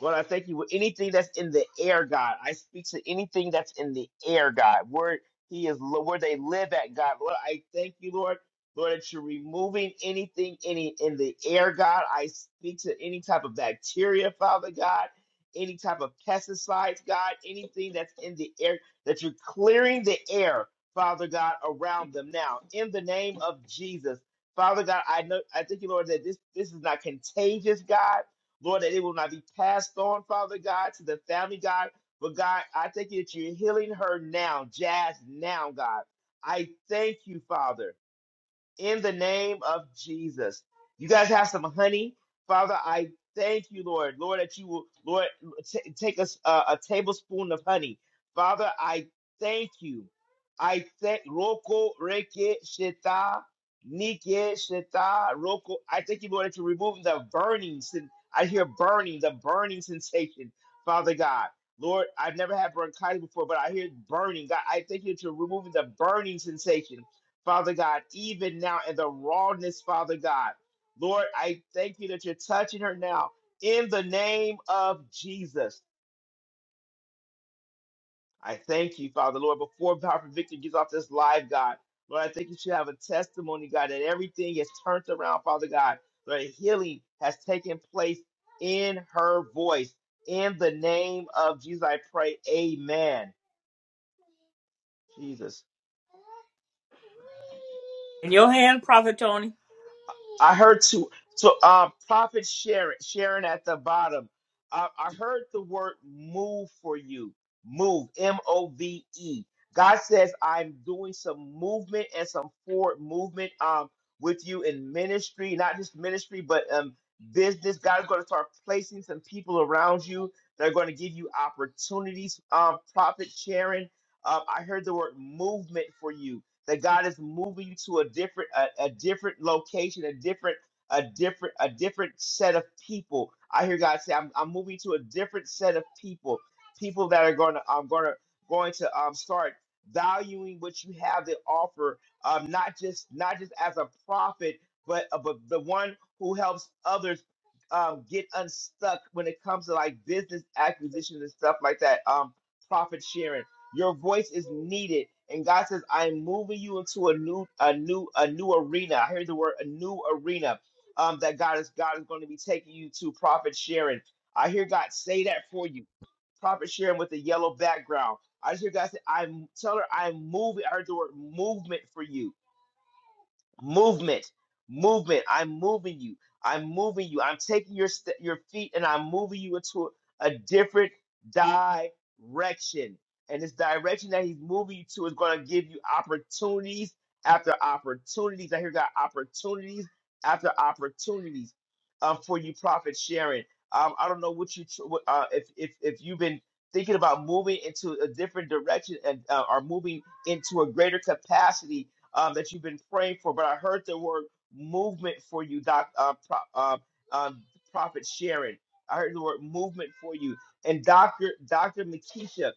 Lord, I thank you for anything that's in the air, God. I speak to anything that's in the air, God. Where He is, where they live at, God. Lord, I thank you, Lord. Lord, that you're removing anything any in the air, God. I speak to any type of bacteria, Father God, any type of pesticides, God, anything that's in the air, that you're clearing the air, Father God, around them now. In the name of Jesus. Father God, I know I thank you, Lord, that this this is not contagious, God. Lord, that it will not be passed on, Father God, to the family, God. But God, I thank you that you're healing her now, Jazz now, God. I thank you, Father in the name of Jesus. You guys have some honey, Father. I thank you, Lord, Lord, that you will, Lord, t- take us uh, a tablespoon of honey, Father. I thank you. I thank Roko Reke Sheta Nike Sheta Roko. I thank you, Lord, that you're removing the burning. Sin- I hear burning, the burning sensation, Father God. Lord, I've never had bronchitis before, but I hear burning. God, I thank you that you're removing the burning sensation. Father God, even now in the rawness, Father God. Lord, I thank you that you're touching her now in the name of Jesus. I thank you, Father, Lord, before Prophet Victor gets off this live, God. Lord, I think you should have a testimony, God, that everything is turned around, Father God. Lord, healing has taken place in her voice. In the name of Jesus, I pray, amen. Jesus.
In your hand, Prophet Tony.
I heard to to uh Prophet Sharon Sharon at the bottom. I, I heard the word move for you. Move M O V E. God says I'm doing some movement and some forward movement um with you in ministry, not just ministry, but um business. God is going to start placing some people around you that are going to give you opportunities. Um, Prophet Sharon, um, I heard the word movement for you that God is moving you to a different a, a different location, a different a different a different set of people. I hear God say, I'm, I'm moving to a different set of people, people that are going to I'm going to going to um start valuing what you have to offer, um not just not just as a prophet, but uh, but the one who helps others um get unstuck when it comes to like business acquisitions and stuff like that. Um, profit sharing. Your voice is needed. And God says, I am moving you into a new, a new, a new arena. I hear the word a new arena. Um, that God is God is going to be taking you to Prophet Sharon. I hear God say that for you. Prophet Sharon with the yellow background. I just hear God say, I'm tell her I'm moving. I heard the word movement for you. Movement, movement. I'm moving you. I'm moving you. I'm taking your st- your feet and I'm moving you into a, a different direction. And this direction that he's moving you to is going to give you opportunities after opportunities. I hear got opportunities after opportunities um, for you, Prophet Sharon. Um, I don't know what you tr- what, uh, if if if you've been thinking about moving into a different direction and uh, are moving into a greater capacity um, that you've been praying for, but I heard the word movement for you, Doc, uh, Pro, uh, um, Prophet Sharon. I heard the word movement for you. And Dr. Dr. Makisha,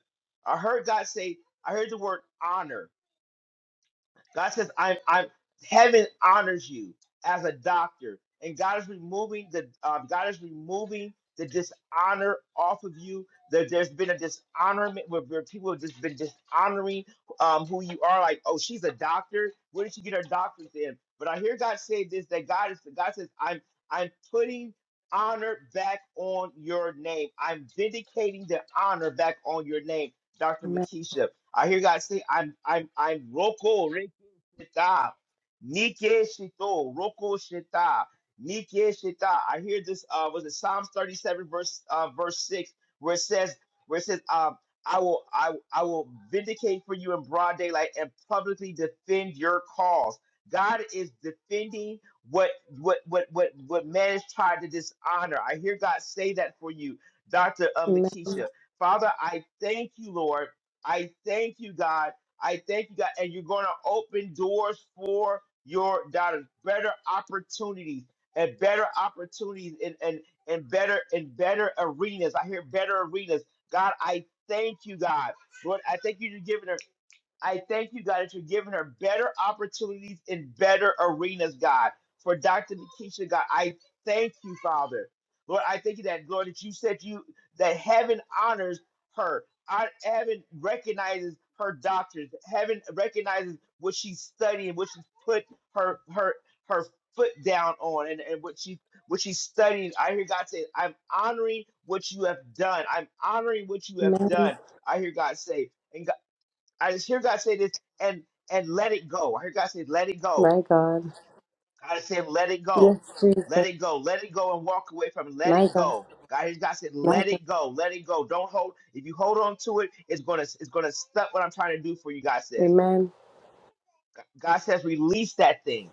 I heard God say, I heard the word honor. God says, I'm, I'm, heaven honors you as a doctor. And God is removing the, um, God is removing the dishonor off of you. There, there's been a dishonorment where, where people have just been dishonoring um, who you are. Like, oh, she's a doctor. Where did she get her doctorate in? But I hear God say this: that God is, God says, I'm, I'm putting honor back on your name. I'm vindicating the honor back on your name, Dr.
Amen.
Makisha. I hear God say, I'm I'm I'm Roko Reke Shita. Nike Shito. Roko Shita. Nike Shita. I hear this uh was it Psalms 37 verse uh verse 6 where it says where it says um I will I I will vindicate for you in broad daylight and publicly defend your cause. God is defending what what what what what man has tried to dishonor. I hear God say that for you, Dr. Um,
Amen.
Lakeisha. Father, I thank you, Lord. I thank you, God. I thank you, God. And you're going to open doors for your daughters, better opportunities and better opportunities and, and, and better and better arenas. I hear better arenas. God, I thank you, God. Lord, I thank you for giving I thank you, God, that you're giving her better opportunities in better arenas, God. For Dr. Nikisha, God, I thank you, Father. Lord, I thank you that, Lord, that you said you that heaven honors her. I, heaven recognizes her doctors. Heaven recognizes what she's studying, what she's put her her her foot down on and, and what she what she's studying. I hear God say, I'm honoring what you have done. I'm honoring what you have
Amen.
done. I hear God say. I just hear God say this and and let it go. I hear God say, let it go.
My God.
God is saying, let it
Yes,
go.
Jesus.
Let it go. Let it go and walk away from it. Let
My
it
God.
go. God, I hear God said,
My
let
God.
it go. Let it go. Don't hold. If you hold on to it, it's gonna it's gonna stuck what I'm trying to do for you, God says.
Amen.
God says, release that thing.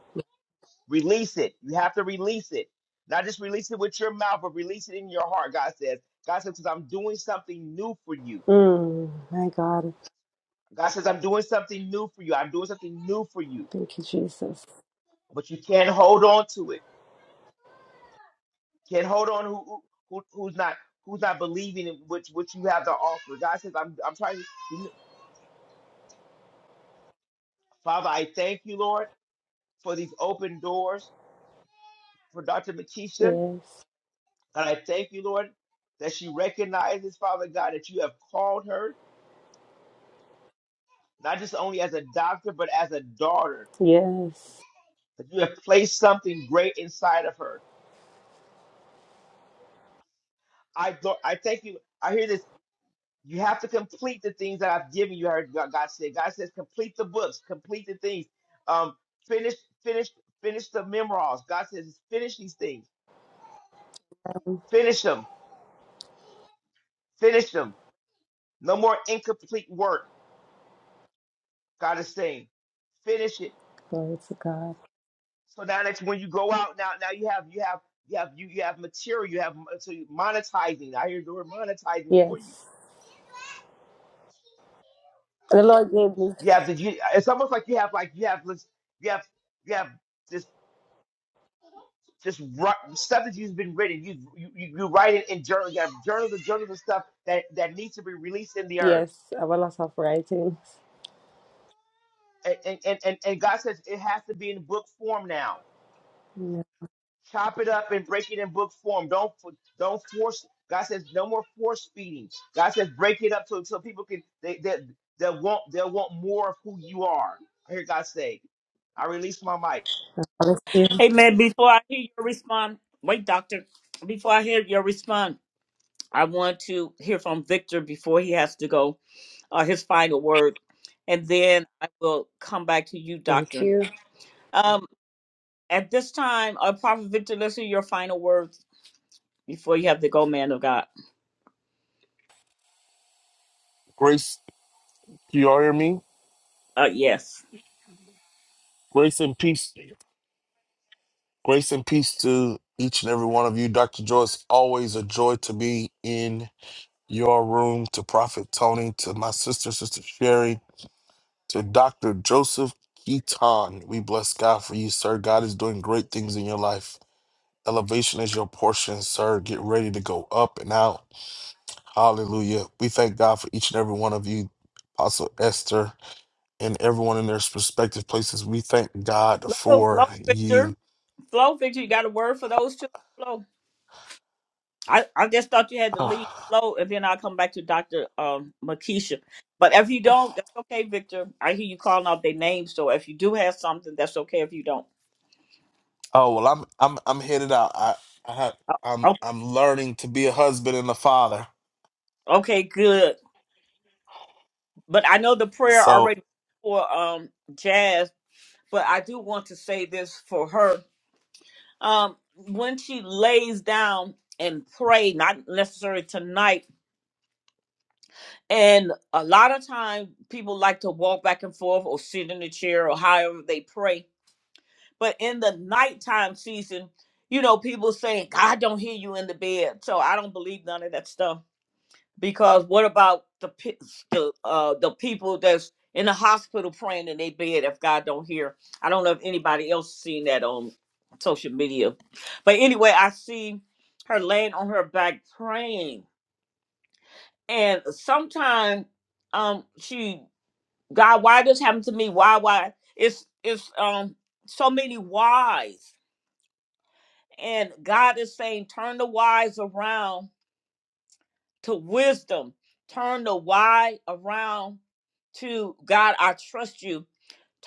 Release it. You have to release it. Not just release it with your mouth, but release it in your heart, God says. God says, because I'm doing something new for you.
Mm, my God.
God says, I'm doing something new for you. I'm doing something new for you.
Thank you, Jesus.
But you can't hold on to it. Can't hold on who, who who- who's not who's not believing in what what you have to offer. God says, I'm I'm trying to Father, I thank you, Lord, for these open doors for Dr. Makisha.
Yes.
And I thank you, Lord, that she recognizes, Father God, that you have called her, not just only as a doctor, but as a daughter,
Yes.
that you have placed something great inside of her. I, do- I thank you. I hear this You have to complete the things that I've given you. I heard God God said. God says, complete the books, complete the things. Um, finish, finish, finish the memoirs. God says, finish these things. Finish them. Finish them. No more incomplete work. God is saying, finish it.
Glory to God.
So now that's when you go out. Now, now you have, you have, you have, you, you have material. You have so you monetizing. I hear the word monetizing for you.
Yes. The Lord gave me.
You have the. You, it's almost like you have, like you have, this- you have, you have. this just write, stuff that you've been written. You you you you write it in journal. You have journals and journals and stuff that that needs to be released in the earth.
Yes. Our loss of writings.
And and and, and and God says it has to be in book form now.
Yes.
Chop it up and break it in book form. Don't fo- don't force. God says no more force feeding. God says break it up so so people can they they they'll want they'll want more of who you are. I hear God say. I release my mic.
God Bless you.
Hey man, before I hear your response, wait, Doctor. Before I hear your response, I want to hear from Victor before he has to go, uh, his final word, and then I will come back to you,
Thank
Doctor.
you.
Um, at this time, uh, Prophet Victor, let's hear your final words before you have to go, man of God.
Grace, can you all hear me?
Uh, yes.
Grace and peace. Grace and peace to each and every one of you. Dr. Joyce, always a joy to be in your room, to Prophet Tony, to my sister, Sister Sherry, to Dr. Joseph Keaton. We bless God for you, sir. God is doing great things in your life. Elevation is your portion, sir. Get ready to go up and out. Hallelujah. We thank God for each and every one of you, Apostle Esther, and everyone in their respective places. We thank God
Flow, flow,
for
Victor.
you.
Flow, Victor. You got a word for those two? Flow. I, I just thought you had to leave slow, and then I'll come back to Dr. Um, Makisha. But if you don't, that's okay, Victor. I hear you calling out their names, so if you do have something, that's okay if you don't.
Oh well, I'm I'm I'm headed out. I I have, I'm
Okay,
I'm learning to be a husband and a father.
okay good. But I know the prayer
So
already for um, Jazz, but I do want to say this for her. Um, when she lays down and pray, not necessarily tonight, and a lot of time people like to walk back and forth or sit in the chair or however they pray But in the nighttime season, you know, people saying, God don't hear you in the bed. So I don't believe none of that stuff. Because what about the pe- the uh, the people that's in the hospital praying in their bed if God don't hear? I don't know if anybody else seen that on social media. But anyway, I see her laying on her back praying. And sometimes um she God, why this happened to me? Why, why? It's it's um so many whys And God is saying, turn the wise around to wisdom. Turn the why around to God, I trust you.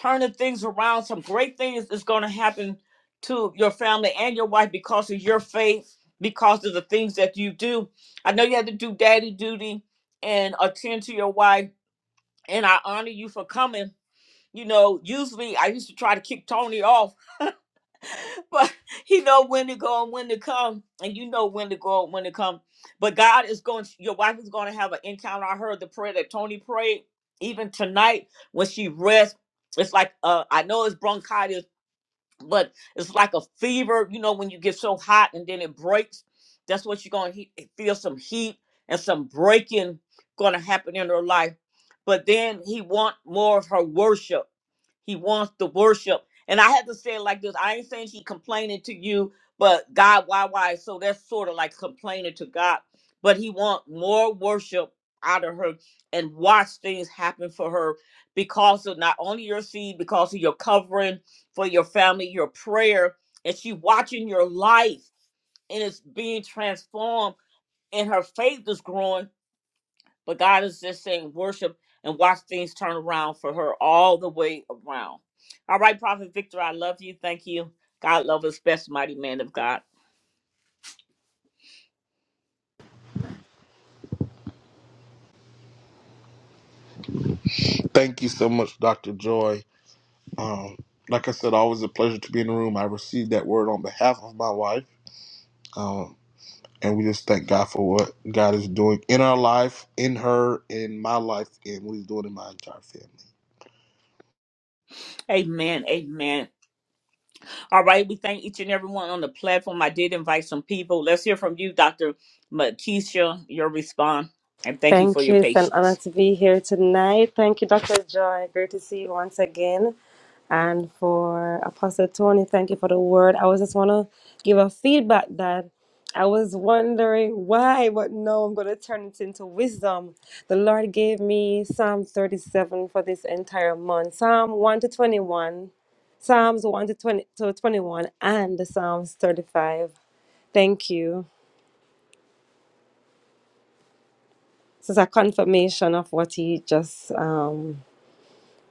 Turn the things around. Some great things is going to happen to your family and your wife because of your faith, because of the things that you do. I know you had to do daddy duty and attend to your wife, and I honor you for coming. You know, usually I used to try to kick Tony off but he know when to go and when to come and you know when to go and when to come but god is going your wife is going to have an encounter i heard the prayer that tony prayed even tonight when she rests it's like uh i know it's bronchitis but it's like a fever, you know, when you get so hot and then it breaks. That's what you're going to he- feel some heat and some breaking going to happen in her life. But then he want more of her worship. He wants the worship. And I had to say it like this. I ain't saying she complaining to you, but God, why, why? So that's sort of like complaining to God. But he want more worship out of her and watch things happen for her because of not only your seed, because of your covering, for your family, your prayer, and she watching your life and it's being transformed and her faith is growing. But God is just saying worship and watch things turn around for her all the way around. All right, Prophet Victor, I love you. Thank you. God love us best, mighty man of God.
thank you so much, Doctor Joy. Um, like I said, always a pleasure to be in the room. I received that word on behalf of my wife, um, and we just thank God for what God is doing in our life, in her, in my life, and what He's doing in my entire family.
Amen. Amen. All right, we thank each and everyone on the platform. I did invite some people. Let's hear from you, Dr. Makisha, your response, and thank you for
Thank
your
you. It's an honor
patience.
to be here tonight. Thank you, Dr. Joy. Great to see you once again. And for Apostle Tony, thank you for the word. I was just want to give a feedback that I was wondering why, but no, I'm going to turn it into wisdom. The Lord gave me Psalm 37 for this entire month Psalm 1 to 21, Psalms 1 to, 20, to 21, and the Psalms 35. Thank you. This is a confirmation of what he just um,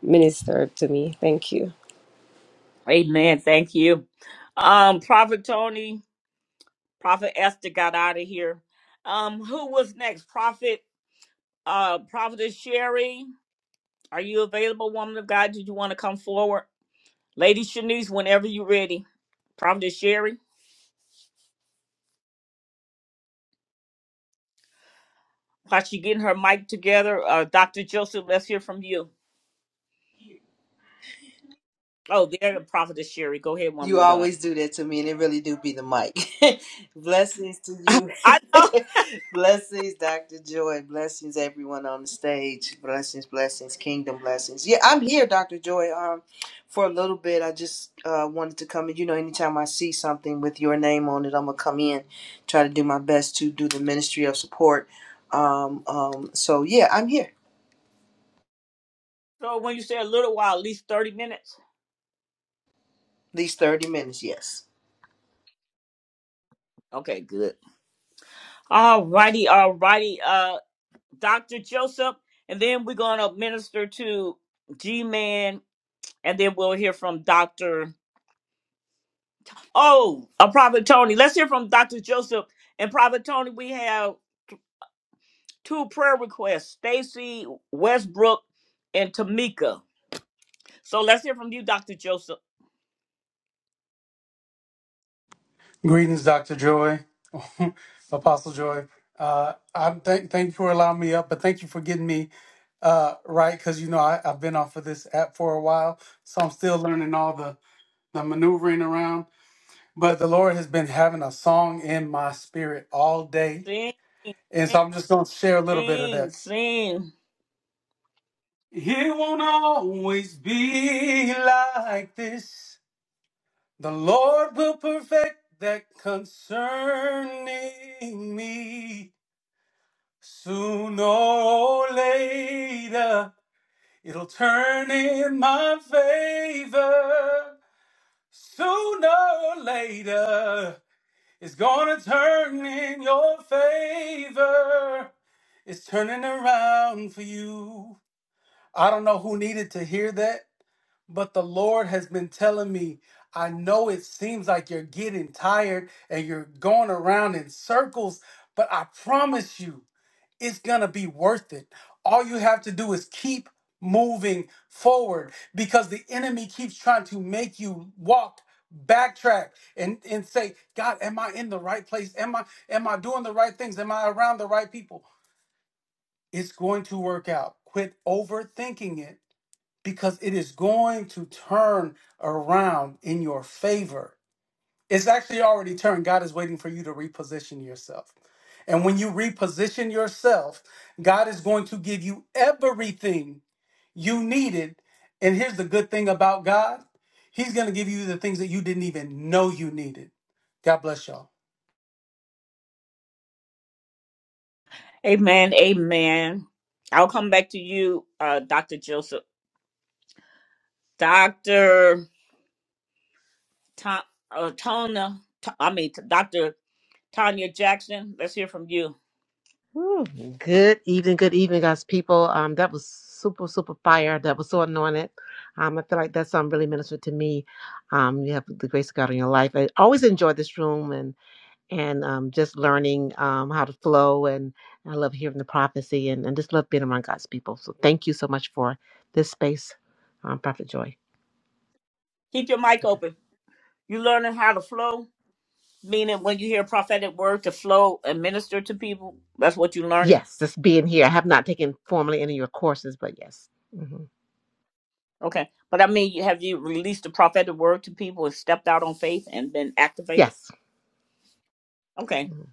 ministered to me. Thank you.
Amen. Thank you. Um, Prophet Tony, Prophet Esther got out of here. Um, who was next? Prophet uh Prophetess Sherry. Are you available, woman of God? Did you want to come forward? Lady Shanice, whenever you're ready. Prophetess Sherry, while she getting her mic together, uh Dr. Joseph, let's hear from you. Oh, there Prophetess Sherry. Go ahead, woman
You
of God.
always do that to me, and it really do be the mic. blessings to you.
I know.
blessings, Dr. Joy. Blessings, everyone on the stage. Blessings, blessings, kingdom blessings. Yeah, I'm here, Dr. Joy, um, for a little bit. I just uh, wanted to come in. You know, anytime I see something with your name on it, I'm going to come in, try to do my best to do the ministry of support. Um, um, so, yeah, I'm here.
So when you say a little while, at least 30 minutes.
At least 30 minutes, yes.
Okay, good. All righty, all righty. uh, Dr. Joseph, and then we're going to minister to G Man, and then we'll hear from Dr. Oh, uh, Prophet Tony. Let's hear from Dr. Joseph. And Prophet Tony, we have two prayer requests Stacy Westbrook and Tamika. So let's hear from you, Dr. Joseph.
Greetings, Dr. Joy, Apostle Joy. Uh, I'm thank thank you for allowing me up, but thank you for getting me uh, right because you know I, I've been off of this app for a while, so I'm still learning all the the maneuvering around. But the Lord has been having a song in my spirit all day,
Sing, sing,
and so I'm just going to share a little bit of
sing.
that.
sing.
It won't always be like this. The Lord will perfect that concerning me. Sooner or later, it'll turn in my favor. Sooner or later, it's gonna turn in your favor. It's turning around for you. I don't know who needed to hear that, but the Lord has been telling me. I know it seems like you're getting tired and you're going around in circles, but I promise you it's going to be worth it. All you have to do is keep moving forward because the enemy keeps trying to make you walk backtrack and and say god am i in the right place am i am i doing the right things am i around the right people it's going to work out quit overthinking it because it is going to turn around in your favor it's actually already turned. God is waiting for you to reposition yourself. And when you reposition yourself, God is going to give you everything you needed. And here's the good thing about God He's going to give you the things that you didn't even know you needed. God bless y'all.
Amen, amen. I'll come back to you, uh, Dr. Joseph. Dr. Tom, uh, Tona, I mean, Dr. Tanya Jackson, let's hear from you.
Whew. Good evening, good evening, guys, people. Um, that was super, super fire. That was so anointed. Um, I feel like that song really ministered to me. Um, you have the grace of God in your life. I always enjoy this room and and um, just learning um, how to flow. And I love hearing the prophecy and, and just love being around God's people. So thank you so much for this space, um, Prophet Joy.
Keep your mic
Okay.
open. You learning how to flow, meaning when you hear prophetic word to flow and minister to people, that's what you're learning.
Yes, just being here. I have not taken formally any of your courses, but yes, hmm
Okay. But I mean, you- have you released the prophetic word to people and stepped out on faith and been activated?
yes,
Okay.
Mhm.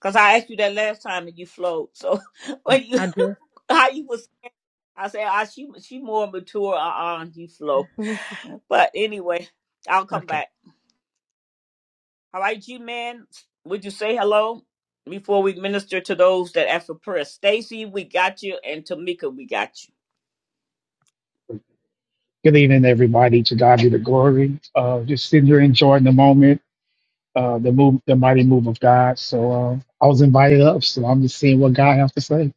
Because I asked you that last time and you flowed. So
I
when you,
I do.
how you was, I said, ah, she, she more mature, uh-uh, you flow.
Mhm.
But anyway, I'll come
Okay.
back. All right, G Man, would you say hello before we minister to those that ask for prayer? Stacy, we got you, and Tamika, we got you.
Good evening, everybody. To God be the glory. Uh, just sitting here enjoying the moment, uh, the move, the mighty move of God. So uh, I was invited up, so I'm just seeing what God has to say.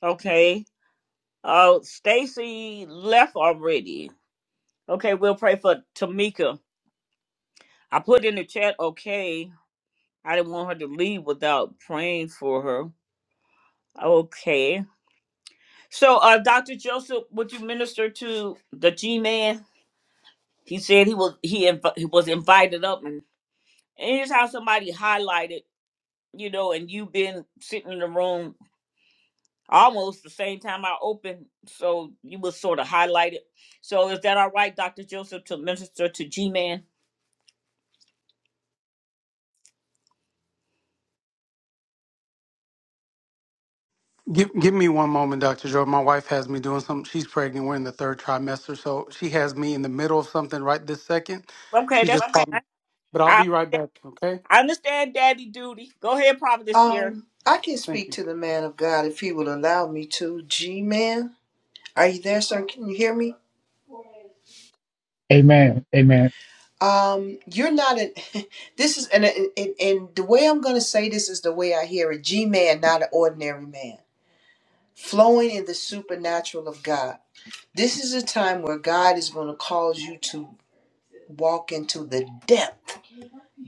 Okay. Oh, Stacy left already. Okay, we'll pray for Tamika. I put in the chat, okay. I didn't want her to leave without praying for her. Okay. So, uh, Dr. Joseph, would you minister to the G man? He said he was he inv- he was invited up, and, and here's how somebody highlighted, you know, and you have been sitting in the room almost the same time I opened, so you was sort of highlighted. So, is that all right, Dr. Joseph, to minister to G man?
Give, give me one moment, Dr. Joe. My wife has me doing something. She's pregnant. We're in the third trimester. So she has me in the middle of something right this second.
Okay,
She just
that's
Okay. called me. But I'll
I,
be right back. Okay.
I understand, Daddy duty. Go ahead, Prophet Sharon.
Um, I can
Thank
speak
you.
to the man of God if he will allow me to. G man, are you there, sir? Can you hear me?
Amen. Amen.
Um, you're not an. this is and, and and the way I'm gonna say this is the way I hear it. G man, not an ordinary man, flowing in the supernatural of God. This is a time where God is gonna cause you to walk into the depth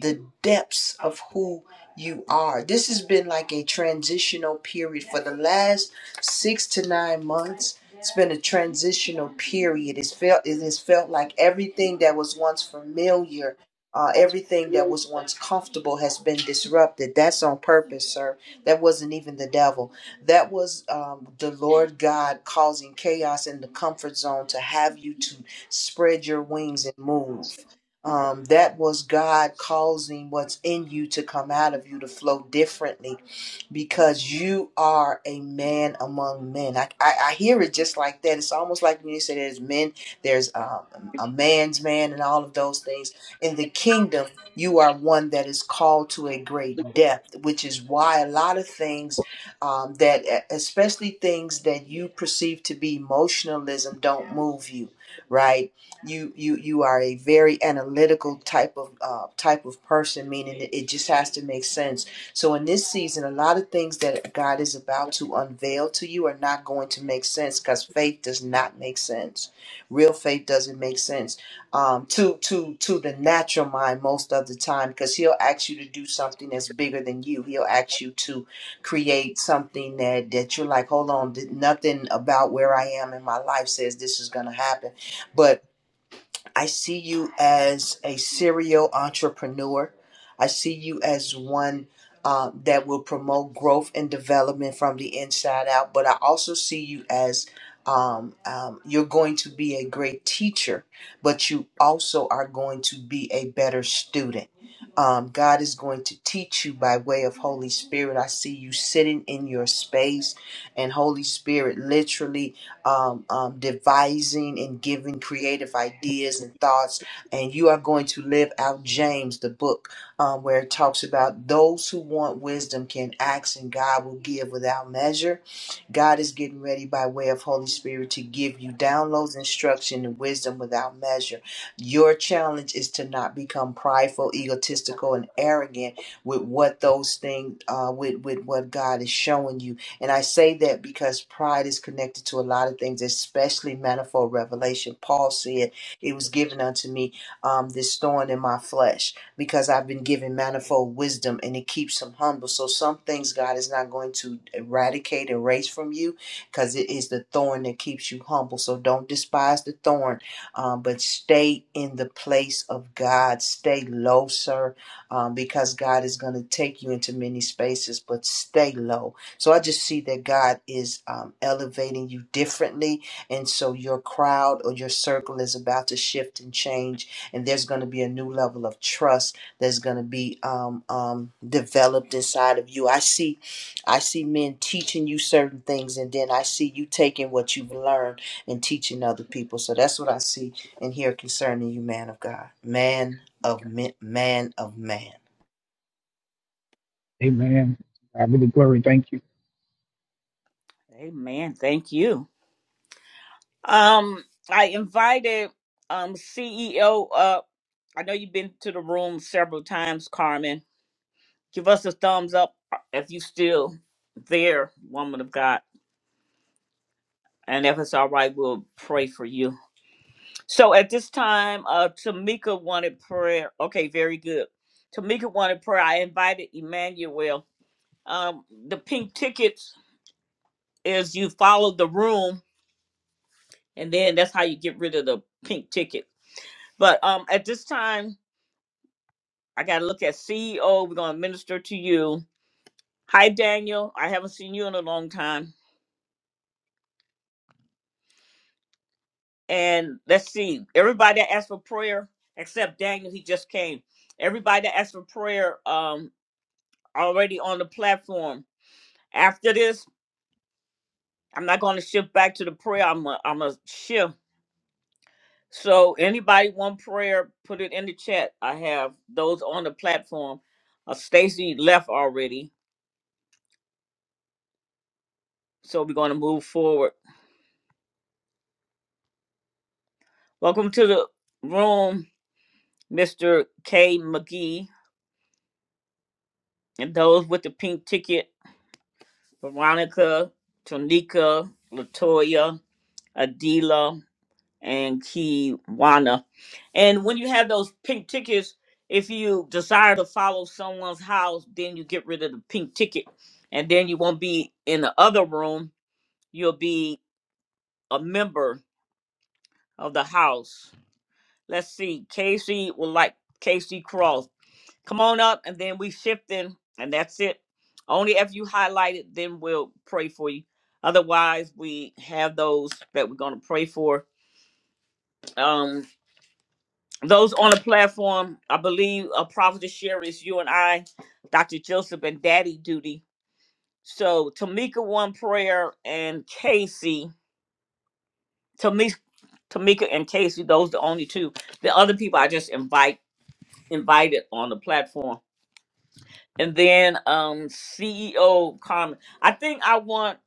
the depths of who you are. This has been like a transitional period for the last six to nine months. It's been a transitional period. It's felt it has felt like everything that was once familiar, uh, everything that was once comfortable has been disrupted. That's on purpose, sir. That wasn't even the devil. That was um, the Lord God causing chaos in the comfort zone to have you to spread your wings and move. Um, that was God causing what's in you to come out of you to flow differently because you are a man among men. I, I, I hear it just like that. It's almost like when you say there's men, there's um, a man's man, and all of those things. In the kingdom, you are one that is called to a great depth, which is why a lot of things um, that, e, especially things that you perceive to be emotionalism, don't move you, right? you you you are a very analytical type of uh, type of person meaning it, it just has to make sense so in this season a lot of things that god is about to unveil to you are not going to make sense because faith does not make sense real faith doesn't make sense um, to to to the natural mind most of the time because he'll ask you to do something that's bigger than you he'll ask you to create something that that you're like hold on nothing about where i am in my life says this is going to happen but I see you as a serial entrepreneur. I see you as one uh, that will promote growth and development from the inside out. But I also see you as um, um, you're going to be a great teacher, but you also are going to be a better student. Um, God is going to teach you by way of Holy Spirit. I see you sitting in your space, and Holy Spirit literally um, um, devising and giving creative ideas and thoughts. And you are going to live out James, the book, um, where it talks about those who want wisdom can ask, and God will give without measure. God is getting ready by way of Holy Spirit to give you downloads, instruction, and wisdom without measure. Your challenge is to not become prideful, egotistical, and arrogant with what those things, uh, with with what God is showing you and I say that because pride is connected to a lot of things, especially manifold revelation. Paul said, It was given unto me um, this thorn in my flesh because I've been given manifold wisdom and it keeps him humble. So some things God is not going to eradicate, erase from you because it is the thorn that keeps you humble. So don't despise the thorn, um, but stay in the place of God. Stay low, sir, um, because God is going to take you into many spaces, but stay low so I just see that God is um, elevating you differently. And so your crowd or your circle is about to shift and change. And there's going to be a new level of trust that's going to be um, um, developed inside of you. I see, I see men teaching you certain things. And then I see you taking what you've learned and teaching other people. So that's what I see and hear concerning you, man of God, man of man, man of man.
Amen. God be the glory. Thank you.
Amen. Thank you. Um, I invited um CEO up. I know you've been to the room several times, Carmen. Give us a thumbs up uh, if you still there, woman of God. And if it's all right, we'll pray for you. So at this time, uh Tamika wanted prayer. Okay, very good. Tamika wanted prayer. I invited Emmanuel. Um, the pink tickets is you follow the room, and then that's how you get rid of the pink ticket. But um at this time. I got to look at CEO. We're going to minister to you. Hi, Daniel. I haven't seen you in a long time. And let's see. Everybody that asked for prayer, except Daniel, he just came. Everybody that asked for prayer um, already on the platform. After this, I'm not going to shift back to the prayer. I'm a, I'm a shift. So anybody want prayer, put it in the chat. I have those on the platform. Uh, Stacy left already, so we're going to move forward. Welcome to the room. Mr. K. McGee, and those with the pink ticket, Veronica, Tonika, Latoya, Adila, and Kiwana. And when you have those pink tickets, if you desire to follow someone's house, then you get rid of the pink ticket. And then you won't be in the other room. You'll be a member of the house. Let's see. Casey will like Casey Cross. Come on up and then we shifting and that's it. Only if you highlight it, then we'll pray for you. Otherwise, we have those that we're gonna pray for. Um, those on the platform, I believe a prophet to share is you and I, Dr. Joseph and Daddy Duty. So Tamika one prayer and Casey, Tamika, Tamika and Casey, those the only two. The other people I just invite invited on the platform. And then um CEO comment. I think I want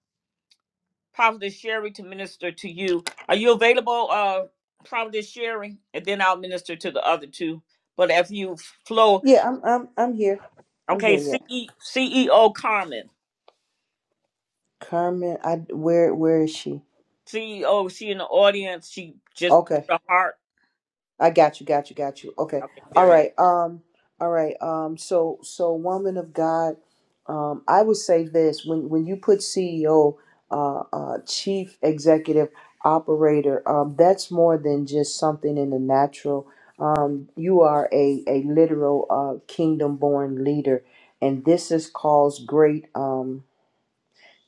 Prophetess Sherry to minister to you. Are you available, uh Prophetess Sherry? And then I'll minister to the other two. But if you flow,
Yeah, I'm I'm I'm here. I'm
okay,
here. Yeah.
CE, CEO comment.
Carmen, I where where is she?
CEO, she in the audience. She just
Okay,
put a heart.
I got you, got you, got you. Okay,
Okay,
all
very good.
right, um, all right, um, so so woman of God, um, I would say this when when you put CEO, uh, uh, chief executive operator, um, that's more than just something in the natural. Um, you are a a literal uh, kingdom born leader, and this is caused great. Um,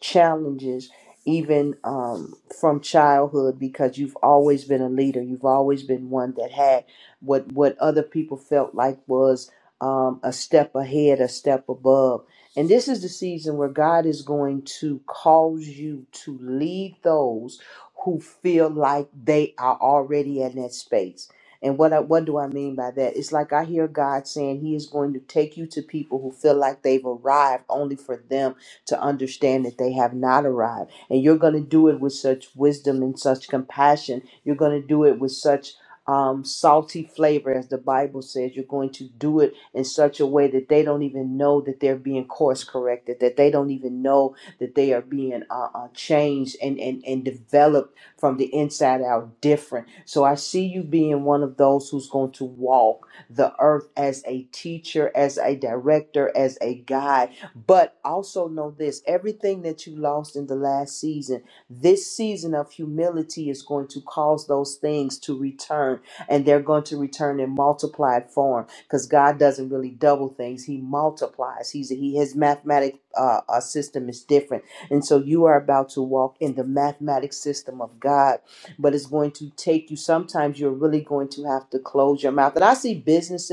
challenges even um, from childhood because you've always been a leader you've always been one that had what what other people felt like was um, a step ahead a step above and this is the season where god is going to cause you to lead those who feel like they are already in that space and what I, what do I mean by that? It's like I hear God saying He is going to take you to people who feel like they've arrived only for them to understand that they have not arrived. And you're going to do it with such wisdom and such compassion. You're going to do it with such um, salty flavor, as the Bible says. You're going to do it in such a way that they don't even know that they're being course corrected, that they don't even know that they are being uh, uh, changed and, and, and developed from the inside out different. So I see you being one of those who's going to walk the earth as a teacher, as a director, as a guide but also know this everything that you lost in the last season, this season of humility is going to cause those things to return, and they're going to return in multiplied form because God doesn't really double things, He multiplies. He's, he, his mathematic uh, uh, system is different. And so you are about to walk in the mathematic system of God, but it's going to take you, sometimes you're really going to have to close your mouth. And I see businesses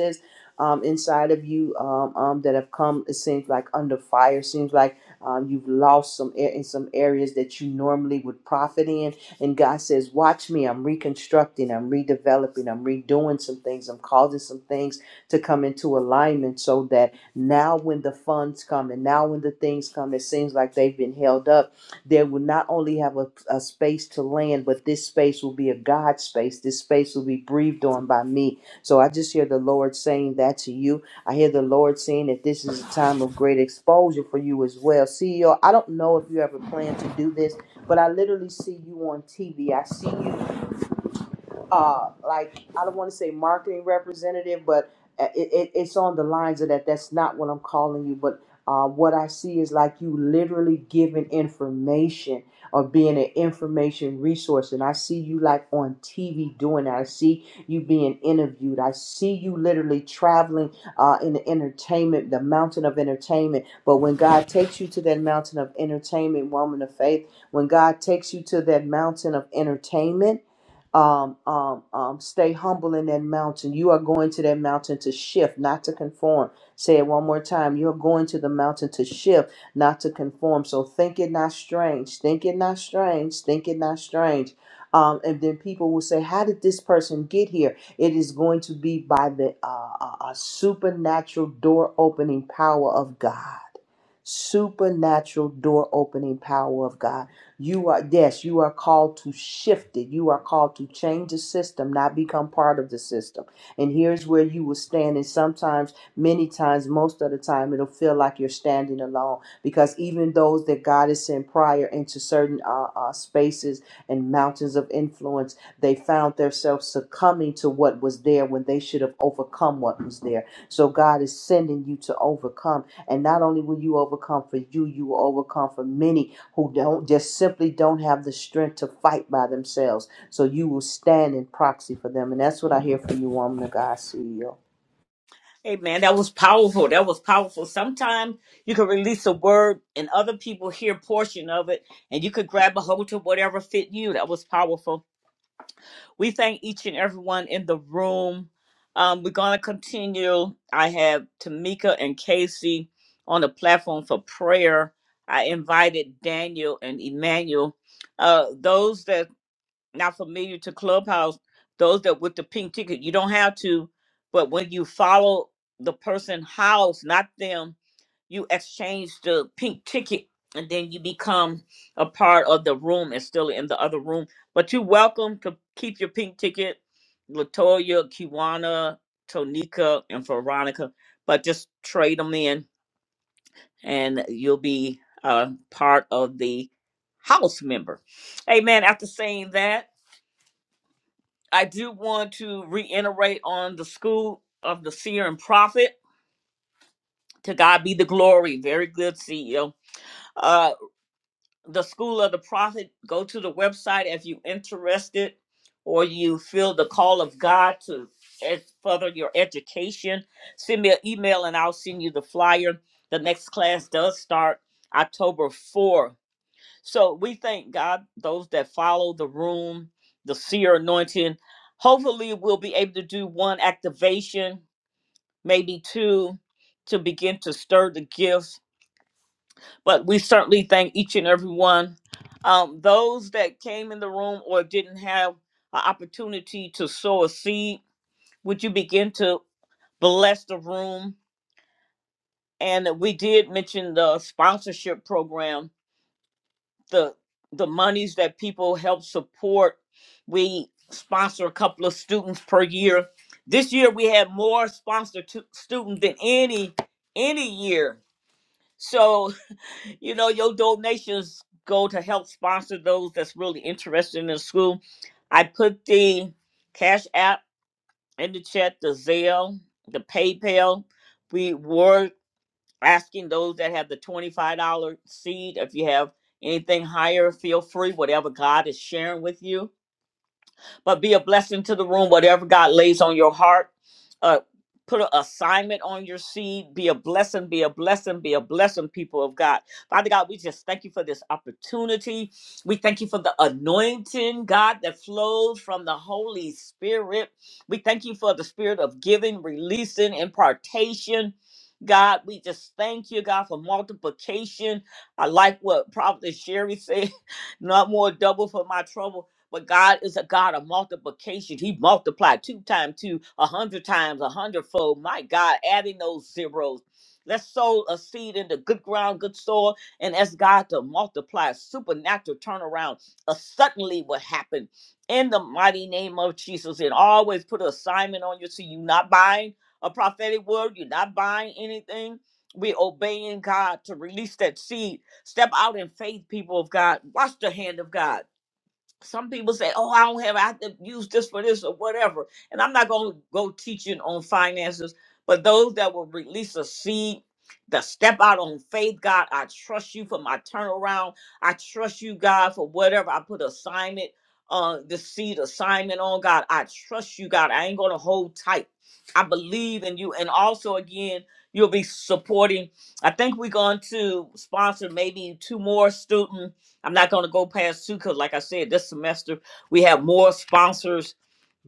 um, inside of you um, um, that have come, it seems like under fire, It seems like um, you've lost some air in some areas that you normally would profit in. And God says, Watch me, I'm reconstructing, I'm redeveloping, I'm redoing some things, I'm causing some things to come into alignment so that now when the funds come and now when the things come, it seems like they've been held up, they will not only have a, a space to land, but this space will be a God space. This space will be breathed on by me so I just hear the Lord saying that to you. I hear the Lord saying that this is a time of great exposure for you as well. CEO, I don't know if you ever plan to do this, but I literally see you on TV. I see you uh, like I don't want to say marketing representative, but uh, it, it, it's on the lines of that. That's not what I'm calling you, but uh, what I see is like you literally giving information or being an information resource, and I see you like on TV doing that. I see you being interviewed. I see you literally traveling uh, in the entertainment, the mountain of entertainment. But when God takes you to that mountain of entertainment, woman of faith, when God takes you to that mountain of entertainment um, um, um, stay humble in that mountain. You are going to that mountain to shift, not to conform. Say it one more time. You're going to the mountain to shift, not to conform. So think it not strange. Think it not strange. Think it not strange. Um, and then people will say, "How did this person get here?" It is going to be by the uh, uh, uh, supernatural door opening power of God supernatural door opening power of God. You are, yes, you are called to shift it. You are called to change the system, not become part of the system. And here's where you will stand. And sometimes, many times, most of the time, it'll feel like you're standing alone because even those that God has sent prior into certain uh, uh, spaces and mountains of influence, they found themselves succumbing to what was there when they should have overcome what was there. So God is sending you to overcome. And not only will you overcome for you, you will overcome for many who don't just simply don't have the strength to fight by themselves. So you will stand in proxy for them, and that's what I hear from you, woman of God, CEO.
Hey man, that was powerful. That was powerful. Sometimes you can release a word and other people hear portion of it and you could grab a hold to whatever fit you. That was powerful. We thank each and everyone in the room. Um, we're going to continue. I have Tamika and Casey on the platform for prayer. I invited Daniel and Emmanuel. Uh, those that not familiar to Clubhouse, those that with the pink ticket, you don't have to, but when you follow the person house, not them, you exchange the pink ticket and then you become a part of the room and still in the other room. But you're welcome to keep your pink ticket, Latoya, Kiwana, Tonika, and Veronica. But just trade them in and you'll be uh, part of the house member. Amen. after saying that, I do want to reiterate on the school of the seer and prophet. To God be the glory. Very good, CEO the School of the Prophet. Go to the website if you are interested or you feel the call of God to ed- further your education. Send me an email and I'll send you the flyer. The next class does start October 4th. So we thank God, those that follow the room, the seer anointing. Hopefully, we'll be able to do one activation, maybe two, to begin to stir the gifts but we certainly thank each and every one. Um, those that came in the room or didn't have an opportunity to sow a seed, would you begin to bless the room? And we did mention the sponsorship program, the the monies that people help support. We sponsor a couple of students per year. This year we had more sponsored tu- students than any any year. So you know, your donations go to help sponsor those that's really interested in the school. I put the Cash App in the chat, the Zelle, the PayPal. We were asking those that have the $25 seed, if you have anything higher, feel free, whatever God is sharing with you but be a blessing to the room, whatever God lays on your heart. Uh, put an assignment on your seed. Be a blessing, be a blessing, be a blessing, people of God. Father God, we just thank you for this opportunity. We thank you for the anointing, God, that flows from the Holy Spirit. We thank you for the spirit of giving, releasing, impartation. God, we just thank you, God, for multiplication. I like what Prophet Sherry said, not more double for my trouble. But God is a God of multiplication. He multiplied two times two, a hundred times, a hundredfold. My God, adding those zeros. Let's sow a seed into good ground, good soil, and ask God to multiply a supernatural turnaround. A suddenly what happened in the mighty name of Jesus. And always put an assignment on you so you're not buying a prophetic word, you're not buying anything. We're obeying God to release that seed. Step out in faith, people of God. Watch the hand of God some people say, "Oh, I don't have. I have to use this for this or whatever." And I'm not going to go teaching on finances, but those that will release a seed, that step out on faith, God, I trust you for my turnaround. I trust you, God, for whatever I put assignment, uh, the seed assignment on, God. I trust you, God. I ain't going to hold tight. I believe in you, and also again, you'll be supporting. I think we're going to sponsor maybe two more students I'm not going to go past two because, like I said, this semester we have more sponsors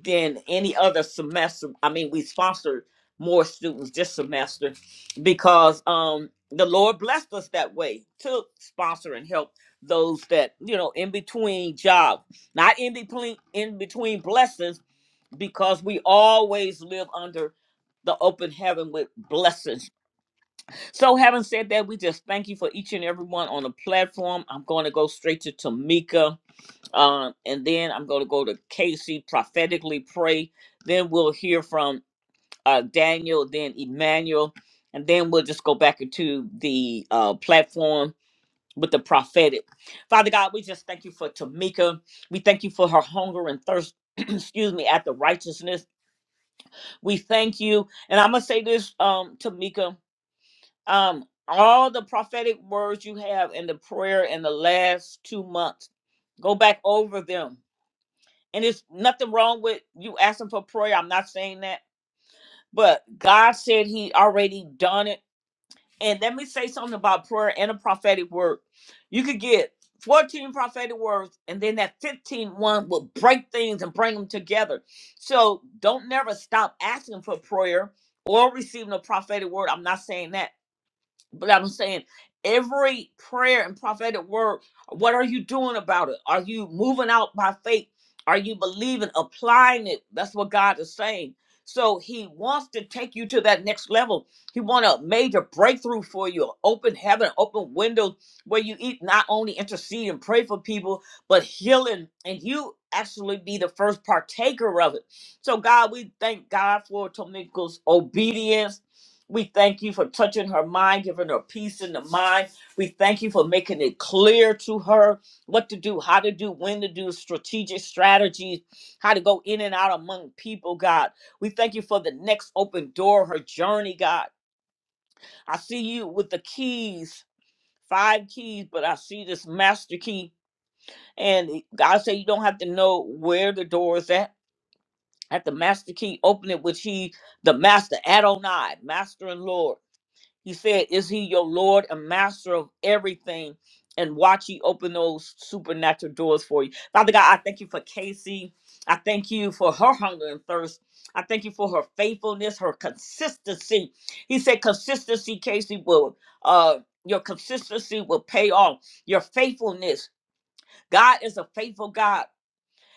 than any other semester. I mean, we sponsored more students this semester because um, the Lord blessed us that way to sponsor and help those that you know in between jobs, not in between in between blessings, because we always live under the open heaven with blessings so, having said that, we just thank you for each and everyone on the platform. I'm going to go straight to Tamika, um, and then I'm going to go to Casey, prophetically pray. Then we'll hear from uh, Daniel, then Emmanuel, and then we'll just go back into the uh, platform with the prophetic. Father God, we just thank you for Tamika. We thank you for her hunger and thirst. excuse me, after righteousness. We thank you. And I'm going to say this, um, Tamika um all the prophetic words you have in the prayer in the last two months go back over them and it's nothing wrong with you asking for prayer i'm not saying that but god said he already done it and let me say something about prayer and a prophetic word you could get 14 prophetic words and then that 15 one will break things and bring them together so don't never stop asking for prayer or receiving a prophetic word i'm not saying that but I'm saying every prayer and prophetic word, what are you doing about it? Are you moving out by faith? Are you believing, applying it? That's what God is saying. So he wants to take you to that next level. He want a major breakthrough for you, open heaven, open windows where you eat not only intercede and pray for people, but healing, and you actually be the first partaker of it. So God, we thank God for Tomika's obedience we thank you for touching her mind, giving her peace in the mind. We thank you for making it clear to her what to do, how to do, when to do, strategic strategies, how to go in and out among people, God. We thank you for the next open door, her journey, God. I see you with the keys, five keys, but I see this master key. And God said you don't have to know where the door is at. At the master key, open it, which he, the master, Adonai, master and Lord. He said, Is he your Lord and master of everything? And watch he open those supernatural doors for you. Father God, I thank you for Casey. I thank you for her hunger and thirst. I thank you for her faithfulness, her consistency. He said, Consistency, Casey, will uh your consistency will pay off. Your faithfulness. God is a faithful God.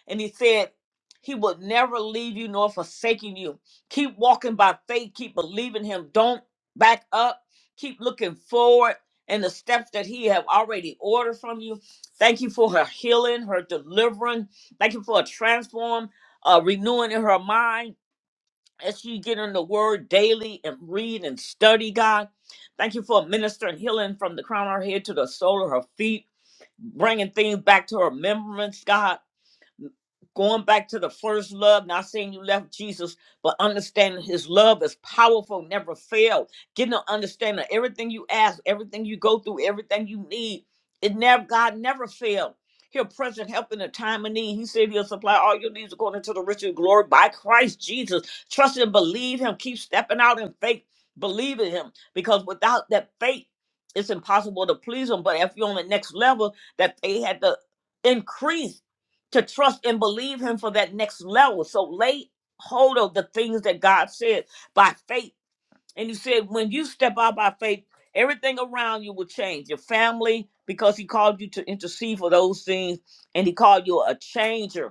And he said, He will never leave you nor forsaking you. Keep walking by faith. Keep believing Him. Don't back up. Keep looking forward and the steps that He have already ordered from you. Thank you for her healing, her delivering. Thank you for a transform, uh, renewing in her mind as she get in the Word daily and read and study, God. Thank you for ministering healing from the crown of her head to the sole of her feet, bringing things back to her remembrance, God going back to the first love, not saying you left Jesus, but understanding his love is powerful, never failed. Getting an understanding of everything you ask, everything you go through, everything you need. It never God never failed. He'll present help in a time of need. He said he'll supply all your needs according to the riches of glory by Christ Jesus. Trust and believe him. Keep stepping out in faith. Believe in him. Because without that faith, it's impossible to please him. But if you're on the next level, that they had to increase to trust and believe him for that next level. So lay hold of the things that God said by faith. And he said, when you step out by faith, everything around you will change. Your family, because he called you to intercede for those things, and he called you a changer.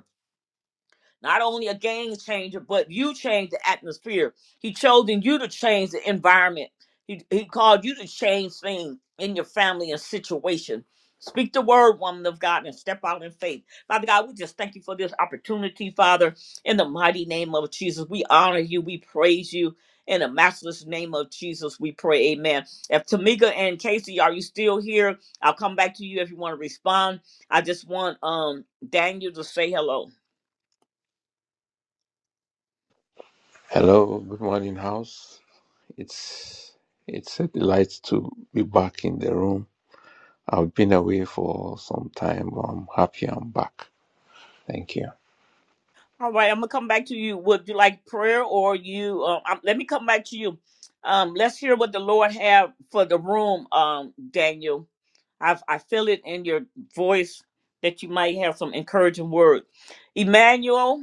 Not only a game changer, but you changed the atmosphere. He chosen you to change the environment. He, he called you to change things in your family and situation. Speak the word, woman of God, and step out in faith. Father God, we just thank you for this opportunity, Father. In the mighty name of Jesus, we honor you. We praise you. In the matchless name of Jesus, we pray. Amen. If Tamika and Casey, are you still here? I'll come back to you if you want to respond. I just want um Daniel to say hello.
Hello, good morning, house. It's it's a delight to be back in the room. I've been away for some time, but I'm happy I'm back. Thank you.
All right, I'm gonna come back to you. Would you like prayer or you? Uh, um, let me come back to you. Um, let's hear what the Lord have for the room, um, Daniel. I I feel it in your voice that you might have some encouraging word. Emmanuel,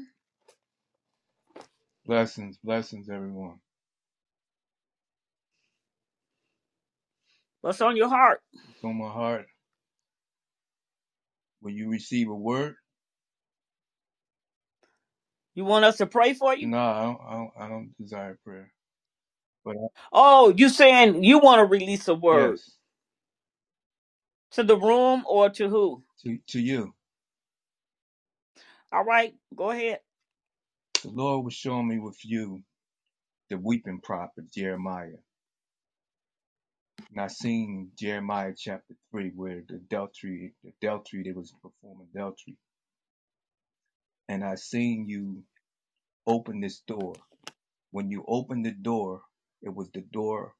Blessings, blessings, everyone.
what's on your heart?
It's on my heart. When you receive a word,
You want us to pray for you?
no, I don't, I don't, I don't desire prayer. But I,
Oh, you saying you want to release a word
yes,
to the room or to who?
to, to you,
All right, go ahead.
the Lord was showing me with you the weeping prophet Jeremiah. And I seen Jeremiah chapter three, where the adultery, the adultery, they was performing adultery. And I seen you open this door. When you opened the door, it was the door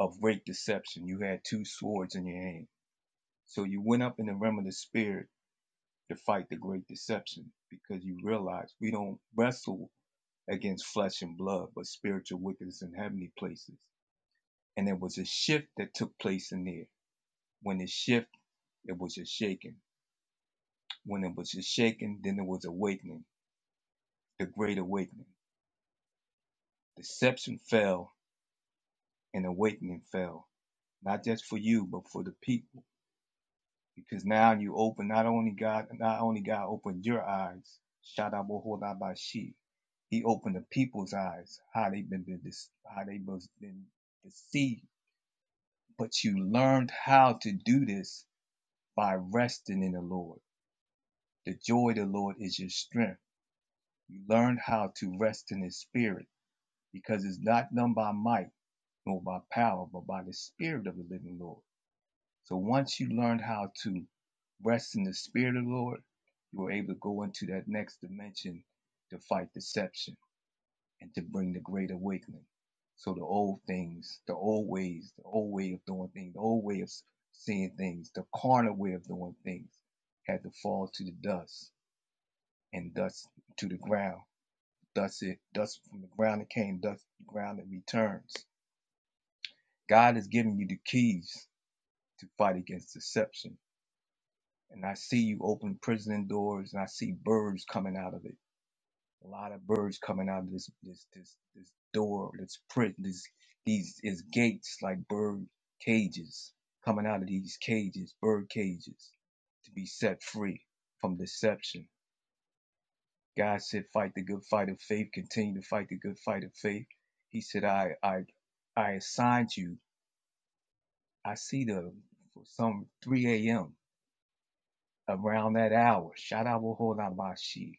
of great deception. You had two swords in your hand. So you went up in the realm of the spirit to fight the great deception because you realize we don't wrestle against flesh and blood, but spiritual wickedness in heavenly places. And there was a shift that took place in there. When it shift, it was a shaking. When it was a shaking, then it was awakening, the great awakening. Deception fell and awakening fell, not just for you, but for the people. because now you open not only God, not only God opened your eyes, Shadabohodabashi, He opened the people's eyes, how they have been how they was been deceived. But you learned how to do this by resting in the Lord. The joy of the Lord is your strength. You learned how to rest in His Spirit, because it's not done by might nor by power, but by the Spirit of the living Lord. So once you learned how to rest in the spirit of the Lord, you were able to go into that next dimension to fight deception and to bring the great awakening. So the old things, the old ways, the old way of doing things, the old way of seeing things, the carnal way of doing things had to fall to the dust and dust to the ground. Dust it, dust from the ground it came, dust from the ground it returns. God has given you the keys to fight against deception and I see you open prison doors, and I see birds coming out of it. A lot of birds coming out of this this this this door, this prison, this these is gates like bird cages coming out of these cages, bird cages, to be set free from deception. God said, "Fight the good fight of faith. Continue to fight the good fight of faith." He said, "I I I assigned you. I see the for some 3 a.m. around that hour, Shadawahorabashi,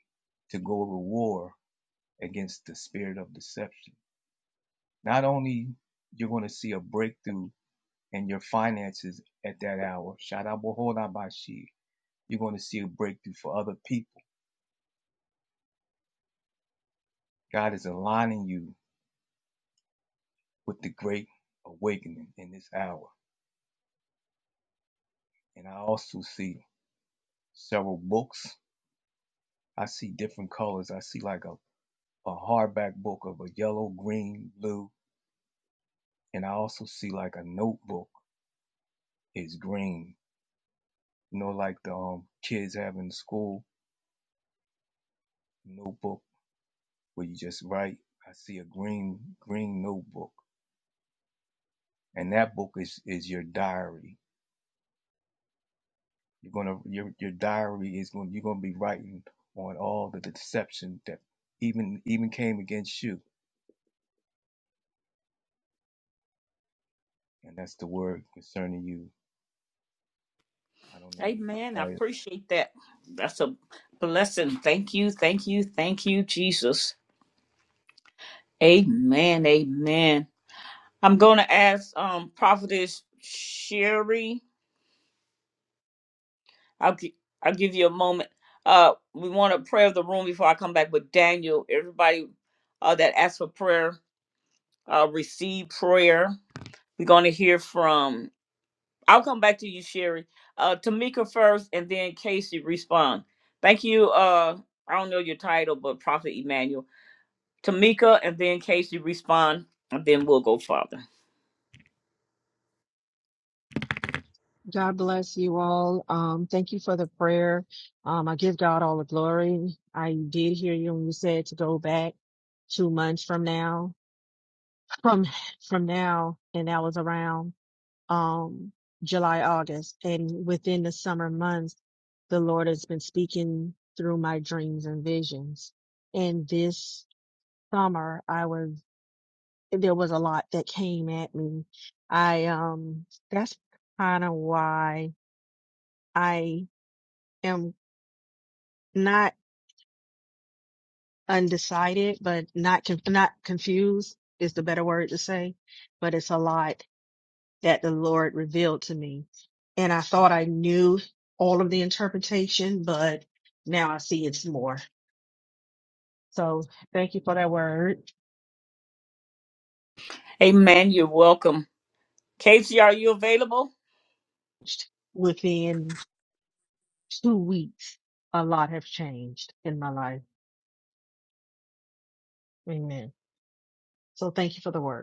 to go to war against the spirit of deception. Not only you're going to see a breakthrough in your finances at that hour, Shadawahorabashi, you're going to see a breakthrough for other people. God is aligning you with the great awakening in this hour. And I also see several books. I see different colors. I see like a, a hardback book of a yellow, green, blue, and I also see like a notebook is green. You know, like the um, kids have in school notebook where you just write. I see a green green notebook, and that book is is your diary. You're gonna your your diary is going you're gonna be writing on all the deception that even even came against you, and that's the word concerning you. I don't know your
Amen. I
diet.
appreciate that. That's a blessing. Thank you, thank you, thank you, Jesus. Amen. Amen. I'm going to ask um Prophetess Sherry. I'll gi- I'll give you a moment. Uh, we want to pray of the room before I come back with Daniel. Everybody uh, that asked for prayer, uh, receive prayer. We're going to hear from. I'll come back to you, Sherry. Uh, Tamika first, and then Casey respond. Thank you. Uh, I don't know your title, but Prophet Emmanuel. Tamika, and then Casey respond, and then we'll go farther.
God bless you all. Um, thank you for the prayer. Um, I give God all the glory. I did hear you when you said to go back two months from now, from from now, and that was around um July, August, and within the summer months, the Lord has been speaking through my dreams and visions. And this summer, I was there was a lot that came at me. I um that's kind of why I am not undecided, but not con- not confused is the better word to say. But it's a lot that the Lord revealed to me, and I thought I knew all of the interpretation, but now I see it's more. So thank you for that word.
Amen. You're welcome. Casey, are you available?
Within two weeks, a lot have changed in my life. Amen. So thank you for the word.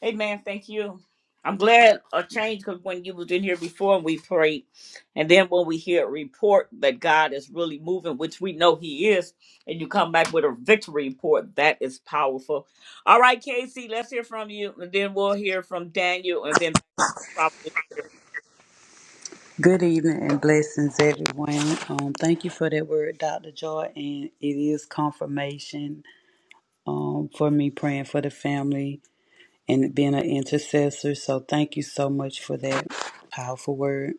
Hey man, thank you. I'm glad a change because when you was in here before and we prayed, and then when we hear a report that God is really moving, which we know He is, and you come back with a victory report, that is powerful. All right, Casey, let's hear from you, and then we'll hear from Daniel, and then Prophet.
Good evening and blessings, everyone. Um, thank you for that word, Dr. Joy, and it is confirmation um, for me praying for the family and being an intercessor. So thank you so much for that powerful word.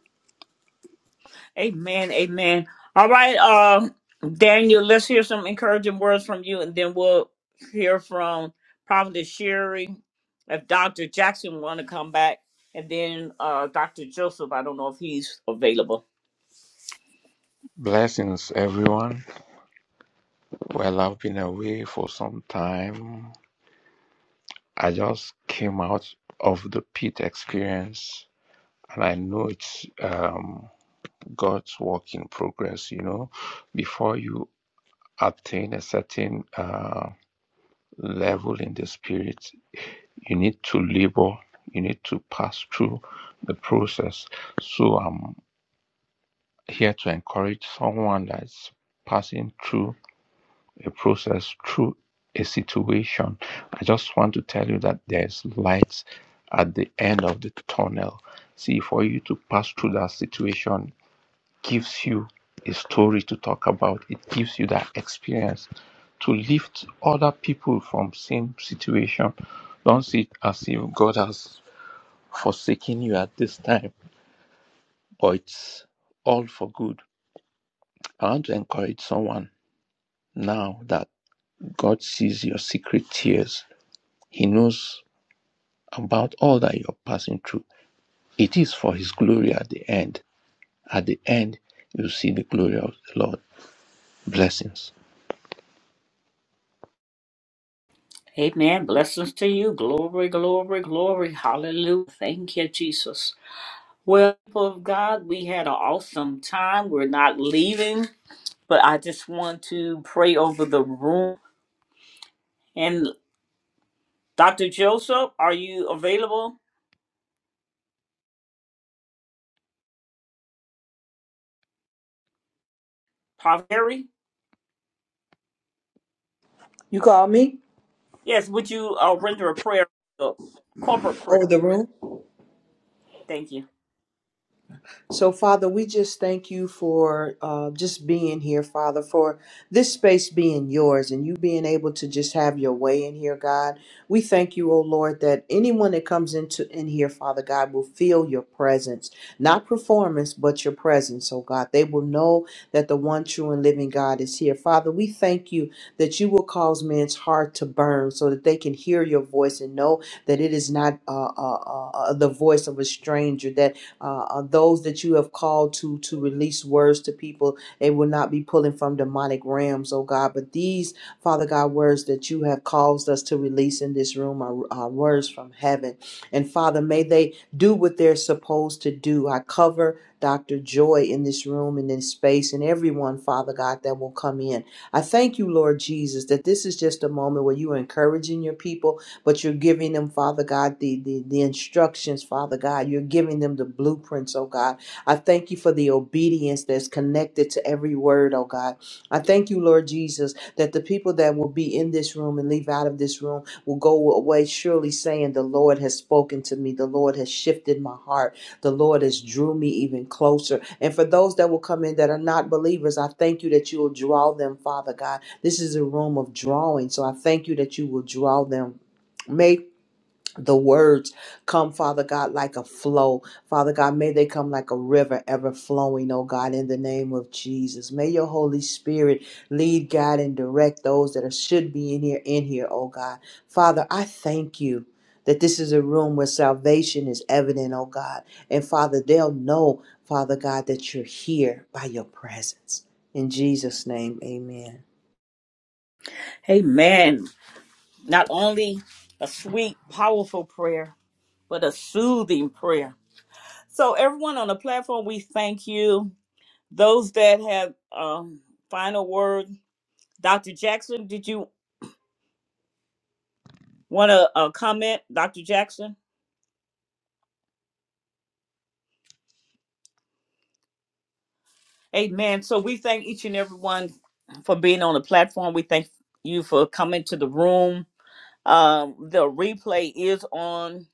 Amen. Amen. All right, uh, Daniel, let's hear some encouraging words from you, and then we'll hear from Prophet Sherry, if Dr. Jackson want to come back, and then uh, Dr. Joseph. I don't know if he's available.
Blessings, everyone. Well, I've been away for some time. I just came out of the pit experience, and I know it's um, God's work in progress. You know, before you attain a certain uh, level in the spirit, you need to labor you need to pass through the process so i'm here to encourage someone that's passing through a process through a situation i just want to tell you that there's light at the end of the tunnel see for you to pass through that situation gives you a story to talk about it gives you that experience to lift other people from same situation don't see it as if god has forsaking you at this time, but it's all for good. I want to encourage someone now that God sees your secret tears. He knows about all that you're passing through. It is for His glory at the end. At the end, you see the glory of the Lord. Blessings.
Amen. Blessings to you. Glory, glory, glory. Hallelujah. Thank you, Jesus. Well, people of God, we had an awesome time. We're not leaving, but I just want to pray over the room. Dr. Joseph, are you available? Prophet Harry?
You call me
Yes, would you uh, render a prayer, a corporate prayer?
over the room?
Thank you.
So, Father, we just thank you for uh, just being here, Father, for this space being yours and you being able to just have your way in here, God. We thank you, oh Lord, that anyone that comes into in here, Father God, will feel your presence, not performance, but your presence, oh God. They will know that the one true and living God is here, Father. We thank you that you will cause men's heart to burn, so that they can hear your voice and know that it is not uh, uh, uh, uh, the voice of a stranger, that uh, uh, those that you have called to to release words to people. They will not be pulling from demonic realms, oh God. But these, Father God, words that you have caused us to release in this room are, are words from heaven. And Father, may they do what they're supposed to do. I cover. Dr. Joy in this room and in space, and everyone, Father God, that will come in. I thank you, Lord Jesus, that this is just a moment where you are encouraging your people but you're giving them, Father God, the, the, the instructions, Father God. You're giving them the blueprints, oh God. I thank you for the obedience that's connected to every word, oh God. I thank you, Lord Jesus, that the people that will be in this room and leave out of this room will go away surely saying, The Lord has spoken to me. The Lord has shifted my heart. The Lord has drew me even closer. And for those that will come in that are not believers, I thank you that you will draw them, Father God. This is a room of drawing. So I thank you that you will draw them. May the words come, Father God, like a flow. Father God, may they come like a river ever flowing, oh God, in the name of Jesus. May your Holy Spirit lead, guide, and direct those that are, should be in here, in here, oh God. Father, I thank you. That this is a room where salvation is evident, oh God. And Father, they'll know, Father God, that you're here by your presence. In Jesus' name, amen.
Amen. Not only a sweet, powerful prayer, but a soothing prayer. So, everyone on the platform, we thank you. Those that have um, final word, Dr. Jackson, did you want to uh, comment, Dr. Jackson? Amen. So, we thank each and every one for being on the platform. We thank you for coming to the room Um, the replay is on,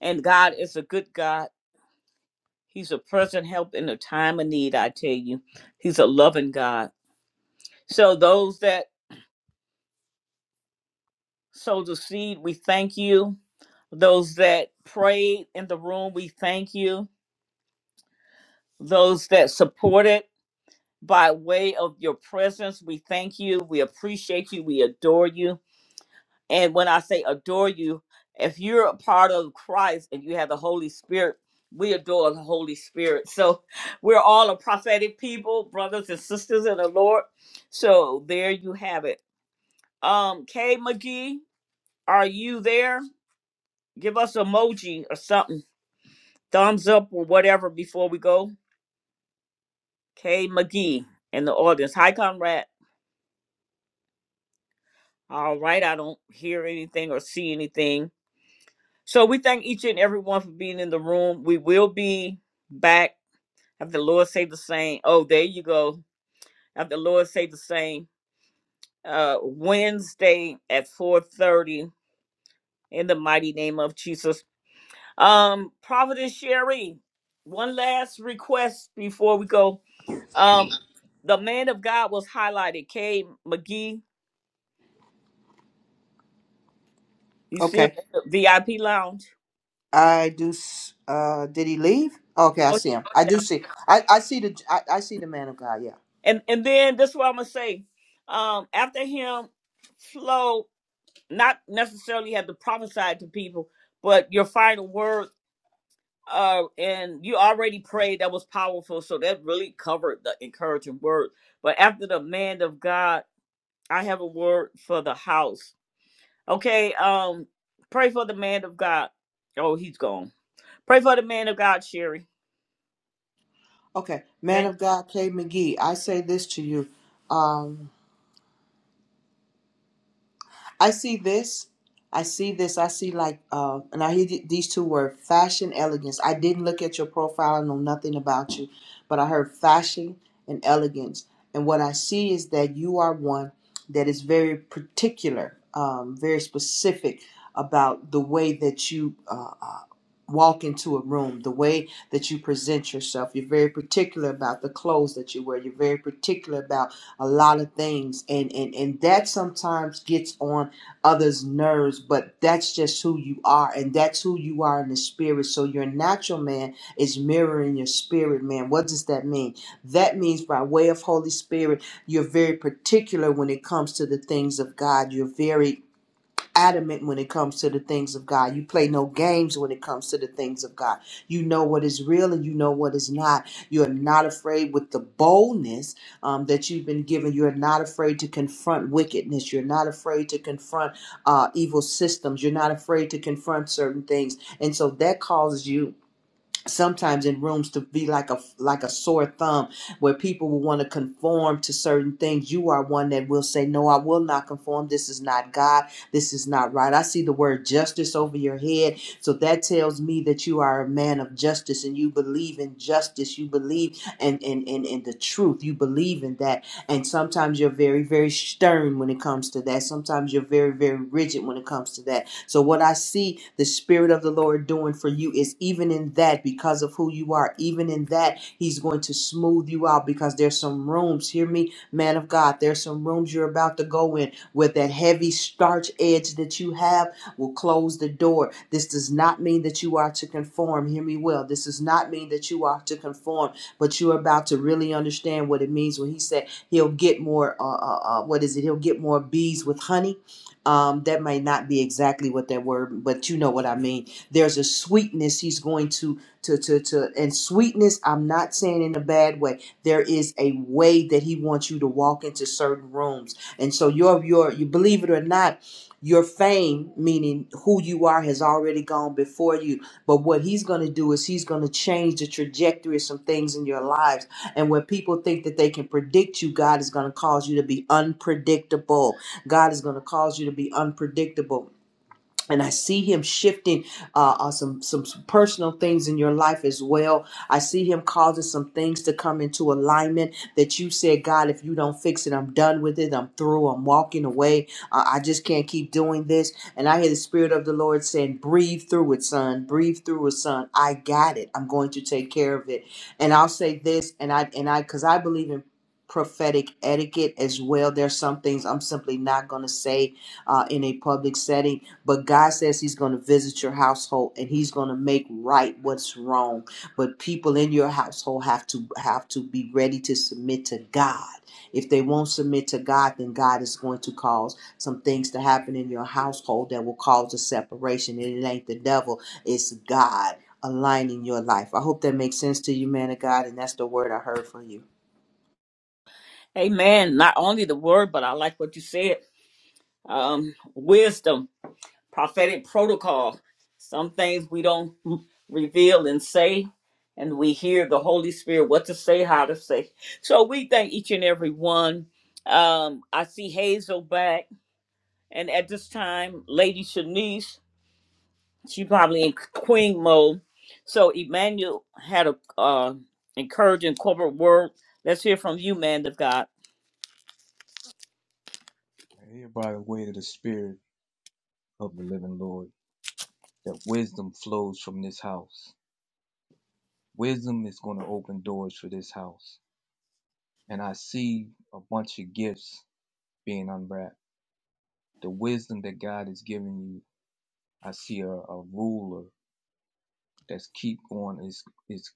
and God is a good God. He's a present help in the time of need, I tell you. He's a loving God. So, those that sow the seed, we thank you. Those that prayed in the room, we thank you. Those that supported by way of your presence, we thank you. We appreciate you. We adore you. And when I say adore you, if you're a part of Christ and you have the Holy Spirit, we adore the Holy Spirit. So we're all a prophetic people, brothers and sisters in the Lord. So there you have it. Um, Kay McGee, are you there? Give us emoji or something, thumbs up or whatever before we go. Kay McGee in the audience. Hi, Conrad. All right, I don't hear anything or see anything. So we thank each and every one for being in the room. We will be back after the Lord say the same. Oh, there you go. After the Lord say the same. Uh Wednesday at 4:30 in the mighty name of Jesus. Um, Providence Sherry, one last request before we go. Um, the man of God was highlighted, K McGee. You see him
Okay.
in the VIP lounge.
I do. s- Uh, did he leave? Okay, I
No,
see him. I
he's
do
down.
see. I, I see the. I, I see the man of God. Yeah.
And and then this is what I'm gonna say. Um, after him, Flo. not necessarily have to prophesy to people, but your final word, uh, and you already prayed that was powerful, so that really covered the encouraging word. But after the man of God, I have a word for the house. Okay, um, pray for the man of God. Oh, he's gone. Pray for the man of God, Sherry.
Okay, man
And
of God, K. McGee. I say this to you. Um, I see this. I see this. I see like, uh, and I hear th- these two words: fashion, elegance. I didn't look at your profile. I know nothing about you, but I heard fashion and elegance. And what I see is that you are one that is very particular, um, very specific about the way that you uh, uh, walk into a room, the way that you present yourself. You're very particular about the clothes that you wear. You're very particular about a lot of things, and and and that sometimes gets on others' nerves, but that's just who you are, and that's who you are in the spirit. So your natural man is mirroring your spirit man. What does that mean? That means by way of Holy Spirit, you're very particular when it comes to the things of God. You're very adamant when it comes to the things of God. You play no games when it comes to the things of God. You know what is real and you know what is not. You are not afraid with the boldness um, that you've been given. You're not afraid to confront wickedness. You're not afraid to confront uh, evil systems. You're not afraid to confront certain things. And so that causes you sometimes in rooms to be like a like a sore thumb where people will want to conform to certain things you are one that will say no I will not conform this is not God this is not right I see the word justice over your head so that tells me that you are a man of justice and you believe in justice you believe and and and, in the truth you believe in that and sometimes you're very very stern when it comes to that sometimes you're very very rigid when it comes to that so, what I see the Spirit of the Lord doing for you is even in that, because of who you are, even in that, He's going to smooth you out because there's some rooms, hear me, man of God, there's some rooms you're about to go in where that heavy starch edge that you have will close the door. This does not mean that you are to conform, hear me well. This does not mean that you are to conform, but you're about to really understand what it means when He said He'll get more, uh, uh, uh, what is it? He'll get more bees with honey um, that may not be exactly what that word, but you know what I mean. There's a sweetness he's going to to to to, and sweetness. I'm not saying in a bad way. There is a way that he wants you to walk into certain rooms, and so your your you believe it or not, your fame, meaning who you are, has already gone before you. But what he's going to do is he's going to change the trajectory of some things in your lives. And when people think that they can predict you, God is going to cause you to be unpredictable. God is going to cause you to be unpredictable and I see him shifting uh, uh, some some some personal things in your life as well. I see him causing some things to come into alignment that you said, God, if you don't fix it, I'm done with it. I'm through. I'm walking away. Uh, I just can't keep doing this. And I hear the Spirit of the Lord saying, "Breathe through it, son. Breathe through it, son. I got it. I'm going to take care of it." And I'll say this, and I and I because I believe in prophetic etiquette as well. There's some things I'm simply not going to say uh, in a public setting but God says He's going to visit your household and He's going to make right what's wrong. But people in your household have to have to be ready to submit to God. If they won't submit to God, then God is going to cause some things to happen in your household that will cause a separation. And it ain't the devil; it's God aligning your life. I hope that makes sense to you, man of God. And that's the word I heard from you.
amen. Not only the word, but I like what you said. Um, wisdom. prophetic protocol. Some things we don't reveal and say, and we hear the Holy Spirit what to say, how to say. So we thank each and every one. Um, I see Hazel back, and at this time, Lady Shanice, she probably in queen mode. So Emmanuel had a uh, encouraging corporate word. Let's hear from you, man of God.
I hear by the way of the spirit of the living Lord that wisdom flows from this house. Wisdom is going to open doors for this house. and I see a bunch of gifts being unwrapped. The wisdom that God is giving you, I see a, a ruler that's keep going is is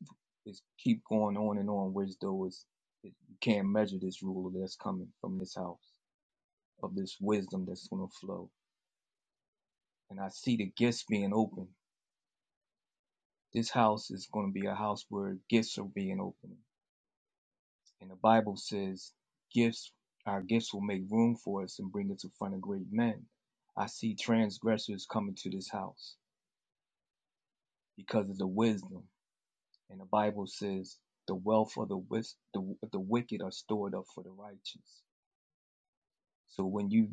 is keep going on and on, which though is you can't measure this ruler that's coming from this house of this wisdom that's gonna flow. And I see the gifts being open. This house is gonna be a house where gifts are being opened And the Bible says, gifts, our gifts will make room for us and bring us in front of great men. I see transgressors coming to this house because of the wisdom. And the Bible says, the wealth of the, wis- the, the wicked are stored up for the righteous. So when you,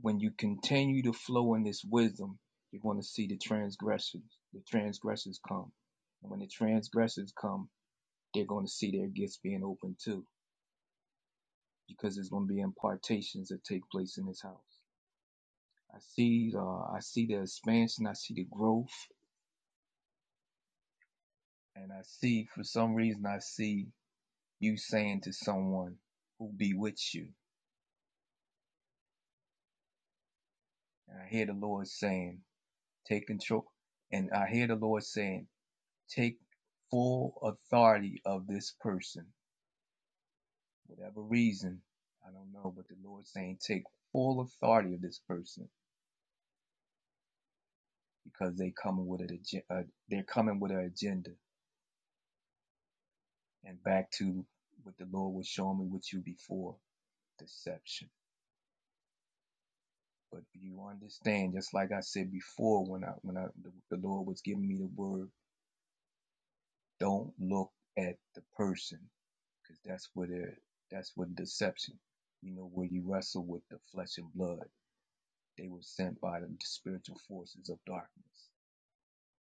when you continue to flow in this wisdom, you're going to see the transgressors, the transgressors come. And when the transgressors come, they're going to see their gifts being opened too, because there's going to be impartations that take place in this house. I see uh, I see the expansion, I see the growth, and I see for some reason I see you saying to someone who be with you. And I hear the Lord saying, take control and I hear the Lord saying, take full authority of this person. Whatever reason, I don't know, but the Lord's saying take full authority of this person because they coming with an uh, they're coming with an agenda. And back to what the Lord was showing me with you before deception. But you understand, just like I said before, when I when I the, the Lord was giving me the word, don't look at the person, because that's where it that's what deception. You know, where you wrestle with the flesh and blood, they were sent by the spiritual forces of darkness.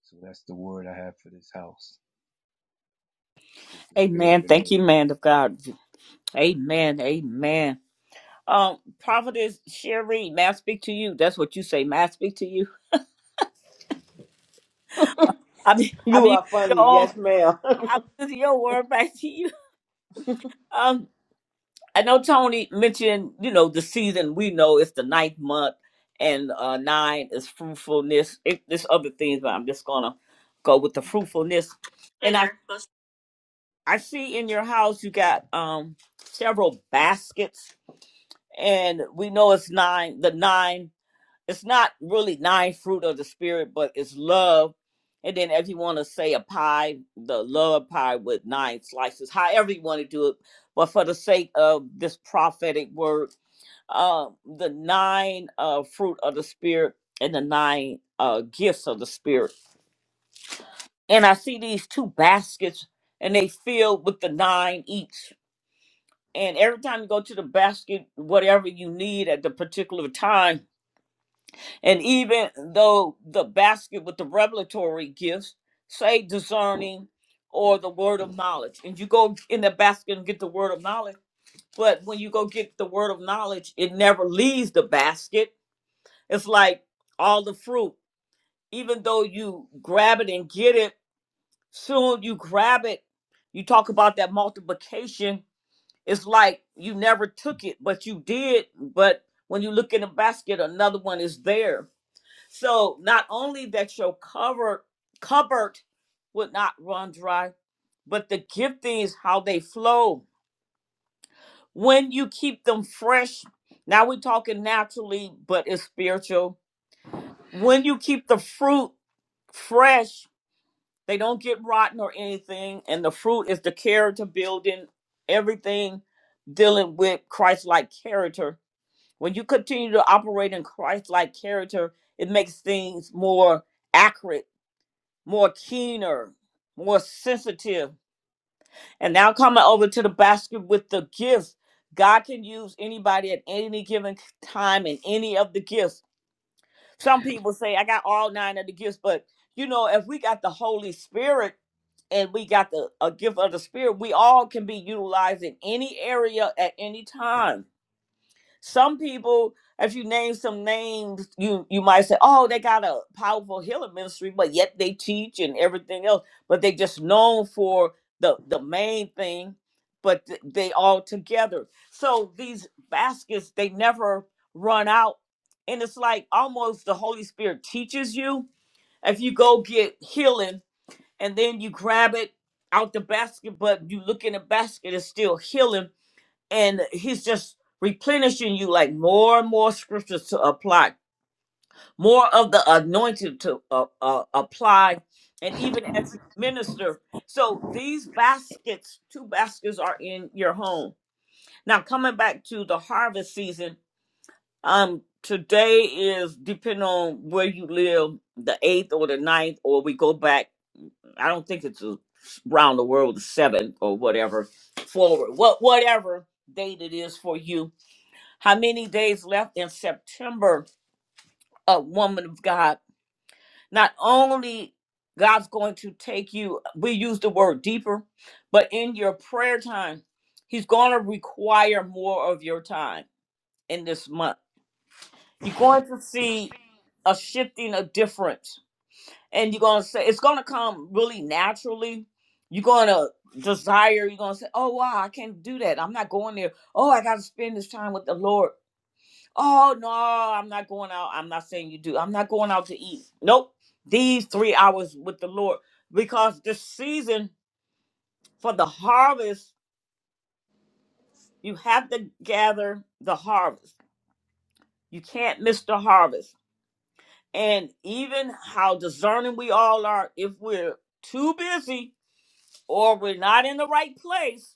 So that's the word I have for this house. It says the spirit of
Amen.
the
Thank
Lord.
you, man of God. Amen. Amen. Um, Prophetess Sherry, may I speak to you? That's what you say. May I speak to you? I mean, I
You
mean
are
your
funny.
own.
Yes, ma'am.
I'm using your word back to you. Um, I know Tony mentioned, you know, the season. We know it's the ninth month, and uh, nine is fruitfulness. It, there's other things, but I'm just gonna go with the fruitfulness.
Hey
And I,
there.
I see in your house you got um several baskets, and we know it's nine. The nine. it's not really nine fruit of the spirit, but it's love. And then if you want to say a pie, the love pie with nine slices, however you want to do it. But for the sake of this prophetic word, uh, the nine uh, fruit of the spirit and the nine uh, gifts of the spirit. And I see these two baskets and they filled with the nine each. And every time you go to the basket, whatever you need at the particular time, And even though the basket with the revelatory gifts, say discerning or the word of knowledge, and you go in the basket and get the word of knowledge, but when you go get the word of knowledge, it never leaves the basket. It's like all the fruit, even though you grab it and get it, soon you grab it. You talk about that multiplication. It's like you never took it, but you did. But when you look in the basket, another one is there so not only that your cover cupboard would not run dry, but the giftings how they flow when you keep them fresh. Now we're talking naturally, but it's spiritual. When you keep the fruit fresh, they don't get rotten or anything, and the fruit is the character building, everything dealing with Christ-like character. When you continue to operate in Christ-like character, it makes things more accurate more keener, more sensitive. And now coming over to the basket with the gifts, God can use anybody at any given time in any of the gifts. Some people say, I got all nine of the gifts, but you know, if we got the Holy Spirit and we got the a gift of the Spirit, we all can be utilized in any area at any time. Some people, if you name some names, you you might say, "Oh, they got a powerful healing ministry," but yet they teach and everything else. But they just known for the the main thing. But th- they all together. So these baskets, they never run out, and it's like almost the Holy Spirit teaches you. If you go get healing and then you grab it out the basket, but you look in the basket, it's still healing and he's just replenishing you like more and more scriptures to apply more of the anointing to uh, uh, apply and even as you minister so these baskets two baskets are in your home now coming back to the harvest season um today is depending on where you live the eighth or the ninth or we go back i don't think it's a, around the world the seventh or whatever forward what whatever date it is for you how many days left in September, a woman of God? Not only God's going to take you, we use the word deeper, but in your prayer time, He's going to require more of your time in this month. You're going to see a shifting, a difference. And you're going to say, it's going to come really naturally. You're going to desire, you're going to say, oh, wow, I can't do that. I'm not going there. Oh, I got to spend this time with the Lord Oh no, I'm not going out. I'm not saying you do. I'm not going out to eat. Nope. These three hours with the Lord. Because the season for the harvest, you have to gather the harvest. You can't miss the harvest. And even how discerning we all are, if we're too busy or we're not in the right place,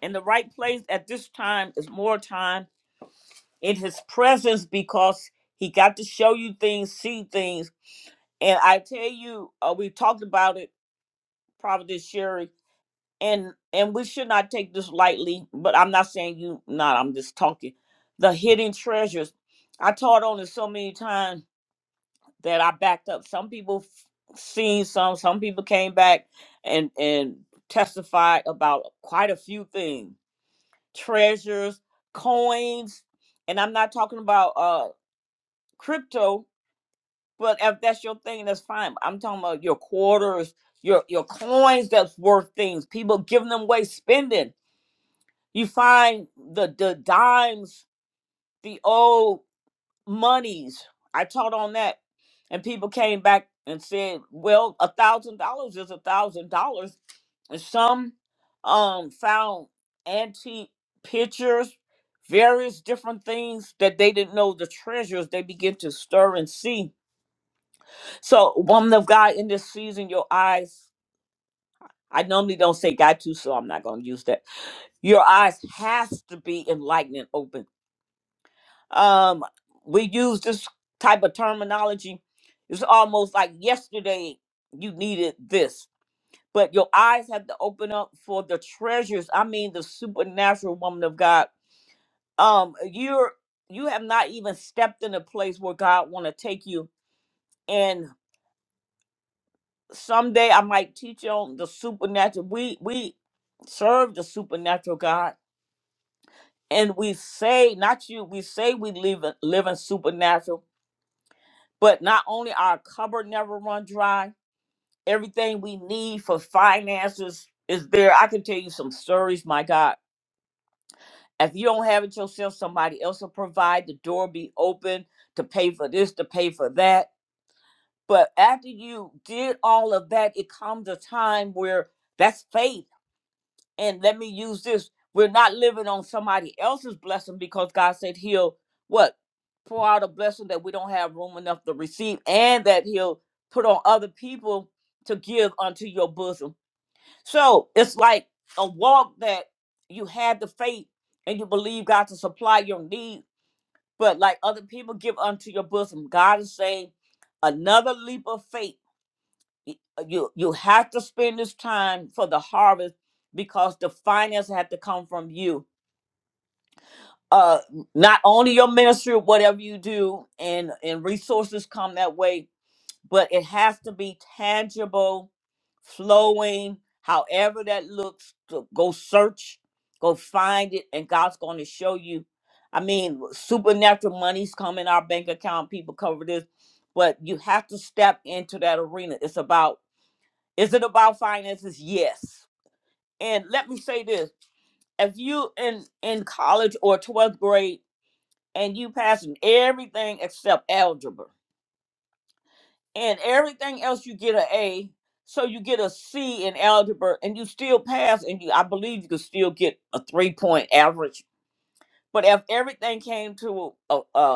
in the right place at this time is more time in his presence because he got to show you things, see things And I tell you, uh, we talked about it, Providence Sherry, and and we should not take this lightly. But I'm not saying you not. I'm just talking. The hidden treasures. I taught on it so many times that I backed up. Some people f- seen some. Some people came back and and testified about quite a few things: treasures, coins, and I'm not talking about uh crypto But if that's your thing, that's fine. I'm talking about your quarters, your your coins that's worth things. People giving them away, spending. You find the the dimes, the old monies. I taught on that, and people came back and said, "Well, a thousand dollars is a thousand dollars." And some um found antique pictures, various different things that they didn't know the treasures they begin to stir and see so, woman of God, in this season, your eyes, I normally don't say got to, so I'm not going to use that. Your eyes has to be enlightened and open. Um, we use this type of terminology. It's almost like yesterday you needed this, but your eyes have to open up for the treasures. I mean, the supernatural woman of God. Um, you're you have not even stepped in a place where God want to take you, and. someday I might teach on the supernatural. We we serve the supernatural God, and we say not you. We say we live in- live in supernatural, but not only our cupboard never run dry. Everything we need for finances is there. I can tell you some stories, my God. If you don't have it yourself, somebody else will provide. The door be open to pay for this, to pay for that. But after you did all of that, it comes a time where that's faith and let me use this we're not living on somebody else's blessing because god said he'll what pour out a blessing that we don't have room enough to receive and that he'll put on other people to give unto your bosom so it's like a walk that you had the faith and you believe god to supply your need but like other people give unto your bosom god is saying another leap of faith y- uh, you you have to spend this time for the harvest because the finance have to come from you uh not only your ministry whatever you do and and resources come that way but it has to be tangible flowing however that looks to go search go find it and god's going to show you i mean supernatural money's come in our bank account people cover this but you have to step into that arena it's about is it about finances? Yes. And let me say this: if you in in college or twelfth grade and you passing everything except algebra and everything else, you get an A. So you get a C in algebra and you still pass, and you I believe you could still get a three point average. But if everything came to a, a,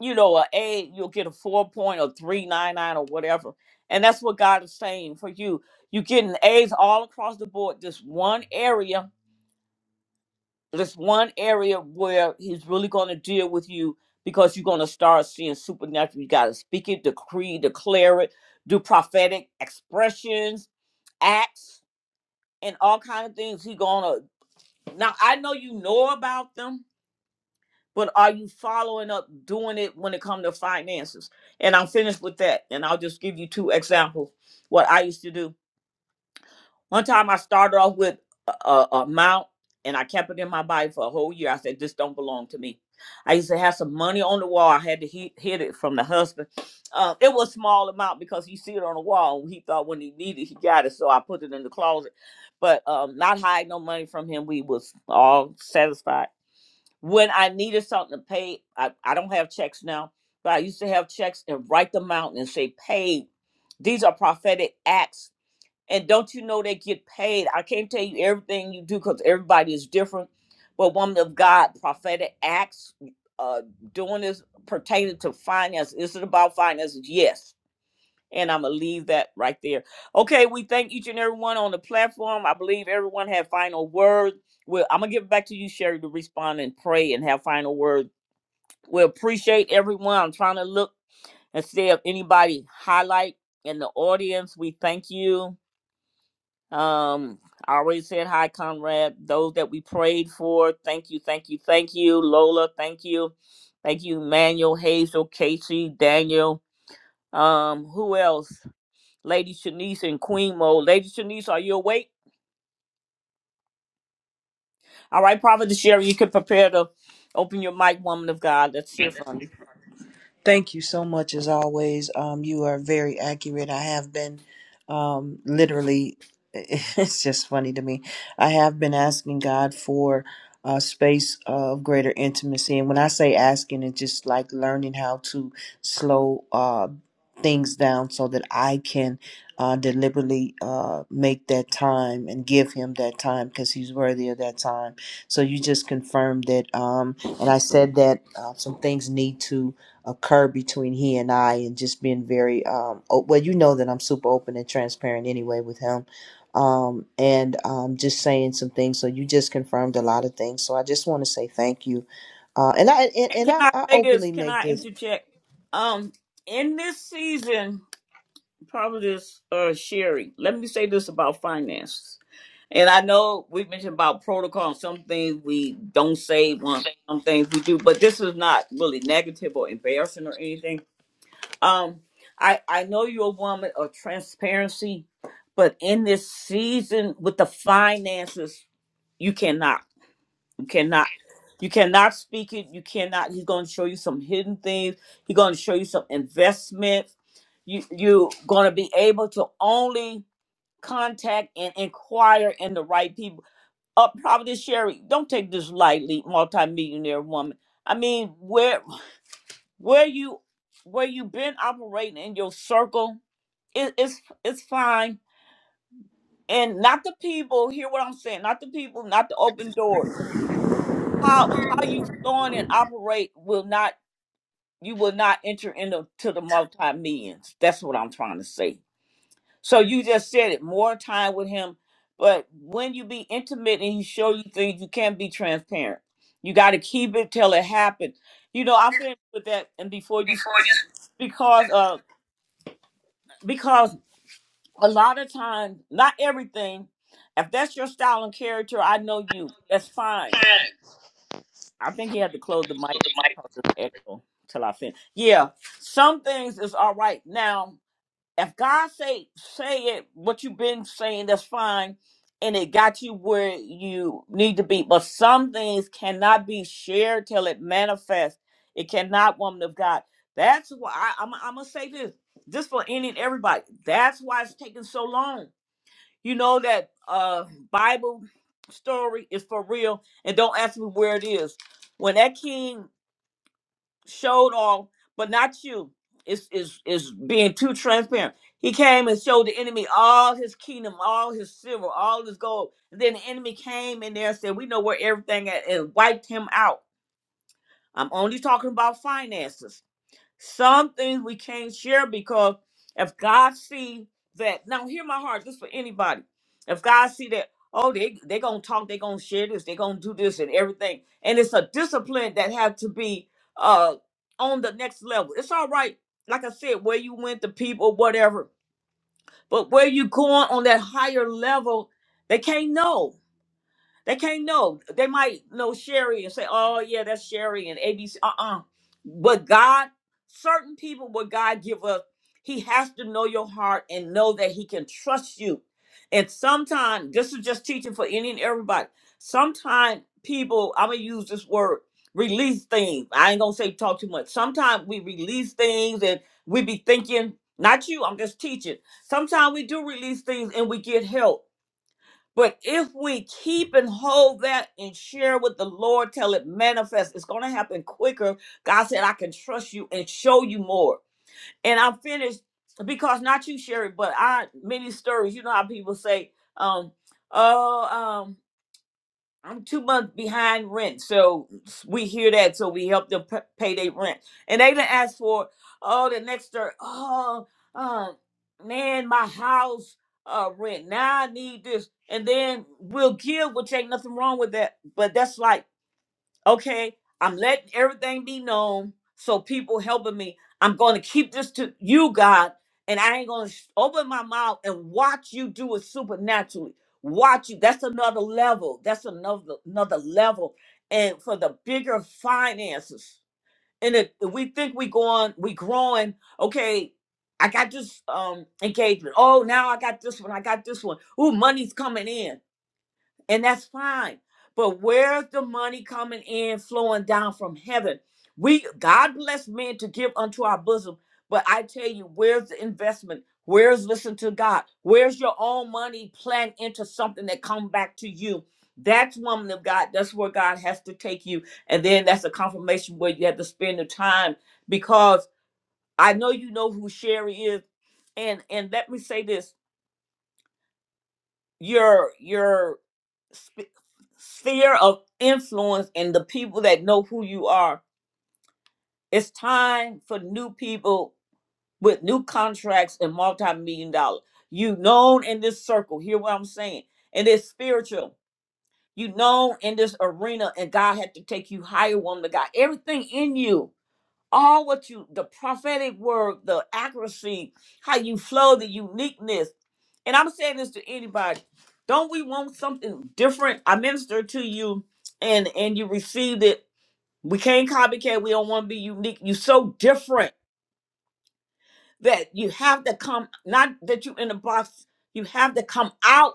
you know, a A, you'll get a four point or three nine nine or whatever. And that's what God is saying for you. You're getting A's all across the board. This one area, this one area where He's really going to deal with you because you're going to start seeing supernatural. You got to speak it, decree, declare it, do prophetic expressions, acts, and all kind of things. He's going to. Now I know you know about them but are you following up doing it when it comes to finances? And I'm finished with that. And I'll just give you two examples what I used to do. One time I started off with a, a a amount and I kept it in my body for a whole year. I said, this don't belong to me. I used to have some money on the wall. I had to he- hid it from the husband. Uh, it was small amount because he see it on the wall. He thought when he needed, he got it. So I put it in the closet, but um, not hide no money from him. We was all satisfied. When I needed something to pay, I, I don't have checks now, but I used to have checks and write them out and say paid. These are prophetic acts. And don't you know they get paid? I can't tell you everything you do because everybody is different. But woman of God, prophetic acts, uh, doing this pertaining to finance. Is it about finances? Yes and I'm gonna leave that right there. Okay, we thank each and every one on the platform. I believe everyone had final words. Well, I'm gonna give it back to you, Sherry, to respond and pray and have final words. We appreciate everyone. I'm trying to look and see if anybody highlight in the audience. We thank you. Um, I already said hi, Conrad. Those that we prayed for, thank you, thank you, thank you. Lola, thank you, thank you. Manuel, Hazel, Casey, Daniel. Um, who else? Lady Shanice in Queen Mode. Lady Shanice, are you awake? All right, Prophet Sherry, you can prepare to open your mic, woman of God. Let's hear from you.
Thank you so much, as always. Um, you are very accurate. I have been um, literally, it's just funny to me. I have been asking God for a space of greater intimacy. And when I say asking, it's just like learning how to slow uh, things down so that I can uh, deliberately uh, make that time and give Him that time because He's worthy of that time. So you just confirmed that. Um, and I said that uh, some things need to occur between he and I, and just being very um o- well, you know that I'm super open and transparent anyway with him, um and um just saying some things. So you just confirmed a lot of things. So I just want to say thank you, uh, and I and,
Can
and
can
I,
I
I
say this?
openly
Can
make
I
this.
interject? Um, in this season, Prophetess uh, Sherry, let me say this about finances. And I know we mentioned about protocol and some things we don't say, one- some things we do, but this is not really negative or embarrassing or anything Um, I I know you're a woman of transparency, but in this season with the finances, you cannot, you cannot, you cannot speak it. You cannot. He's going to show you some hidden things. He's going to show you some investments. You you're going to be able to only contact and inquire in the right people. Up, uh, probably Sherry. Don't take this lightly, multimillionaire woman. I mean, where? where you where you been operating in your circle it, it's it's fine and not the people hear what i'm saying not the people not the open door how how you flowing and operate will not you will not enter into to the multi-millions that's what i'm trying to say so you just said it more time with him but when you be intimate and he show you things you can't be transparent you got to keep it till it happens you know i'm finished with that and before you speak because uh because a lot of times, not everything. If that's your style and character, I know you. That's fine. I think he had to close the mic because of the echo till I finish. Yeah, some things is all right. Now, if God say say it, what you've been saying, that's fine, and it got you where you need to be. But some things cannot be shared till it manifests. It cannot, woman of God. That's why I, I'm. I'm gonna say this. This for any and everybody. That's why it's taking so long you know that uh Bible story is for real, and don't ask me where it is. When that king showed off, but not you, is is is being too transparent. He came and showed the enemy all his kingdom, all his silver, all his gold. And then the enemy came in there and said, "We know where everything at," and wiped him out. I'm only talking about finances some things we can't share because if God see that, now hear my heart, this for anybody. If God see that, oh, they they gonna talk, they gonna share this, they gonna do this and everything, and it's a discipline that have to be uh on the next level. It's all right, like I said, where you went, the people, whatever, but where you going on that higher level, they can't know. They can't know. They might know Sherry and say, "Oh yeah, that's Sherry and ABC." Uh-uh. But God, certain people, what God give us, He has to know your heart and know that He can trust you. And sometimes, this is just teaching for any and everybody. Sometimes people, I'm gonna use this word, release things. I ain't gonna say talk too much. Sometimes we release things and we be thinking, not you. I'm just teaching. Sometimes we do release things and we get help but if we keep and hold that and share with the Lord till it manifests, it's going to happen quicker. God said, I can trust you and show you more. And I'm finished because not you, Sherry, but I, many stories, you know how people say, um, oh, um." I'm two months behind rent, so we hear that, so we help them p- pay their rent. And they didn't ask for, oh, the next door, oh, uh, man, my house uh, rent. Now I need this, and then we'll give, which ain't nothing wrong with that. But that's like okay i'm letting everything be known so people helping me i'm going to keep this to you god and i ain't going to open my mouth and watch you do it supernaturally watch you that's another level that's another another level and for the bigger finances and if if we think we going we growing okay i got this um engagement oh now i got this one i got this one ooh money's coming in and that's fine. But where's the money coming in, flowing down from heaven? We God bless men to give unto our bosom, but I tell you, where's the investment? Where's listen to God? Where's your own money planned into something that come back to you? That's woman of God. That's where God has to take you, and then that's a confirmation where you have to spend the time because I know you know who Sherry is, and and let me say this your your sp- sphere of influence and the people that know who you are. It's time for new people with new contracts and multi-million dollar. You known in this circle. Hear what I'm saying? And it's spiritual. You known in this arena, and God had to take you higher, woman. of God, everything in you all what you the prophetic word the accuracy how you flow the uniqueness and i'm saying this to anybody don't we want something different i ministered to you and and you received it we can't copycat we don't want to be unique you are so different that you have to come not that you in the box you have to come out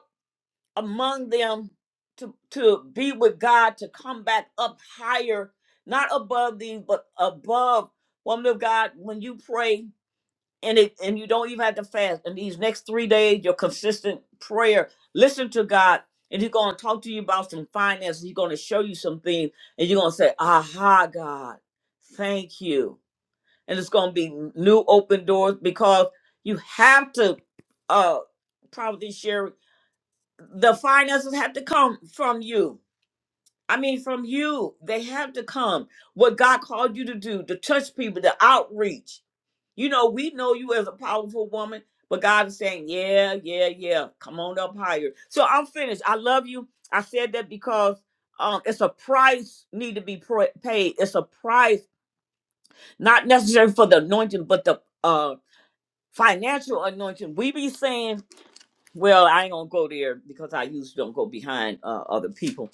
among them to to be with god to come back up higher not above these but above woman of god when you pray and it and you don't even have to fast. And these next three days, your consistent prayer, listen to God, and He's gonna talk to you about some finances. He's gonna show you some things, and you're gonna say, "Aha, God, thank you." And it's gonna be new open doors because you have to, uh, probably share the finances have to come from you. I mean, from you, they have to come. What God called you to do, to touch people, the outreach. You know, we know you as a powerful woman, but God is saying, yeah, yeah, yeah, come on up higher. So I'm finished. I love you. I said that because um, it's a price need to be pro- paid. It's a price, not necessarily for the anointing, but the uh, financial anointing. We be saying, well, I ain't gonna go there because I usually don't go behind uh, other people.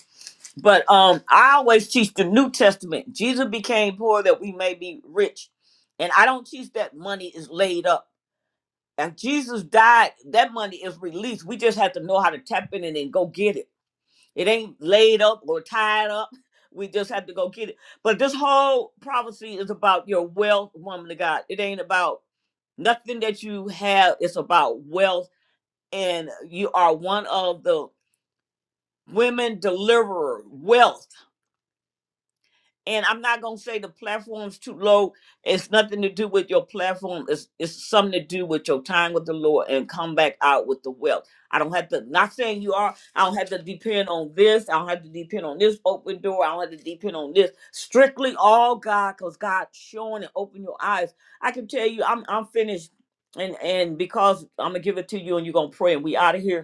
But um, I always teach the New Testament. Jesus became poor that we may be rich, and I don't teach that money is laid up. If Jesus died, that money is released. We just have to know how to tap in and then go get it. It ain't laid up or tied up. We just have to go get it. But this whole prophecy is about your wealth, woman of God. It ain't about nothing that you have. It's about wealth. And you are one of the women deliverer, wealth. and I'm not gonna say the platform's too low. It's nothing to do with your platform. It's it's something to do with your time with the Lord and come back out with the wealth. I don't have to. Not saying you are. I don't have to depend on this. I don't have to depend on this open door. I don't have to depend on this. Strictly all God, cause God showing and open your eyes. I can tell you, I'm I'm finished, and and because I'm gonna give it to you, and you're gonna pray, and we out of here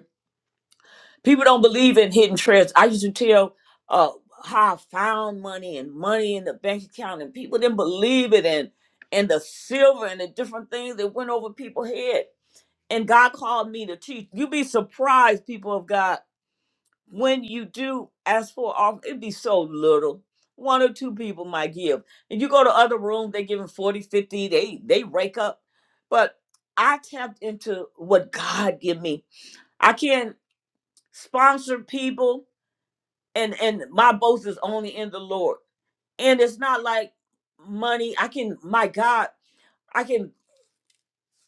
people don't believe in hidden treasures. I used to tell uh, how I found money and money in the bank account, and people didn't believe it, and and the silver and the different things that went over people's head. And God called me to teach. You'd be surprised, people of God, when you do ask for an offering, it'd be so little. One or two people might give. And you go to other rooms, they giving 40, 50, they they rake up. But I tapped into what God give me. I can't sponsor people and and my boast is only in the lord and it's not like money i can my god i can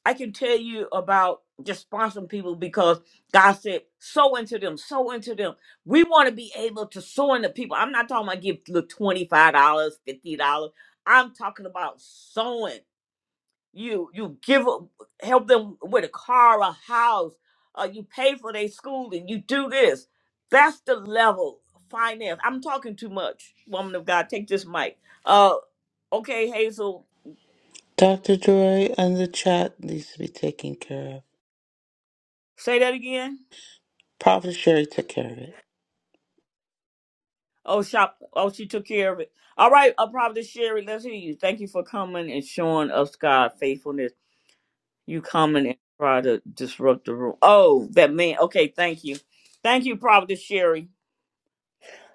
i can tell you about just sponsoring people because god said sow into them sow into them we want to be able to sow into people i'm not talking about give look $25 dollars, $50 i'm talking about sowing you you give a- help them with a car a house uh, you pay for their schooling you do this that's the level of finance i'm talking too much woman of god take this mic uh okay hazel
Dr. Joy and the chat needs to be taken care of.
say that again
Prophet Sherry took care of it.
oh shop oh she took care of it all right uh, probably sherry let's hear you thank you for coming and showing us god faithfulness you coming and try to disrupt the room oh that man okay thank you thank you probably sherry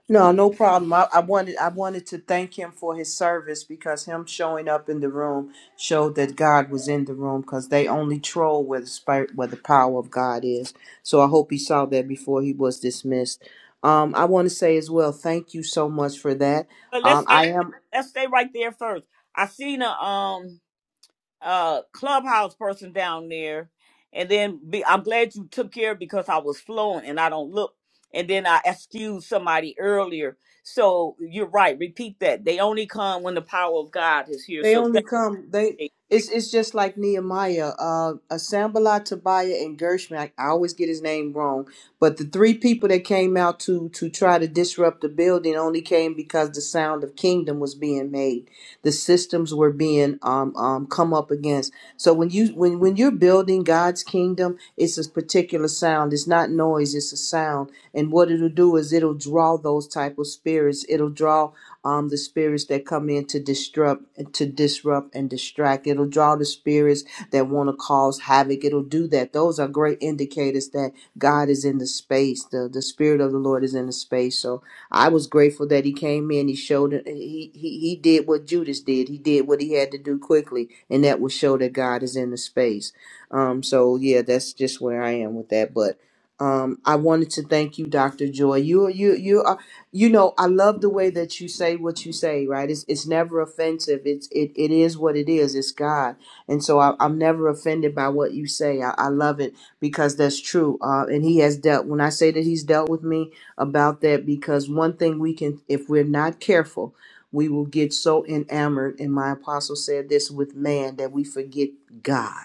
No, no problem. I, I wanted I wanted to thank him for his service because him showing up in the room showed that God was in the room because they only troll where the spirit where the power of God is. So I hope he saw that before he was dismissed. Um, I want to say as well, thank you so much for that.
But
Um,
let's let's
I am
let's stay right there first. I seen a um a clubhouse person down there, and then be, I'm glad you took care because I was flowing and I don't look. And then I excused somebody earlier. So you're right. Repeat that. They only come when the power of God is here.
They
So
only
thank
come. They
you.
it's it's just like Nehemiah, uh, Asambala, Tobiah, and Gershman. I, I always get his name wrong, but the three people that came out to to try to disrupt the building only came because the sound of kingdom was being made. The systems were being um um come up against. So when you when when you're building God's kingdom, it's a particular sound. It's not noise. It's a sound. And what it'll do is it'll draw those type of spirits. It'll draw um, the spirits that come in to disrupt, to disrupt and distract. It'll draw the spirits that want to cause havoc. It'll do that. Those are great indicators that God is in the space. The the spirit of the Lord is in the space. So I was grateful that he came in. He showed. it. He he he did what Judas did. He did what he had to do quickly, and that will show that God is in the space. Um. So yeah, that's just where I am with that. But um, I wanted to thank you, Doctor Joy. You you you are you know i love the way that you say what you say right it's, it's never offensive it's it, it is what it is it's god and so I, i'm never offended by what you say i, I love it because that's true uh, and he has dealt when i say that he's dealt with me about that because one thing we can if we're not careful we will get so enamored and my apostle said this with man that we forget god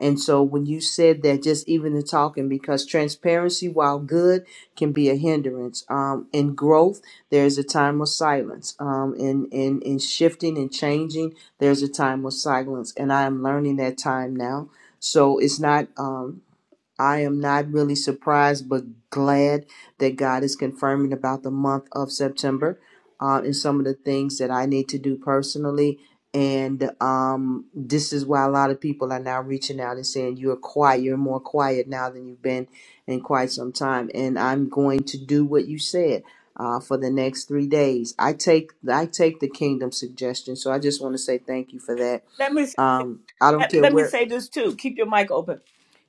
and so when you said that just even the talking because transparency while good can be a hindrance. Um, in growth, there's a time of silence. Um, in, in, in shifting and changing, there's a time of silence. And I am learning that time now. So it's not. Um, I am not really surprised, but glad that God is confirming about the month of September uh, and some of the things that I need to do personally. And um, this is why a lot of people are now reaching out and saying, You're quiet, you're more quiet now than you've been in quite some time. And I'm going to do what you said. Uh, for the next three days, I take I take the kingdom suggestion. So I just want to say thank you for that.
Let me say,
Um, I don't
let,
care
let me
where.
say this too. Keep your mic open.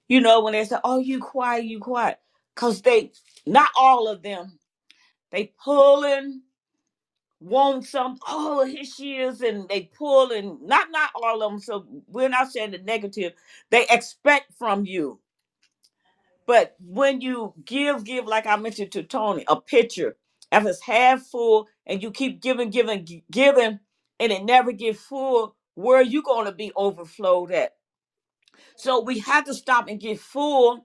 You know when they say, "Oh, you quiet, you quiet," because they not all of them. They pulling want some, oh, here she is, and they pull and not not all of them. So we're not saying the negative. They expect from you. But when you give, give, like I mentioned to Tony, a pitcher if it's half full and you keep giving, giving, gi- giving, and it never get full, where are you gonna be overflowed at? So we have to stop and get full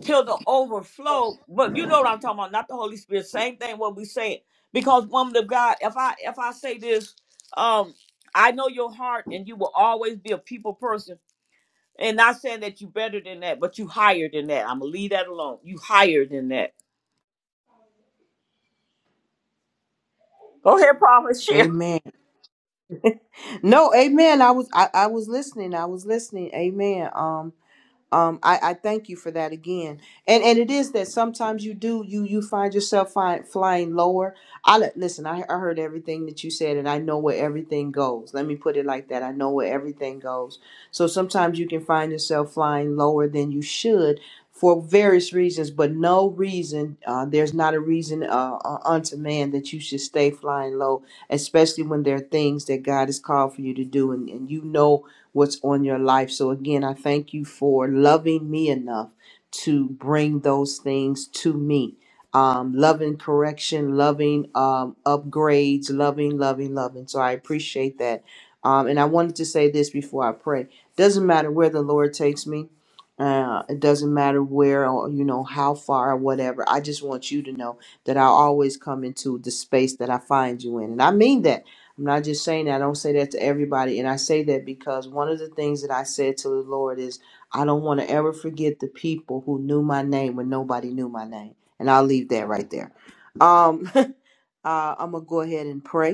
till the overflow. But you know what I'm talking about, not the Holy Spirit. Same thing what we saying. Because woman of God, if I if I say this, um, I know your heart and you will always be a people person. And not saying that you better than that, but you higher than that. I'm gonna leave that alone. You higher than that. Go ahead, promise.
Amen. No, amen. I was I, I was listening. I was listening. Amen. Um um, I, I thank you for that again. And and it is that sometimes you do you you find yourself find flying lower. I li- listen. I, I heard everything that you said, and I know where everything goes. Let me put it like that. I know where everything goes. So sometimes you can find yourself flying lower than you should for various reasons, but no reason. Uh, there's not a reason uh, uh, unto man that you should stay flying low, especially when there are things that God has called for you to do, and, and you know what's on your life. So, again, I thank you for loving me enough to bring those things to me. Um, loving correction, loving um, upgrades, loving, loving, loving. So, I appreciate that. Um, and I wanted to say this before I pray. Doesn't matter where the Lord takes me. Uh, it doesn't matter where or you know how far or whatever. I just want you to know that I always come into the space that I find you in, and I mean that. I'm not just saying that. I don't say that to everybody. And I say that because one of the things that I said to the Lord is, I don't want to ever forget the people who knew my name when nobody knew my name. And I'll leave that right there. Um, uh, I'm going to go ahead and pray.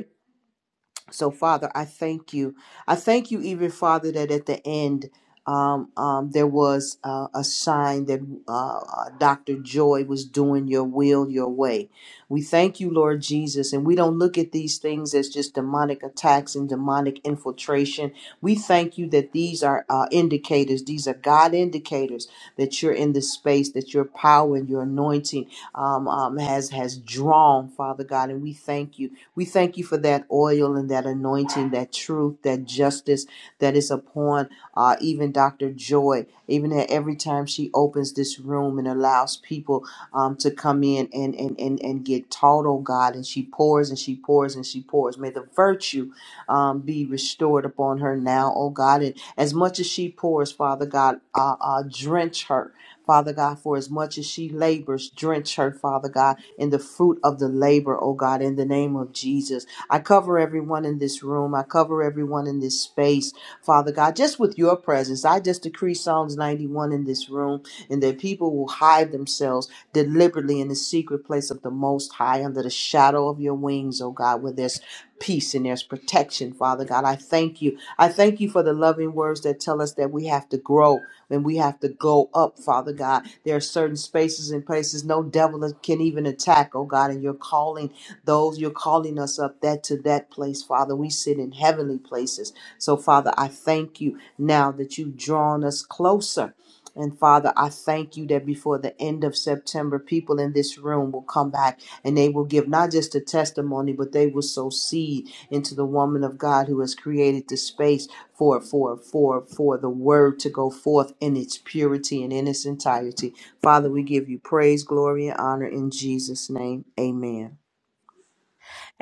So, Father, I thank you. I thank you, even Father, that at the end um, um, there was uh, a sign that uh, uh, Dr. Joy was doing your will, your way. We thank you, Lord Jesus, and we don't look at these things as just demonic attacks and demonic infiltration. We thank you that these are uh, indicators, these are God indicators that you're in this space, that your power and your anointing um, um, has has drawn, Father God, and we thank you. We thank you for that oil and that anointing, that truth, that justice that is upon uh, even Dr. Joy, even at every time she opens this room and allows people um, to come in and, and, and, and get taught, oh God, and she pours and she pours and she pours. May the virtue um, be restored upon her now, oh God. And as much as she pours, Father God, uh, uh, drench her. Father God, for as much as she labors, drench her, Father God in the fruit of the labor, oh God, in the name of Jesus. I cover everyone in this room. I cover everyone in this space, Father God, just with your presence. I just decree Psalms 91 in this room, and that people will hide themselves deliberately in the secret place of the Most High under the shadow of your wings, oh God, where there's peace and there's protection, Father God. I thank you. I thank you for the loving words that tell us that we have to grow and we have to go up, Father God. There are certain spaces and places no devil can even attack, oh God, and you're calling those, you're calling us up that to that place, Father. We sit in heavenly places. So, Father, I thank you now that you've drawn us closer. And Father, I thank you that before the end of September, people in this room will come back and they will give not just a testimony, but they will sow seed into the woman of God who has created this space for for for for the word to go forth in its purity and in its entirety. Father, we give you praise, glory, and honor in Jesus' name. Amen.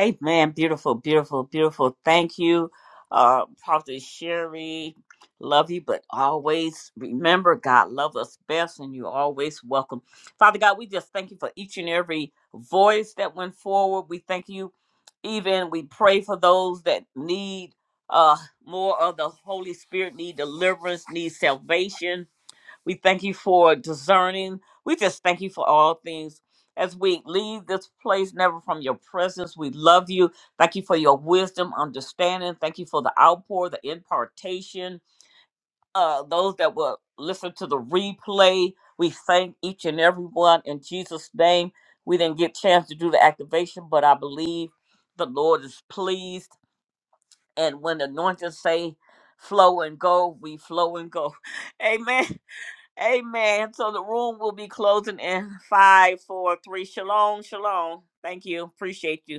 Amen. Beautiful, beautiful, beautiful. Thank you, uh, Prophet Sherry. Love you, but always remember God loves us best, and you're always welcome. Father God, we just thank you for each and every voice that went forward. We thank you. Even we pray for those that need uh, more of the Holy Spirit, need deliverance, need salvation we thank you for discerning. We just thank you for all things. As we leave this place, never from your presence, we love you. Thank you for your wisdom, understanding. Thank you for the outpour, the impartation. Uh, those that will listen to the replay, we thank each and every one in Jesus' name. We didn't get chance to do the activation, but I believe the Lord is pleased. And when the anointing say flow and go, we flow and go. Amen. Amen. So the room will be closing in five, four, three. Shalom, shalom. Thank you. Appreciate you.